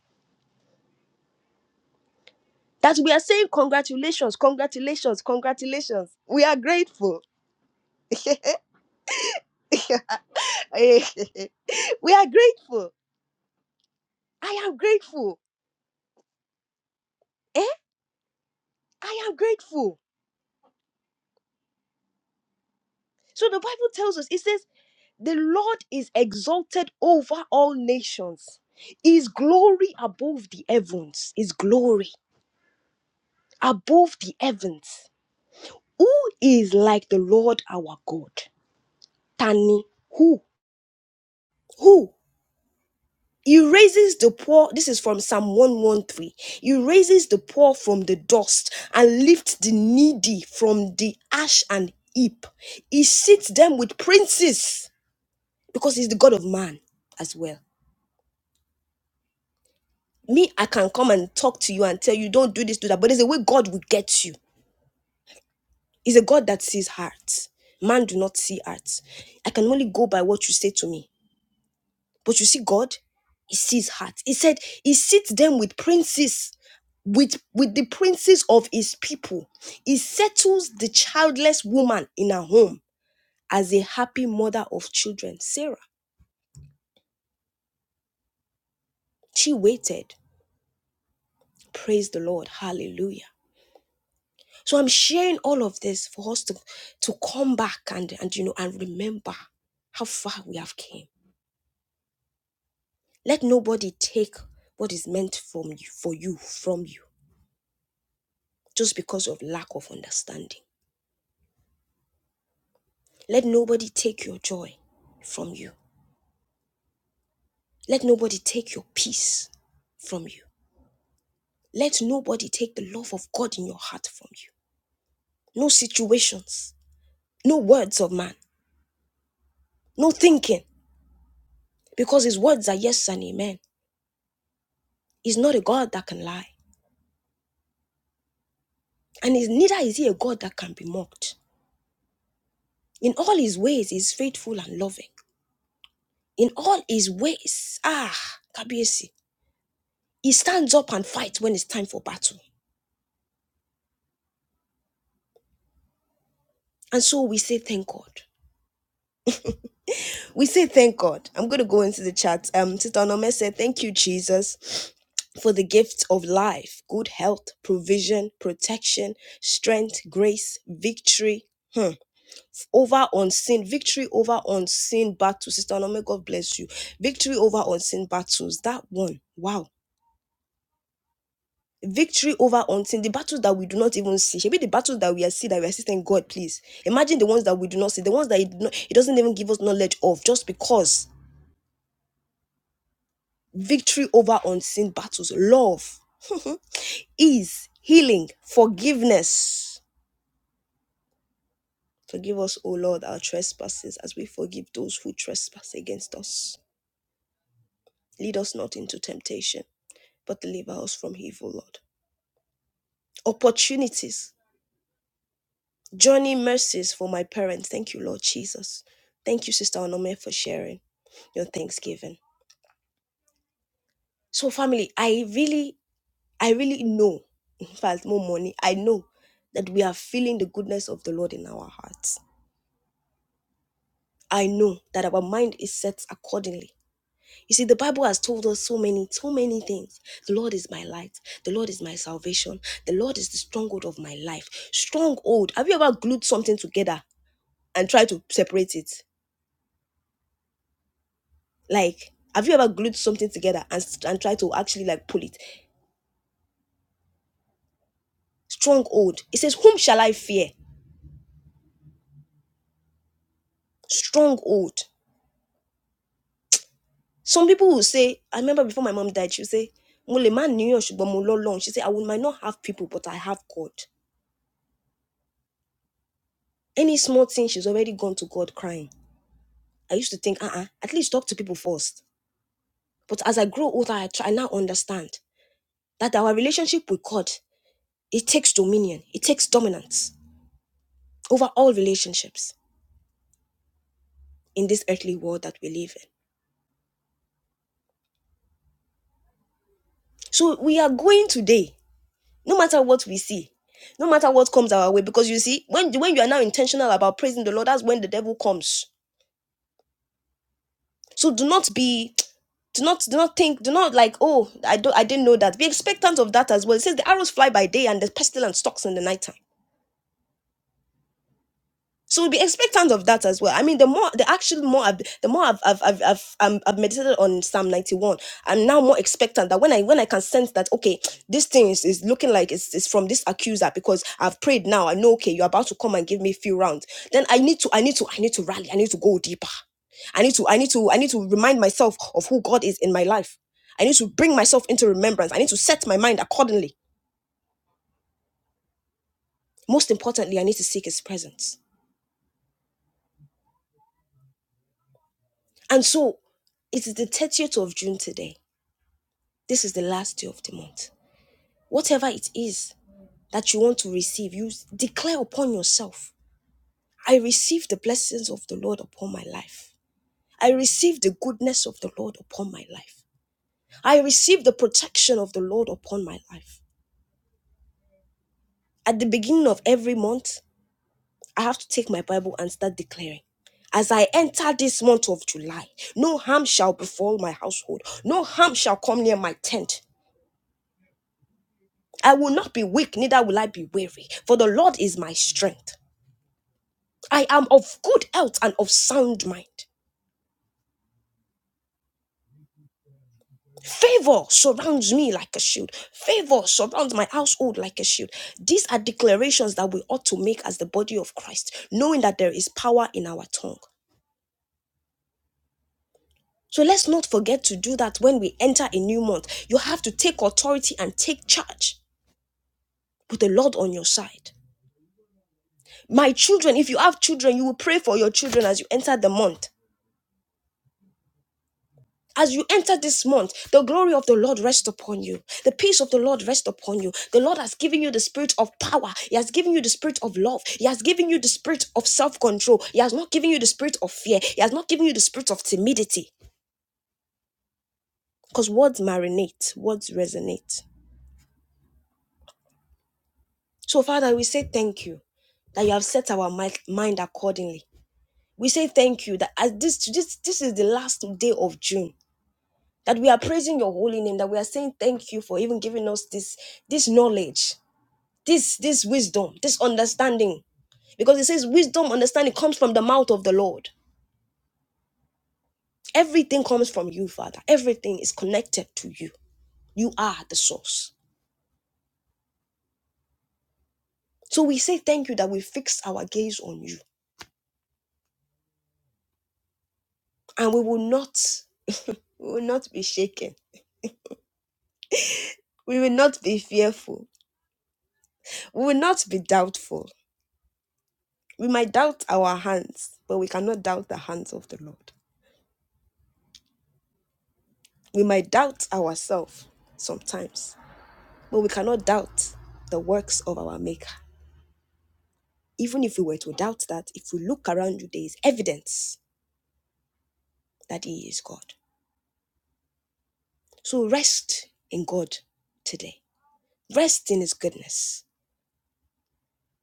Speaker 1: That we are saying congratulations, congratulations, congratulations. We are grateful. Eh, we are grateful. I am grateful. Eh? I am grateful. So the Bible tells us, it says, The Lord is exalted over all nations. His glory above the heavens. His glory above the heavens. Who is like the Lord our God? Tani. Who? Who? He raises the poor. This is from Psalm 113. He raises the poor from the dust and lifts the needy from the ash and heap. He seats them with princes because he's the God of man as well. me, I can come and talk to you and tell you, don't do this, do that. But there's a way God will get you. It's a God that sees heart. Man do not see heart. I can only go by what you say to me. But you see, God, He sees heart. He said, He sits them with princes, with with the princes of His people. He settles the childless woman in her home as a happy mother of children. Sarah, she waited. Praise the Lord. Hallelujah. So I'm sharing all of this for us to, to come back and, and you know and remember how far we have came. Let nobody take what is meant from you for you from you just because of lack of understanding. Let nobody take your joy from you. Let nobody take your peace from you. Let nobody take the love of God in your heart from you. No situations, no words of man, no thinking, because his words are yes and amen. He's not a God that can lie. And is neither is he a God that can be mocked. In all his ways, he is faithful and loving. In all his ways, ah, Kabiesi, he stands up and fights when it's time for battle. And so we say thank God. We say thank God. I'm going to go into the chat. Um, Sister Onome said, thank you, Jesus, for the gift of life, good health, provision, protection, strength, grace, victory. Hmm. over unseen victory over unseen battles sister Onome, god bless you victory over unseen battles that one wow victory over unseen the battles that we do not even see maybe the battles that we are see that we are seeing god please imagine the ones that we do not see the ones that it did doesn't even give us knowledge of just because victory over unseen battles love ease healing forgiveness forgive us o lord our trespasses as we forgive those who trespass against us lead us not into temptation but deliver us from evil, Lord. Opportunities, journey mercies for my parents. Thank you, Lord Jesus. Thank you, Sister Onome, for sharing your thanksgiving. So, family, I really, I really know, in fact, more money, I know that we are feeling the goodness of the Lord in our hearts. I know that our mind is set accordingly. You see, the Bible has told us so many, so many things. The Lord is my light. The Lord is my salvation. The Lord is the stronghold of my life. Stronghold. Have you ever glued something together and try to separate it. Like, have you ever glued something together and s- and try to actually like pull it? Stronghold. It says, "Whom shall I fear?" Stronghold. Some people will say, I remember before my mom died, she would say, "Mo lè má níyàn, ṣùgbọ́n mo lọ́lọ́run." She said, I will might not have people, but I have God. Any small thing, she's already gone to God crying. I used to think, uh-uh, at least talk to people first. But as I grow older, I try I now understand that our relationship with God, it takes dominion, it takes dominance over all relationships in this earthly world that we live in. So we are going today, no matter what we see, no matter what comes our way, because you see, when when you are now intentional about praising the Lord, that's when the devil comes. So do not be, do not do not think, do not like, oh, I don't, I didn't know that. Be expectant of that as well. It says the arrows fly by day and the pestilence stalks in the night time. So we'll be expectant of that as well. I mean, the more, the actually more, I've, the more I've, I've, I've, I've, um, I've meditated on Psalm 91, I'm now more expectant that when I, when I can sense that, okay, this thing is, is looking like it's, it's from this accuser because I've prayed now. I know, okay, you're about to come and give me a few rounds. Then I need to, I need to, I need to rally. I need to go deeper. I need to, I need to, I need to remind myself of who God is in my life. I need to bring myself into remembrance. I need to set my mind accordingly. Most importantly, I need to seek his presence. And so it is the 30th of June today. This is the last day of the month. Whatever it is that you want to receive, you declare upon yourself I receive the blessings of the Lord upon my life. I receive the goodness of the Lord upon my life. I receive the protection of the Lord upon my life. At the beginning of every month, I have to take my Bible and start declaring. As I enter this month of July, no harm shall befall my household, no harm shall come near my tent. I will not be weak, neither will I be weary, for the Lord is my strength. I am of good health and of sound mind. Favor surrounds me like a shield. Favor surrounds my household like a shield. These are declarations that we ought to make as the body of Christ, knowing that there is power in our tongue. So let's not forget to do that when we enter a new month. You have to take authority and take charge with the Lord on your side. My children, if you have children, you will pray for your children as you enter the month. As you enter this month, the glory of the Lord rests upon you. The peace of the Lord rests upon you. The Lord has given you the spirit of power. He has given you the spirit of love. He has given you the spirit of self control. He has not given you the spirit of fear. He has not given you the spirit of timidity. Because words marinate, words resonate. So, Father, we say thank you that you have set our mi- mind accordingly. We say thank you that as this, this, this is the last day of June, that we are praising your holy name, that we are saying thank you for even giving us this, this knowledge This this wisdom, this understanding, because it says wisdom, understanding comes from the mouth of the Lord. Everything comes from you, Father. Everything is connected to you. You are the source. So we say thank you that we fix our gaze on you, and we will not we will not be shaken. We will not be fearful. We will not be doubtful. We might doubt our hands, but we cannot doubt the hands of the Lord. We might doubt ourselves sometimes, but we cannot doubt the works of our Maker. Even if we were to doubt that, if we look around you, there is evidence that He is God. So rest in God today. Rest in His goodness.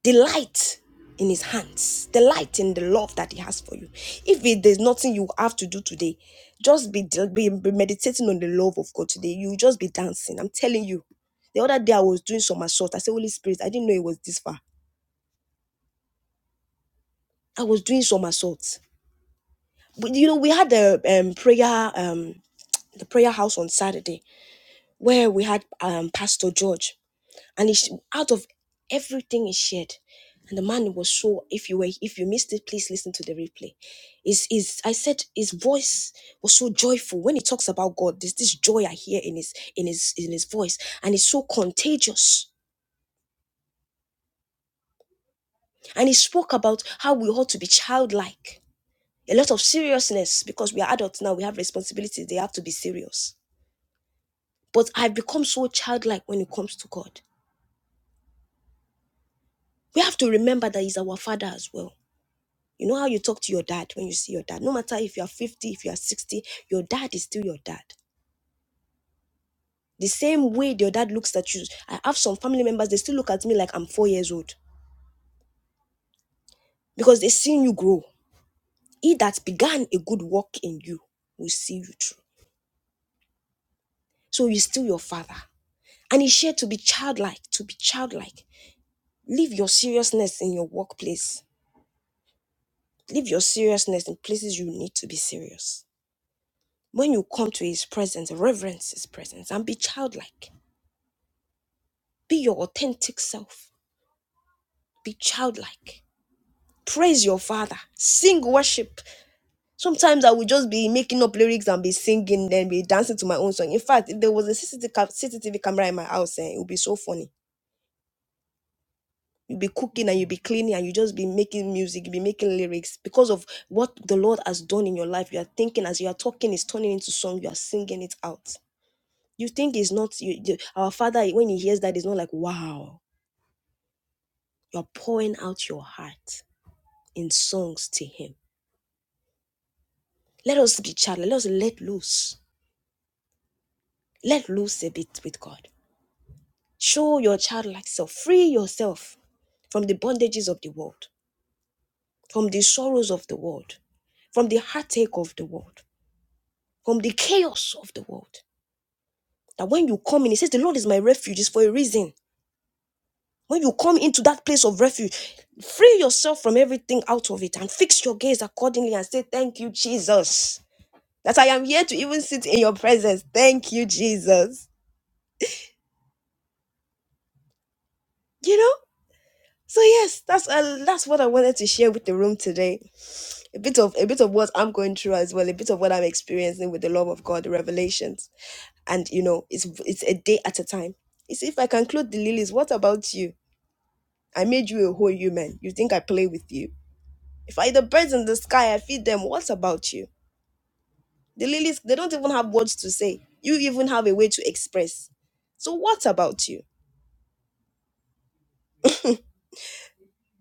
Speaker 1: Delight in His hands. Delight in the love that He has for you. If it, there's nothing you have to do today, just be, be, be meditating on the love of God today. You'll just be dancing. I'm telling you. The other day I was doing some assault. I said, Holy Spirit, I didn't know it was this far. I was doing some assault. But you know, we had a um, prayer, um, the prayer house on Saturday where we had um, Pastor George, and he, out of everything he shared, and the man was so. If you were, if you missed it, please listen to the replay. Is is I said his voice was so joyful when he talks about God. There's this joy I hear in his in his in his voice, and it's so contagious. And he spoke about how we ought to be childlike. A lot of seriousness because we are adults now. We have responsibilities. They have to be serious. But I've become so childlike when it comes to God. We have to remember that He's our Father as well You know how you talk to your dad when you see your dad? No matter if you are 50, if you are 60, your dad is still your dad. The same way your dad looks at you. I have some family members, they still look at me like I'm four years old because they've seen you grow. He that began a good work in you will see you through. So he's still your father. And he shared to be childlike, to be childlike. Leave your seriousness in your workplace. Leave your seriousness in places you need to be serious. When you come to his presence, reverence his presence and be childlike Be your authentic self. Be childlike. Praise your father. Sing worship. Sometimes I would just be making up lyrics and be singing, then be dancing to my own song. In fact, if there was a CCTV, camera in my house, eh, it would be so funny. You'd be cooking and you'd be cleaning and you just be making music, you be making lyrics because of what the Lord has done in your life. You are thinking as you are talking, it's turning into song, you are singing it out. You think it's not you, you- our father when he hears that, it's not like wow, you're pouring out your heart in songs to him Let us be child. Let us let loose. Let loose a bit with God. Show your childlike self. Free yourself from the bondages of the world, from the sorrows of the world, from the heartache of the world, from the chaos of the world. That when you come in, it says, The Lord is my refuge, is for a reason. When you come into that place of refuge, free yourself from everything out of it and fix your gaze accordingly and say, Thank you, Jesus. That I am here to even sit in your presence. Thank you, Jesus. You know? So yes, that's uh, that's what I wanted to share with the room today. A bit of a bit of what I'm going through as well, a bit of what I'm experiencing with the love of God, the revelations, and you know, it's it's a day at a time. It's if I can clothe the lilies. What about you? I made you a whole human. You think I play with you? If I the birds in the sky, I feed them. What about you? The lilies, they don't even have words to say. You even have a way to express. So what about you?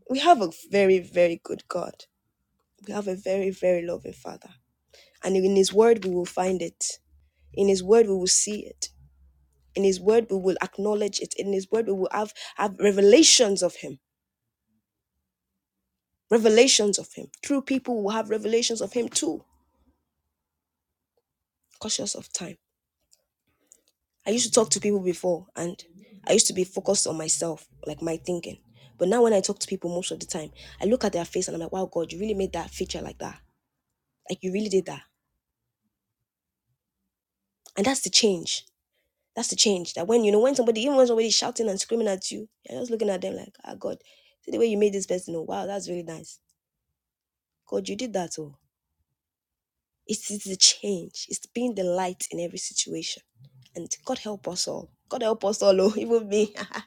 Speaker 1: We have a very very good God. We have a very very loving Father And in His Word, we will find it. In His Word, we will see it. In His Word, we will acknowledge it. In His Word, we will have, have revelations of Him. Revelations of Him. True people will have revelations of Him too. Cautious of time. I used to talk to people before, and I used to be focused on myself, like my thinking. But now, when I talk to people most of the time, I look at their face and I'm like, wow, God, you really made that feature like that. Like, you really did that. And that's the change That's the change. That when you know when somebody even when somebody's shouting and screaming at you, you're just looking at them like, ah God, see the way you made this person. Oh wow, that's really nice. God, you did that. Oh, it's it's the change. It's being the light in every situation. And God help us all. God help us all, oh, even me.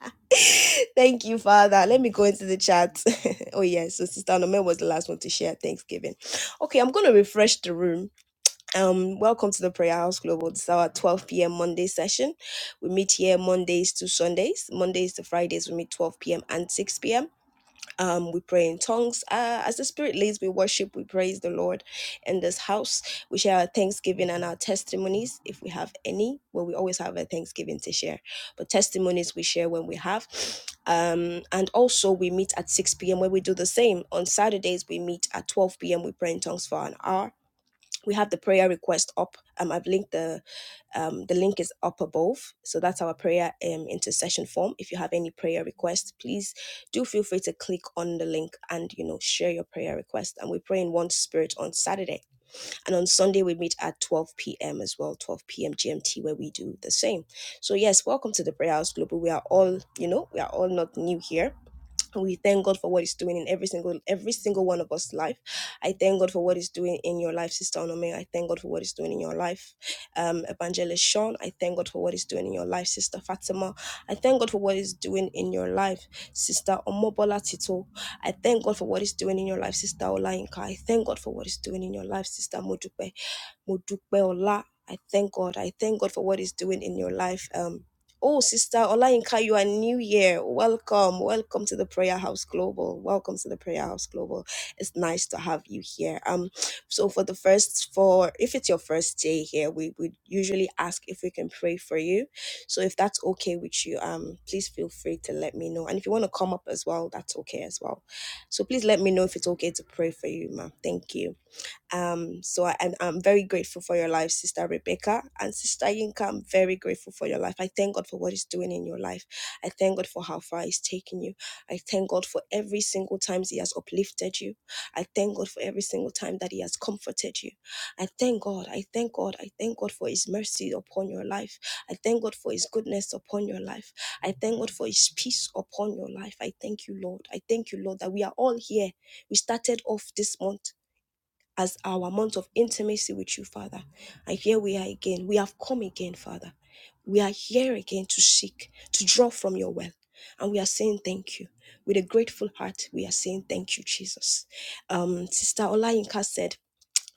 Speaker 1: Thank you, Father. Let me go into the chat. oh, yes. So, Sister Anome was the last one to share Thanksgiving. Okay, I'm going to refresh the room Um, welcome to the Prayer House Global. This is our 12 p.m. Monday session. We meet here Mondays to Sundays. Mondays to Fridays, we meet 12 p.m. and 6 p.m. Um, we pray in tongues. Uh, as the Spirit leads, we worship, we praise the Lord in this house. We share our thanksgiving and our testimonies if we have any. Well, we always have a thanksgiving to share, but testimonies we share when we have. Um, and also we meet at 6 p.m. where we do the same. On Saturdays, we meet at 12 p.m. We pray in tongues for an hour we have the prayer request up. Um, I've linked the um, the link is up above. So that's our prayer um, intercession form. If you have any prayer requests, please do feel free to click on the link and you know share your prayer request. And we pray in one spirit on Saturday, and on Sunday we meet at 12 p.m. as well, 12 p.m. GMT, where we do the same. So yes, welcome to the Prayer House Global. We are all you know we are all not new here we thank God for what He's doing in every single every single one of us' life. I thank God for what He's doing in your life, Sister Onome. I thank God for what He's doing in your life, um, Evangelist Sean. I thank God for what He's doing in your life, Sister Fatima. I thank God for what He's doing in your life, Sister Omobola Tito. I thank God for what He's doing in your life, Sister Olainka. I thank God for what He's doing in your life, Sister Modupe. Mo dúpẹ́ ọlá. I thank God. I thank God for what He's doing in your life. Um, oh, Sister Olayinka, you are new here. Welcome. Welcome to the Prayer House Global. Welcome to the Prayer House Global. It's nice to have you here. Um, so for the first, for if it's your first day here, we would usually ask if we can pray for you. So if that's okay with you, um, please feel free to let me know. And if you want to come up as well, that's okay as well. So please let me know if it's okay to pray for you, ma. Thank you. Um, so I, and I'm very grateful for your life, Sister Rebecca. And Sister Yinka, I'm very grateful for your life. I thank God for what He's doing in your life. I thank God for how far He's taking you. I thank God for every single time He has uplifted you. I thank God for every single time that He has comforted you. I thank God. I thank God. I thank God for His mercy upon your life. I thank God for His goodness upon your life. I thank God for His peace upon your life. I thank you, Lord. I thank you, Lord, that we are all here. We started off this month as our month of intimacy with you, Father. And here we are again. We have come again, Father. We are here again to seek, to draw from your well. And we are saying thank you. With a grateful heart, we are saying thank you, Jesus. Um, Sister Olayinka said,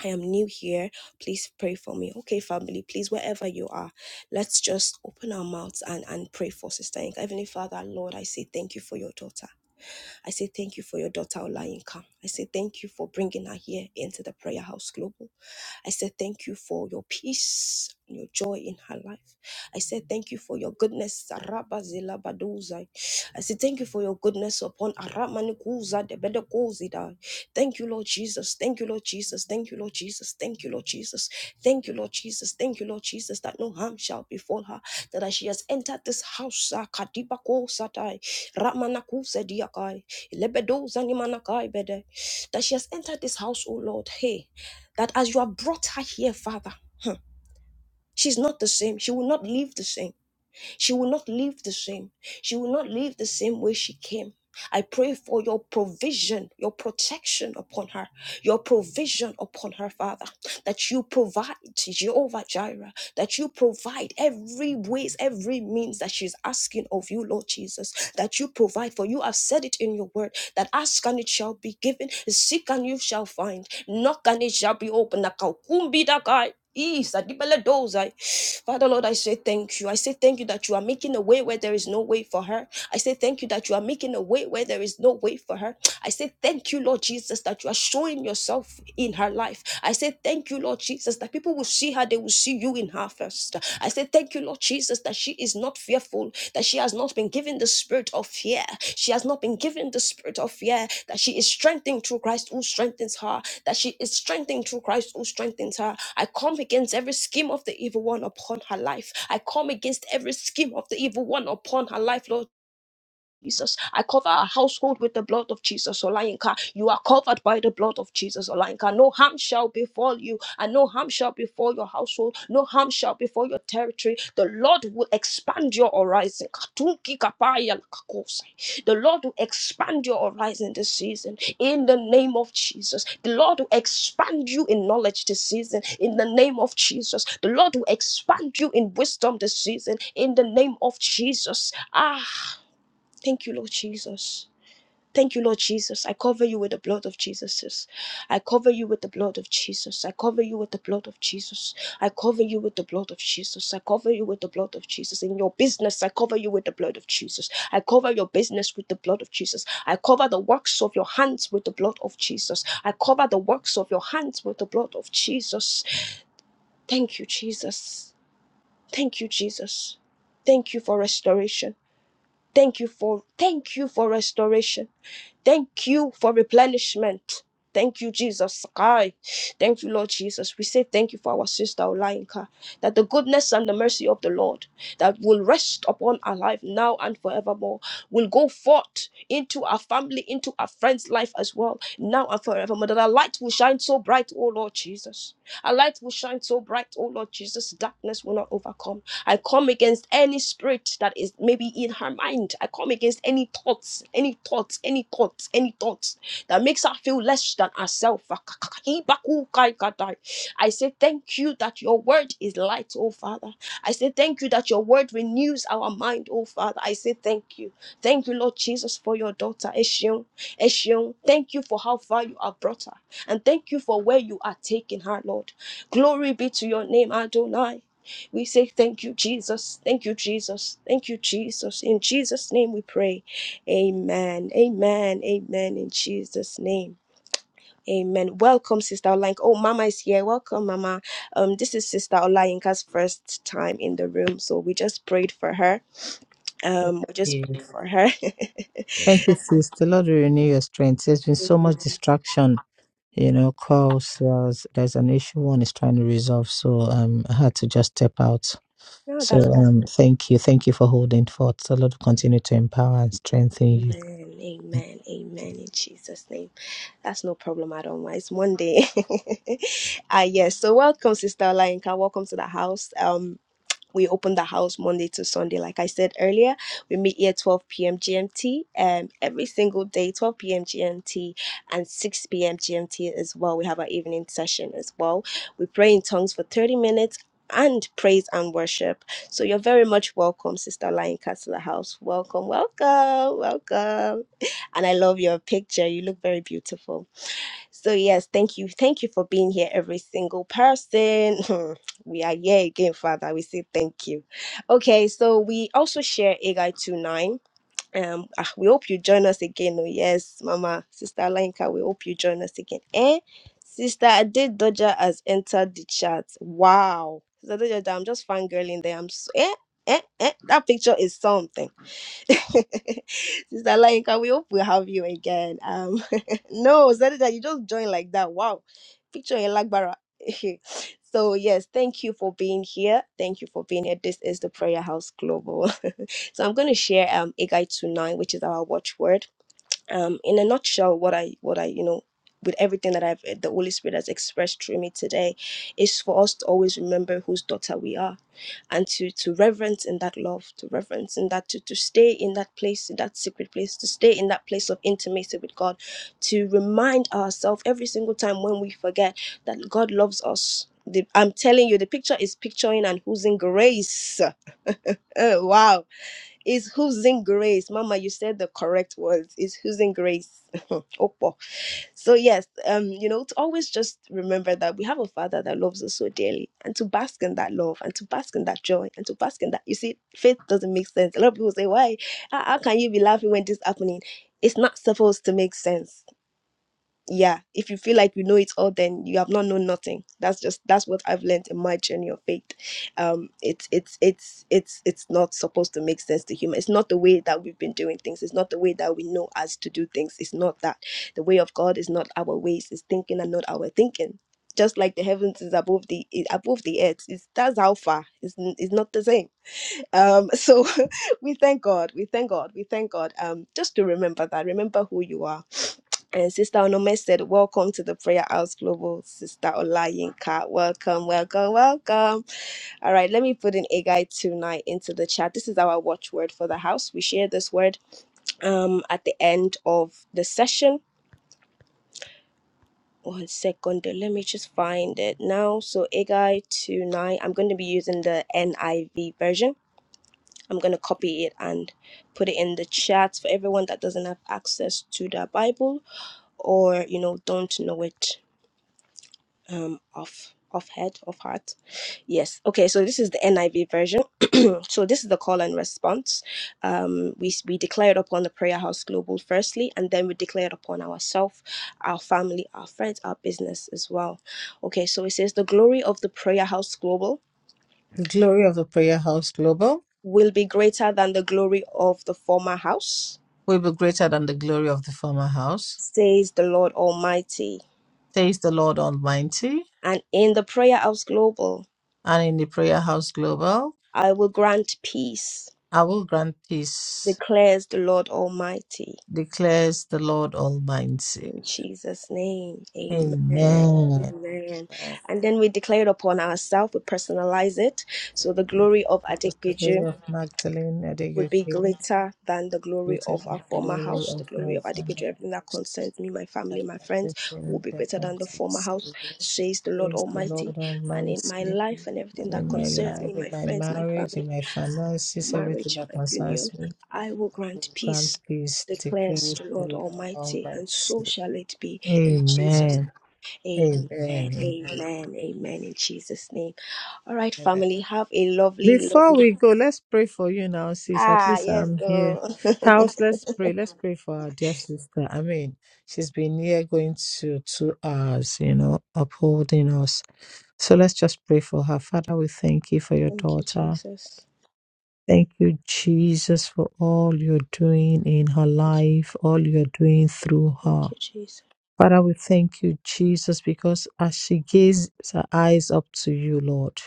Speaker 1: I am new here. Please pray for me. Okay, family, please, wherever you are, let's just open our mouths and, and pray for Sister Inka. Heavenly Father, Lord, I say thank you for your daughter. I say thank you for your daughter Olayinka. I say thank you for bringing her here into the Prayer House Global. I say thank you for your peace and your joy in her life. I say thank you for your goodness. Araba zila baduzai. I say thank you for your goodness upon Aramanikuza de Bedekozida. Thank you, Lord Jesus. Thank you, Lord Jesus. Thank you, Lord Jesus. Thank you, Lord Jesus. Thank you, Lord Jesus. Thank you, Lord Jesus, that no harm shall befall her. That as she has entered this house, Kadiba Kosatai, Ramanakusa Lebedo zanimanakai bede. That she has entered this house, oh Lord. Hey, that as you have brought her here, Father, she's not the same. She will not live the same. She will not live the same. She will not live the same way she came. I pray for your provision, your protection upon her, your provision upon her, Father, that you provide, Jehovah Jireh, that you provide every ways, every means that she's asking of you, Lord Jesus, that you provide for you have said it in your word, that ask and it shall be given, seek and you shall find, knock and it shall be opened. Nakaukumbi dakai. Isa, di bele dozai. Father Lord, I say thank you. I say thank you that you are making a way where there is no way for her. I say thank you that you are making a way where there is no way for her. I say thank you, Lord Jesus, that you are showing yourself in her life. I say thank you, Lord Jesus, that people will see her, they will see you in her first. I say thank you, Lord Jesus, that she is not fearful, that she has not been given the spirit of fear. She has not been given the spirit of fear, that she is strengthened through Christ who strengthens her that she is strengthened through Christ who strengthens her. I come against every scheme of the evil one upon her life. I come against every scheme of the evil one upon her life, Lord Jesus. I cover our household with the blood of Jesus, Olainka. You are covered by the blood of Jesus, Olainka. No harm shall befall you, and no harm shall befall your household. No harm shall befall your territory. The Lord will expand your horizon. Katunki kapaya lakakosai. The Lord will expand your horizon this season in the name of Jesus. The Lord will expand you in knowledge this season in the name of Jesus. The Lord will expand you in wisdom this season in the name of Jesus. Ah, Thank you, Lord Jesus. Thank you, Lord Jesus. I cover you with the blood of Jesus. I cover you with the blood of Jesus. I cover you with the blood of Jesus. I cover you with the blood of Jesus. I cover you with the blood of Jesus. In your business, I cover you with the blood of Jesus. I cover your business with the blood of Jesus. I cover the works of your hands with the blood of Jesus. I cover the works of your hands with the blood of Jesus. Thank you, Jesus. Thank you, Jesus. Thank you for restoration. Thank you for thank you for restoration. Thank you for replenishment. Thank you, Jesus. Kai. Thank you, Lord Jesus. We say thank you for our sister Olainka, that the goodness and the mercy of the Lord that will rest upon our life now and forevermore will go forth into our family, into our friends' life as well, now and forevermore. That our light will shine so bright, oh Lord Jesus. Our light will shine so bright, oh Lord Jesus. Darkness will not overcome. I come against any spirit that is maybe in her mind. I come against any thoughts, any thoughts, any thoughts, any thoughts that makes her feel less than herself. I say thank you that your word is light, oh Father. I say thank you that your word renews our mind, oh Father. I say thank you. Thank you, Lord Jesus, for your daughter, Eshion. Eshion, thank you for how far you have brought her. And thank you for where you are taking her, Lord. Glory be to your name, Adonai. We say thank you, Jesus. Thank you, Jesus. Thank you, Jesus. In Jesus' name we pray. Amen. Amen. Amen. In Jesus' name. Amen. Welcome, Sister Olayinka. Oh, Mama is here. Welcome, Mama. Um, this is Sister Olayinka's first time in the room, so we just prayed for her.
Speaker 3: Thank
Speaker 1: Um, we just
Speaker 3: you.
Speaker 1: prayed
Speaker 3: Thank you, sis. The Lord will renew your strength. There's been
Speaker 1: her.
Speaker 3: so much distraction, you know, calls. There's, there's an issue one is trying to resolve. So um, I had to just step out.
Speaker 1: no,
Speaker 3: So
Speaker 1: that's not.
Speaker 3: um, thank you. Thank you for holding forth. The Lord will continue to empower and strengthen you.
Speaker 1: Amen. Amen. Amen. In Jesus' name. That's no problem at all. Ma. It's Monday. ah, yes. So welcome, Sister Olayinka. Welcome to the house. Um, we open the house Monday to Sunday. Like I said earlier, we meet here 12 p.m. GMT um, every single day, 12 p.m. GMT and 6 p.m. GMT as well. We have our evening session as well. We pray in tongues for 30 minutes and praise and worship. So you're very much welcome, Sister Lion Castle House. Welcome, welcome, welcome. And I love your picture. You look very beautiful. So yes, thank you. Thank you for being here, every single person. we are here again, Father. We say thank you. Okay, so we also share Agai two nine. Um, ah, we hope you join us again. Oh, yes, Mama, Sister Alenka, we hope you join us again. Eh? Sister Ade Doja has entered the chat. Wow. Sister Doja, I'm just fangirling there. I'm so, eh, eh, eh. That picture is something. Sister Lainka, we hope we have you again. Um, no, Zadida, you just joined like that. Wow, picture in Lagbara. so yes, thank you for being here. Thank you for being here. This is the Prayer House Global. so I'm going to share um a guide to nine, which is our watchword. Um, in a nutshell, what I what I you know. With everything that I've the Holy Spirit has expressed through me today, is for us to always remember whose daughter we are and to to reverence in that love to reverence in that to to stay in that place in that secret place to stay in that place of intimacy with god to remind ourselves every single time when we forget that god loves us the, I'm telling you, the picture is picturing and who's in grace. Oh, wow. Is who's in grace. Mama, you said the correct words. Is who's in grace. Opo so yes um you know to always just remember that we have a father that loves us so dearly and to bask in that love and to bask in that joy and to bask in that you see faith doesn't make sense a lot of people say why how, how can you be laughing when this is happening it's not supposed to make sense yeah if you feel like you know it all then you have not known nothing that's just that's what i've learned in my journey of faith um it's it's it's it's it's not supposed to make sense to human it's not the way that we've been doing things it's not the way that we know as to do things it's not that the way of god is not our ways it's thinking and not our thinking just like the heavens is above the is above the earth it's that's how far it's, n- it's not the same um so we thank god we thank god we thank god um just to remember that remember who you are and Sister Onome said, Welcome to the Prayer House Global. Sister Olayinka, welcome, welcome, welcome. All right, let me put in Agai tonight into the chat. This is our watchword for the house. We share this word um, at the end of the session. One second, let me just find it now. So, Agai tonight, I'm going to be using the NIV version. I'm going to copy it and put it in the chat for everyone that doesn't have access to the Bible or, you know, don't know it um off off head off heart yes okay so this is the niv version so this is the call and response um we we declared upon the prayer house global firstly and then we declared upon ourselves our family our friends our business as well okay so it says the glory of the prayer house global
Speaker 3: The glory of the prayer house global
Speaker 1: will be greater than the glory of the former house
Speaker 3: will be greater than the glory of the former house.
Speaker 1: says the lord almighty
Speaker 3: says the Lord Almighty,
Speaker 1: and in the prayer house global
Speaker 3: and in the Prayer House Global,
Speaker 1: i will grant peace
Speaker 3: I will grant peace,
Speaker 1: declares the lord almighty
Speaker 3: declares the Lord Almighty.
Speaker 1: In Jesus' name, amen.
Speaker 3: Amen.
Speaker 1: Amen.
Speaker 3: Amen.
Speaker 1: And then we declare it upon ourselves, we personalize it. So the glory of
Speaker 3: Because the glory
Speaker 1: Adekpeju
Speaker 3: of Magdalene
Speaker 1: would be
Speaker 3: Adegoke,
Speaker 1: greater than the glory
Speaker 3: greater
Speaker 1: of our
Speaker 3: than the
Speaker 1: former
Speaker 3: glory
Speaker 1: house. The
Speaker 3: of my
Speaker 1: glory of Adekpeju,
Speaker 3: family,
Speaker 1: everything that concerns me, my
Speaker 3: and
Speaker 1: family, my friends, will
Speaker 3: everything
Speaker 1: be
Speaker 3: that
Speaker 1: greater than the former
Speaker 3: concerns
Speaker 1: house,
Speaker 3: me.
Speaker 1: says the Lord
Speaker 3: Praise the
Speaker 1: Almighty.
Speaker 3: Lord
Speaker 1: And in my
Speaker 3: Almighty,
Speaker 1: life and
Speaker 3: and
Speaker 1: everything that
Speaker 3: in my
Speaker 1: concerns me,
Speaker 3: life, in
Speaker 1: my
Speaker 3: my
Speaker 1: friends, my
Speaker 3: marriage,
Speaker 1: family,
Speaker 3: in my finances, everything
Speaker 1: marriage,
Speaker 3: that
Speaker 1: my union.
Speaker 3: concerns me.
Speaker 1: I will grant
Speaker 3: Come,
Speaker 1: peace,
Speaker 3: peace,
Speaker 1: declares
Speaker 3: declares
Speaker 1: the
Speaker 3: the
Speaker 1: Lord
Speaker 3: Lord
Speaker 1: Almighty, and so
Speaker 3: Almighty.
Speaker 1: shall it be in Jesus.
Speaker 3: Amen. Amen.
Speaker 1: Amen.
Speaker 3: Amen.
Speaker 1: Amen. Amen. In Jesus' name. All right,
Speaker 3: Amen.
Speaker 1: family. Have a lovely,
Speaker 3: Before
Speaker 1: lovely.
Speaker 3: we go, let's pray for you now, sis. At
Speaker 1: Ah,
Speaker 3: least
Speaker 1: yes,
Speaker 3: I'm here.
Speaker 1: though.
Speaker 3: House, let's pray. Let's pray for our dear sister. I mean, she's been here going to two hours, you know, upholding us. So let's just pray for her. Father, we thank you for your
Speaker 1: Thank you,
Speaker 3: daughter.
Speaker 1: Jesus.
Speaker 3: Thank you, Jesus, for all you're doing in her life, all you're doing through her.
Speaker 1: Thank you, Jesus.
Speaker 3: Father, we thank you, Jesus, because as she gazed her eyes up to you, Lord,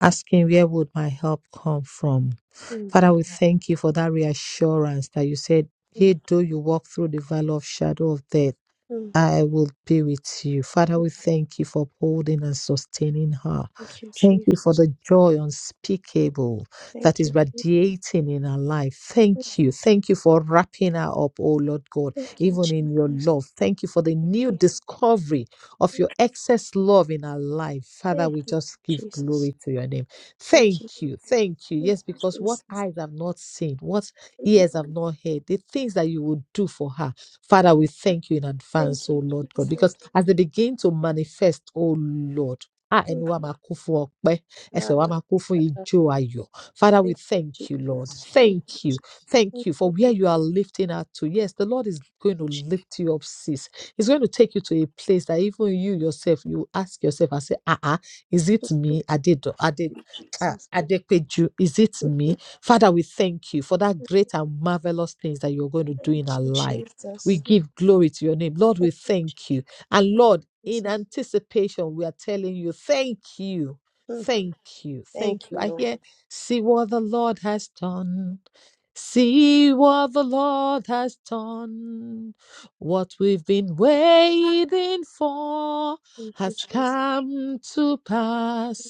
Speaker 3: asking where would my help come from?
Speaker 1: Mm,
Speaker 3: Father, we thank you for that reassurance that you said,
Speaker 1: mm,
Speaker 3: Yea, though you walk through the valley of shadow of death,
Speaker 1: mm.
Speaker 3: I will be with you. Father, we thank you for upholding and sustaining her.
Speaker 1: Thank you,
Speaker 3: Thank
Speaker 1: Jesus.
Speaker 3: you for the joy unspeakable that
Speaker 1: Thank you,
Speaker 3: is
Speaker 1: Jesus.
Speaker 3: radiating in her life. Thank you. Thank you for wrapping her up, oh Lord God,
Speaker 1: Thank you,
Speaker 3: even in your
Speaker 1: Jesus.
Speaker 3: love. Thank you for the new discovery of your excess love in her life. Father, we just give
Speaker 1: Jesus.
Speaker 3: glory to your name.
Speaker 1: Thank you,
Speaker 3: Thank you. Thank you.
Speaker 1: Thank
Speaker 3: Yes, because
Speaker 1: you,
Speaker 3: what
Speaker 1: Jesus.
Speaker 3: eyes have not seen, what
Speaker 1: Thank you. Thank you, Jesus.
Speaker 3: ears have not heard, the things that you would do for her. Father, we thank you in
Speaker 1: Thank
Speaker 3: advance, oh
Speaker 1: you,
Speaker 3: Lord God, because
Speaker 1: Jesus.
Speaker 3: as they begin to manifest, oh Lord. Ah,
Speaker 1: Mm.
Speaker 3: ẹnu wa máa kún fún ọpẹ́, ẹsẹ̀
Speaker 1: God,
Speaker 3: wa máa kún fún ijó ayọ̀. Father, we
Speaker 1: thank you,
Speaker 3: thank you, Lord.
Speaker 1: Jesus. Thank
Speaker 3: Thank you.
Speaker 1: you,
Speaker 3: Thank you for where you are lifting us to. Yes, the Lord is going to
Speaker 1: Jesus.
Speaker 3: lift you up, sis. He's going to take you to a place that even you yourself, you ask yourself and say, ah, ah, is it me? Adedo, Ade,
Speaker 1: Thank you,
Speaker 3: ah,
Speaker 1: Jesus.
Speaker 3: Adepeju, is it me? Father, we thank you for that great and marvelous things that you're going to do in our life. We give glory to your name. Lord, we
Speaker 1: Thank
Speaker 3: thank you. And Lord,
Speaker 1: you,
Speaker 3: in
Speaker 1: Jesus.
Speaker 3: anticipation, we are telling you, thank you.
Speaker 1: Mm.
Speaker 3: Thank you.
Speaker 1: Thank
Speaker 3: Thank you.
Speaker 1: you,
Speaker 3: I
Speaker 1: Lord.
Speaker 3: hear, see what the Lord has done. See what the Lord has done. What we've been waiting for
Speaker 1: Thank you,
Speaker 3: has
Speaker 1: Jesus.
Speaker 3: come to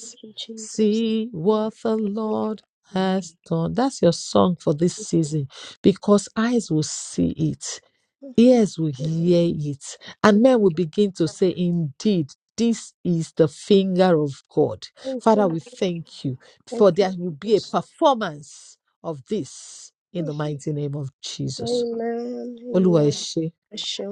Speaker 1: Thank you, Jesus.
Speaker 3: See
Speaker 1: Thank
Speaker 3: what the
Speaker 1: you, Lord.
Speaker 3: Lord
Speaker 1: Mm.
Speaker 3: has done. That's your song for this season because eyes will see it
Speaker 1: Thank
Speaker 3: ears will
Speaker 1: you, Lord.
Speaker 3: hear it, and
Speaker 1: Thank
Speaker 3: men will begin to say, Indeed, this is the finger of God.
Speaker 1: thank you,
Speaker 3: Father, we
Speaker 1: Lord.
Speaker 3: thank you
Speaker 1: Thank
Speaker 3: for
Speaker 1: you,
Speaker 3: there will be a
Speaker 1: Jesus.
Speaker 3: performance of this in the
Speaker 1: Mm.
Speaker 3: mighty name of Jesus.
Speaker 1: Amen.
Speaker 3: Oluwa ẹ
Speaker 1: Amen.
Speaker 3: ṣé.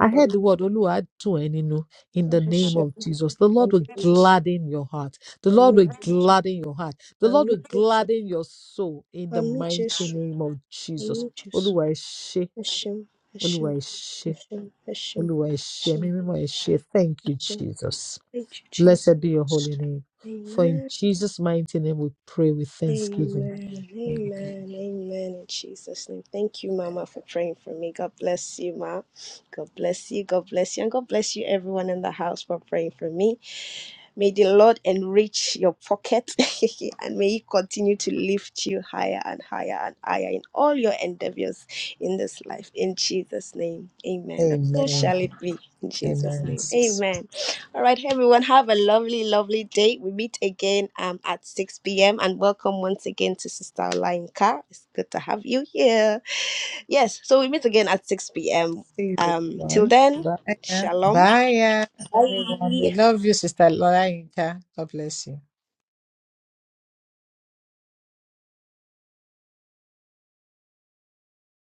Speaker 3: I heard
Speaker 1: Baba.
Speaker 3: the word Oluwa á dùn ẹ́ nínú in the name
Speaker 1: Hashem.
Speaker 3: of Jesus. The Lord
Speaker 1: Amit
Speaker 3: will
Speaker 1: Yesu.
Speaker 3: gladden your heart. The Lord
Speaker 1: Amit
Speaker 3: will
Speaker 1: Yesu.
Speaker 3: gladden your heart. The Lord
Speaker 1: Amit
Speaker 3: will
Speaker 1: Yesu.
Speaker 3: gladden your soul in the
Speaker 1: Amit
Speaker 3: mighty
Speaker 1: Yesu.
Speaker 3: name of Jesus.
Speaker 1: Amit Yesu.
Speaker 3: Oluwa ẹ ṣé.
Speaker 1: Hashem,
Speaker 3: Oluwa
Speaker 1: Hashem,
Speaker 3: ẹ ṣé.
Speaker 1: Hashem, Hashem,
Speaker 3: Olúwa ẹ ṣé, ẹ̀mí
Speaker 1: Hashem,
Speaker 3: mímọ́ ẹ ṣé.
Speaker 1: Hashem,
Speaker 3: Thank you,
Speaker 1: Hashem.
Speaker 3: Jesus.
Speaker 1: Thank you, Jesus.
Speaker 3: Blessed be your holy name. For in
Speaker 1: Amen,
Speaker 3: Jesus' mighty name we pray with thanksgiving.
Speaker 1: amen, amen, amen. In Jesus' name. Thank you, Mama, for praying for me. God bless you, Ma. God bless you. God bless you. And God bless you, everyone in the house, for praying for me. May the Lord enrich your pocket and may He continue to lift you higher and higher and higher in all your endeavors in this life. In Jesus' name, amen. And so
Speaker 3: Amen.
Speaker 1: shall it be in Jesus'
Speaker 3: Amen.
Speaker 1: name,
Speaker 3: So, see
Speaker 1: amen. And um, I am and well, yes, um,
Speaker 3: you, everyone. Bye. Bye, everyone. We love you, Sister Lola Inka. God bless you.